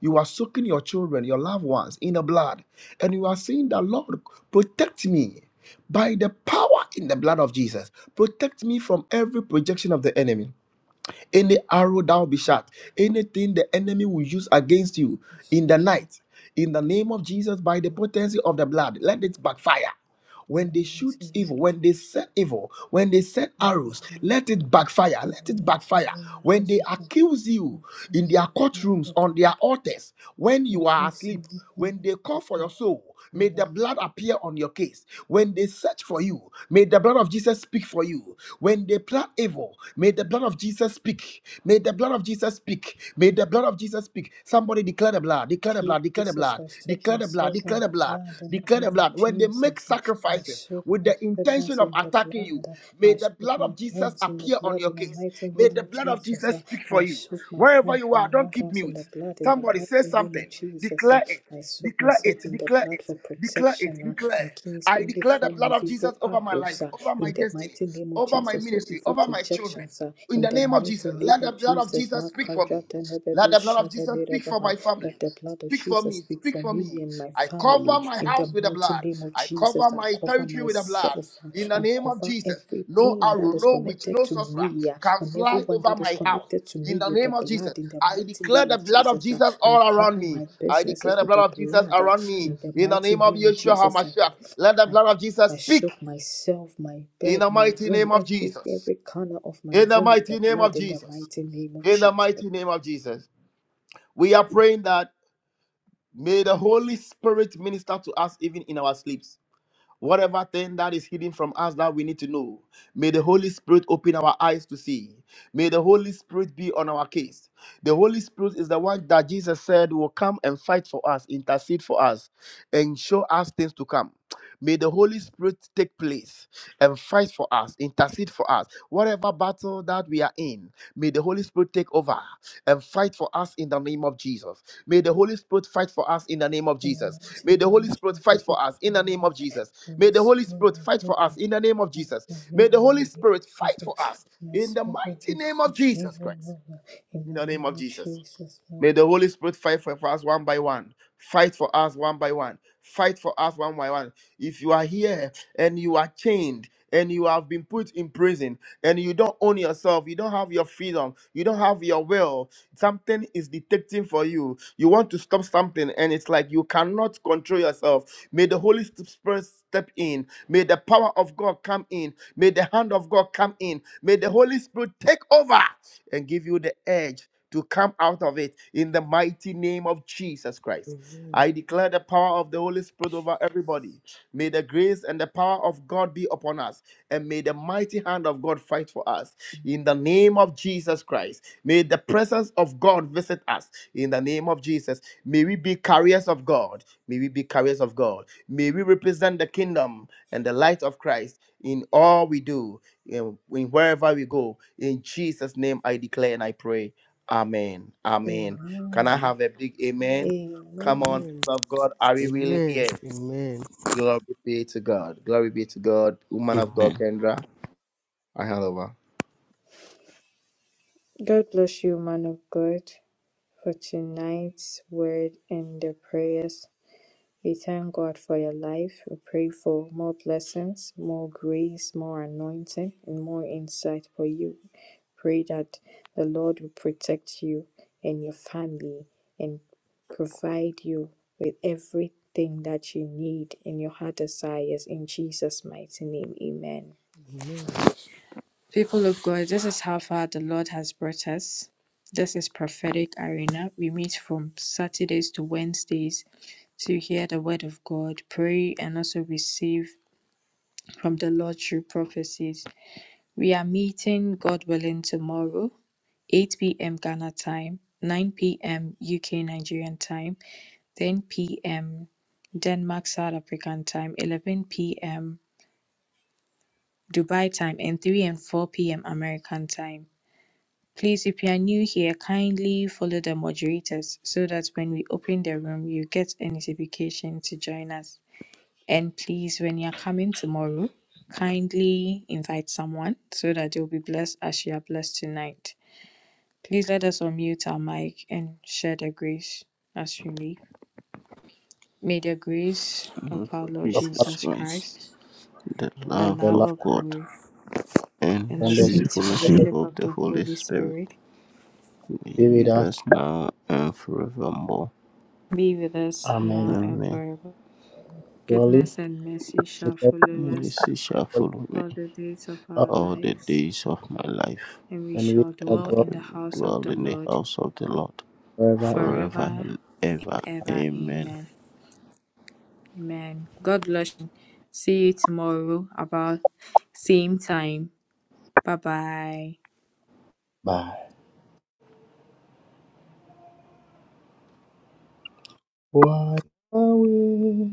You are soaking your children, your loved ones in the blood, and you are saying that, Lord, protect me by the power in the blood of Jesus. Protect me from every projection of the enemy any arrow that will be shot, anything the enemy will use against you
I
in
shall
the
thank
night, in the name of Jesus, by the
you
potency of the blood, let it backfire
in the
when they
mighty
shoot
name
evil,
of Jesus.
when they set evil, when they set
Thank you,
arrows, let it
Father.
backfire,
In the
let it
mighty
backfire.
name of
When
Jesus,
they
I thank
accuse you
you. So,
in
in
their
the name
courtrooms,
of God,
on their altars, when
we
you are
praise in
asleep,
the form
when
of
they call for your soul, may
people.
the blood appear on your case. When they search for you, may the blood of Jesus speak for you. When they plan evil, may the blood of Jesus speak. May the blood of Jesus speak. May the blood of Jesus speak. Somebody declare the blood, declare the blood, declare the
Jesus,
blood,
I soak
declare the blood,
myself in
declare the
the
blood,
blood in the
declare the
name of
blood. When they make
Jesus. I
sacrifices
soak
with
my
the intention
sickness
of
in the
attacking you,
blood.
may
I
the
soak
blood
my
of Jesus
parents in the
appear on
blood
your
in the
case.
mighty
May
name
the
of
blood of
Jesus.
Jesus speak for
I
you.
soak my
Wherever
friends,
you
my
are, don't
loved
keep
ones in the
mute.
blood in the
Somebody say
mighty name of
something.
Jesus.
Declare it.
I soak
Declare
myself
it.
in the
Declare
blood
it.
for
Declare it.
protection uh,
Declare.
against
I
any
declare the
form
blood
of
of
evil
Jesus over my
arrows
life,
uh,
over my
in the
destiny,
mighty name of
over my
Jesus or
ministry,
evil
over my children.
projections uh,
In
in
the
the
name of
mighty
Jesus,
name
let the
of
blood of
Jesus.
Jesus speak for me.
Makaja
Let
tenebedo
the blood of Jesus speak for
shagederabaha.
my
Let
family.
the blood of
Speak for
Jesus
me.
speak
Speak
for
for
me
me.
and my
I cover
family.
my
In the
house with the
mighty
blood.
name of
I cover
Jesus, I
my
cover
territory with the blood.
myself.
In the
I
name of
cover
Jesus, no
everything that
arrow,
is
no witch,
connected
no
to
sorcerer
me uh,
can
and
fly
everyone
over
that is
my house.
connected to
In
me
the
with the
name of Jesus,
blood. In the
I
mighty
declare
name
the
of
blood of
Jesus, uh,
Jesus
I
all around
cover
me.
my
I declare
businesses
the
with the
blood of Jesus
blood. uh,
around me.
In the
In the
mighty
name of
name of
Yeshua
Jesus, I
HaMashiach, let the
I
blood of
I
Jesus speak.
shook myself, my
In
bed,
the
my
mighty
room,
name of
every
Jesus.
every corner of my
In the
room with the
mighty name
blood
of
in the
Jesus.
mighty name of
In the
Jesus.
mighty name of Jesus. We are praying that may the Holy Spirit minister to us even in our sleeps. Whatever thing that is hidden from us that we need to know, may the Holy Spirit open our eyes to see. May the Holy Spirit be on our case. The Holy Spirit is the one that Jesus said will come and fight for us, intercede for us, and show us things to come. May the Holy Spirit take place and fight for us, intercede for us. Whatever battle that we are in, may the Holy Spirit take over and fight for us in the name of Jesus. May the Holy Spirit fight for us in the name of
In the
Jesus.
mighty
May
name
the
of
Holy Spirit fight
Jesus, we
for us in
pray
the
my
name of
heart,
Jesus.
and my
May the Holy
spirit,
Spirit
my
fight
bring
for
my
us in the name of
life, my
Jesus.
me, in
May
the
the Holy
name of
Spirit fight for
Jesus,
us
my
in the
spirit,
mighty
my
name of
sweet me,
Jesus
oh
Christ.
Lord, in
In the
the
name
name
of
of
Jesus.
Jesus.
May the Holy Spirit fight for, for us one by one. Fight for us one by one. Fight for us one by one. If you are here and you are chained and you have been put in prison and you don't own yourself, you don't have your freedom, you don't have your will, something is detecting for you you want to stop something and it's like you cannot control yourself may the holy spirit step in may the power of god come in may the hand of god come in may the holy spirit take over and give you the edge to come out of it in the mighty name name of Jesus Christ. I declare the power of the Holy Spirit over everybody. May the grace and the power of God be upon us, and may the mighty hand of God fight for us. In the name of Jesus Christ, may the presence of God visit us. In the name of Jesus, may we be carriers of God. May we be carriers of God. May we represent the kingdom and the light of Christ in all we do, in, in wherever we go. In Jesus' name, I declare and I pray. Amen. Amen. Can I
Amen.
have a big amen? Come on,
Amen.
Amen.
people of God, are we really
Amen.
here? Glory be to God. Glory be to God. Woman of God,
Amen.
Kendra, I hand over.
God bless you, man of God, for tonight's word and the prayers. We thank God for your life. We pray for more blessings, more grace, more anointing, and more insight for you. Pray that the Lord will protect you and your family and provide you with everything that you need in your heart desires. In Jesus' mighty name, amen.
Amen.
People of God, this is how far the Lord has brought us. This is Prophetic Arena. We meet from Saturdays to Wednesdays to hear the word of God, pray, and also receive from the Lord through prophecies. We are meeting, God willing, tomorrow. 8 p.m. Ghana time, 9 p.m. UK Nigerian time, 10 p.m. Denmark South African time, 11 p.m. Dubai time, and 3 and 4 p.m. American time. Please, if you are new here, kindly follow the moderators so that when we open the room, you get a notification to join us. And please, when you are coming tomorrow, kindly invite someone so that they'll be blessed as you are blessed tonight. Please let us unmute our mic and share the grace as we leave. May the grace
And
of
Lord
our
for
Lord
of all
Jesus
Jesus
Christ,
Christ,
the
the
love
the
love
Lord
of
of
God
God,
and the
and the
and the
sweet
sweet
fellowship
Spirit
fellowship
of
of
the
the
Holy
Holy
Spirit
Spirit
be
be
with
with
us.
us now and forevermore.
be with us
Amen.
now and
Amen.
forever.
Surely,
Goodness and mercy shall
goodness
follow
And
us
this shall
and
follow me
all the days of
follow
our
us,
all the
lives,
days of my life,
and we
and we
shall
shall
and I
dwell
dwell
in
will
the house of
dwell
the
in the
Lord
house of the Lord
forever and
forever
forever
and ever.
and
ever.
ever.
Amen.
Amen.
Bye. Why away?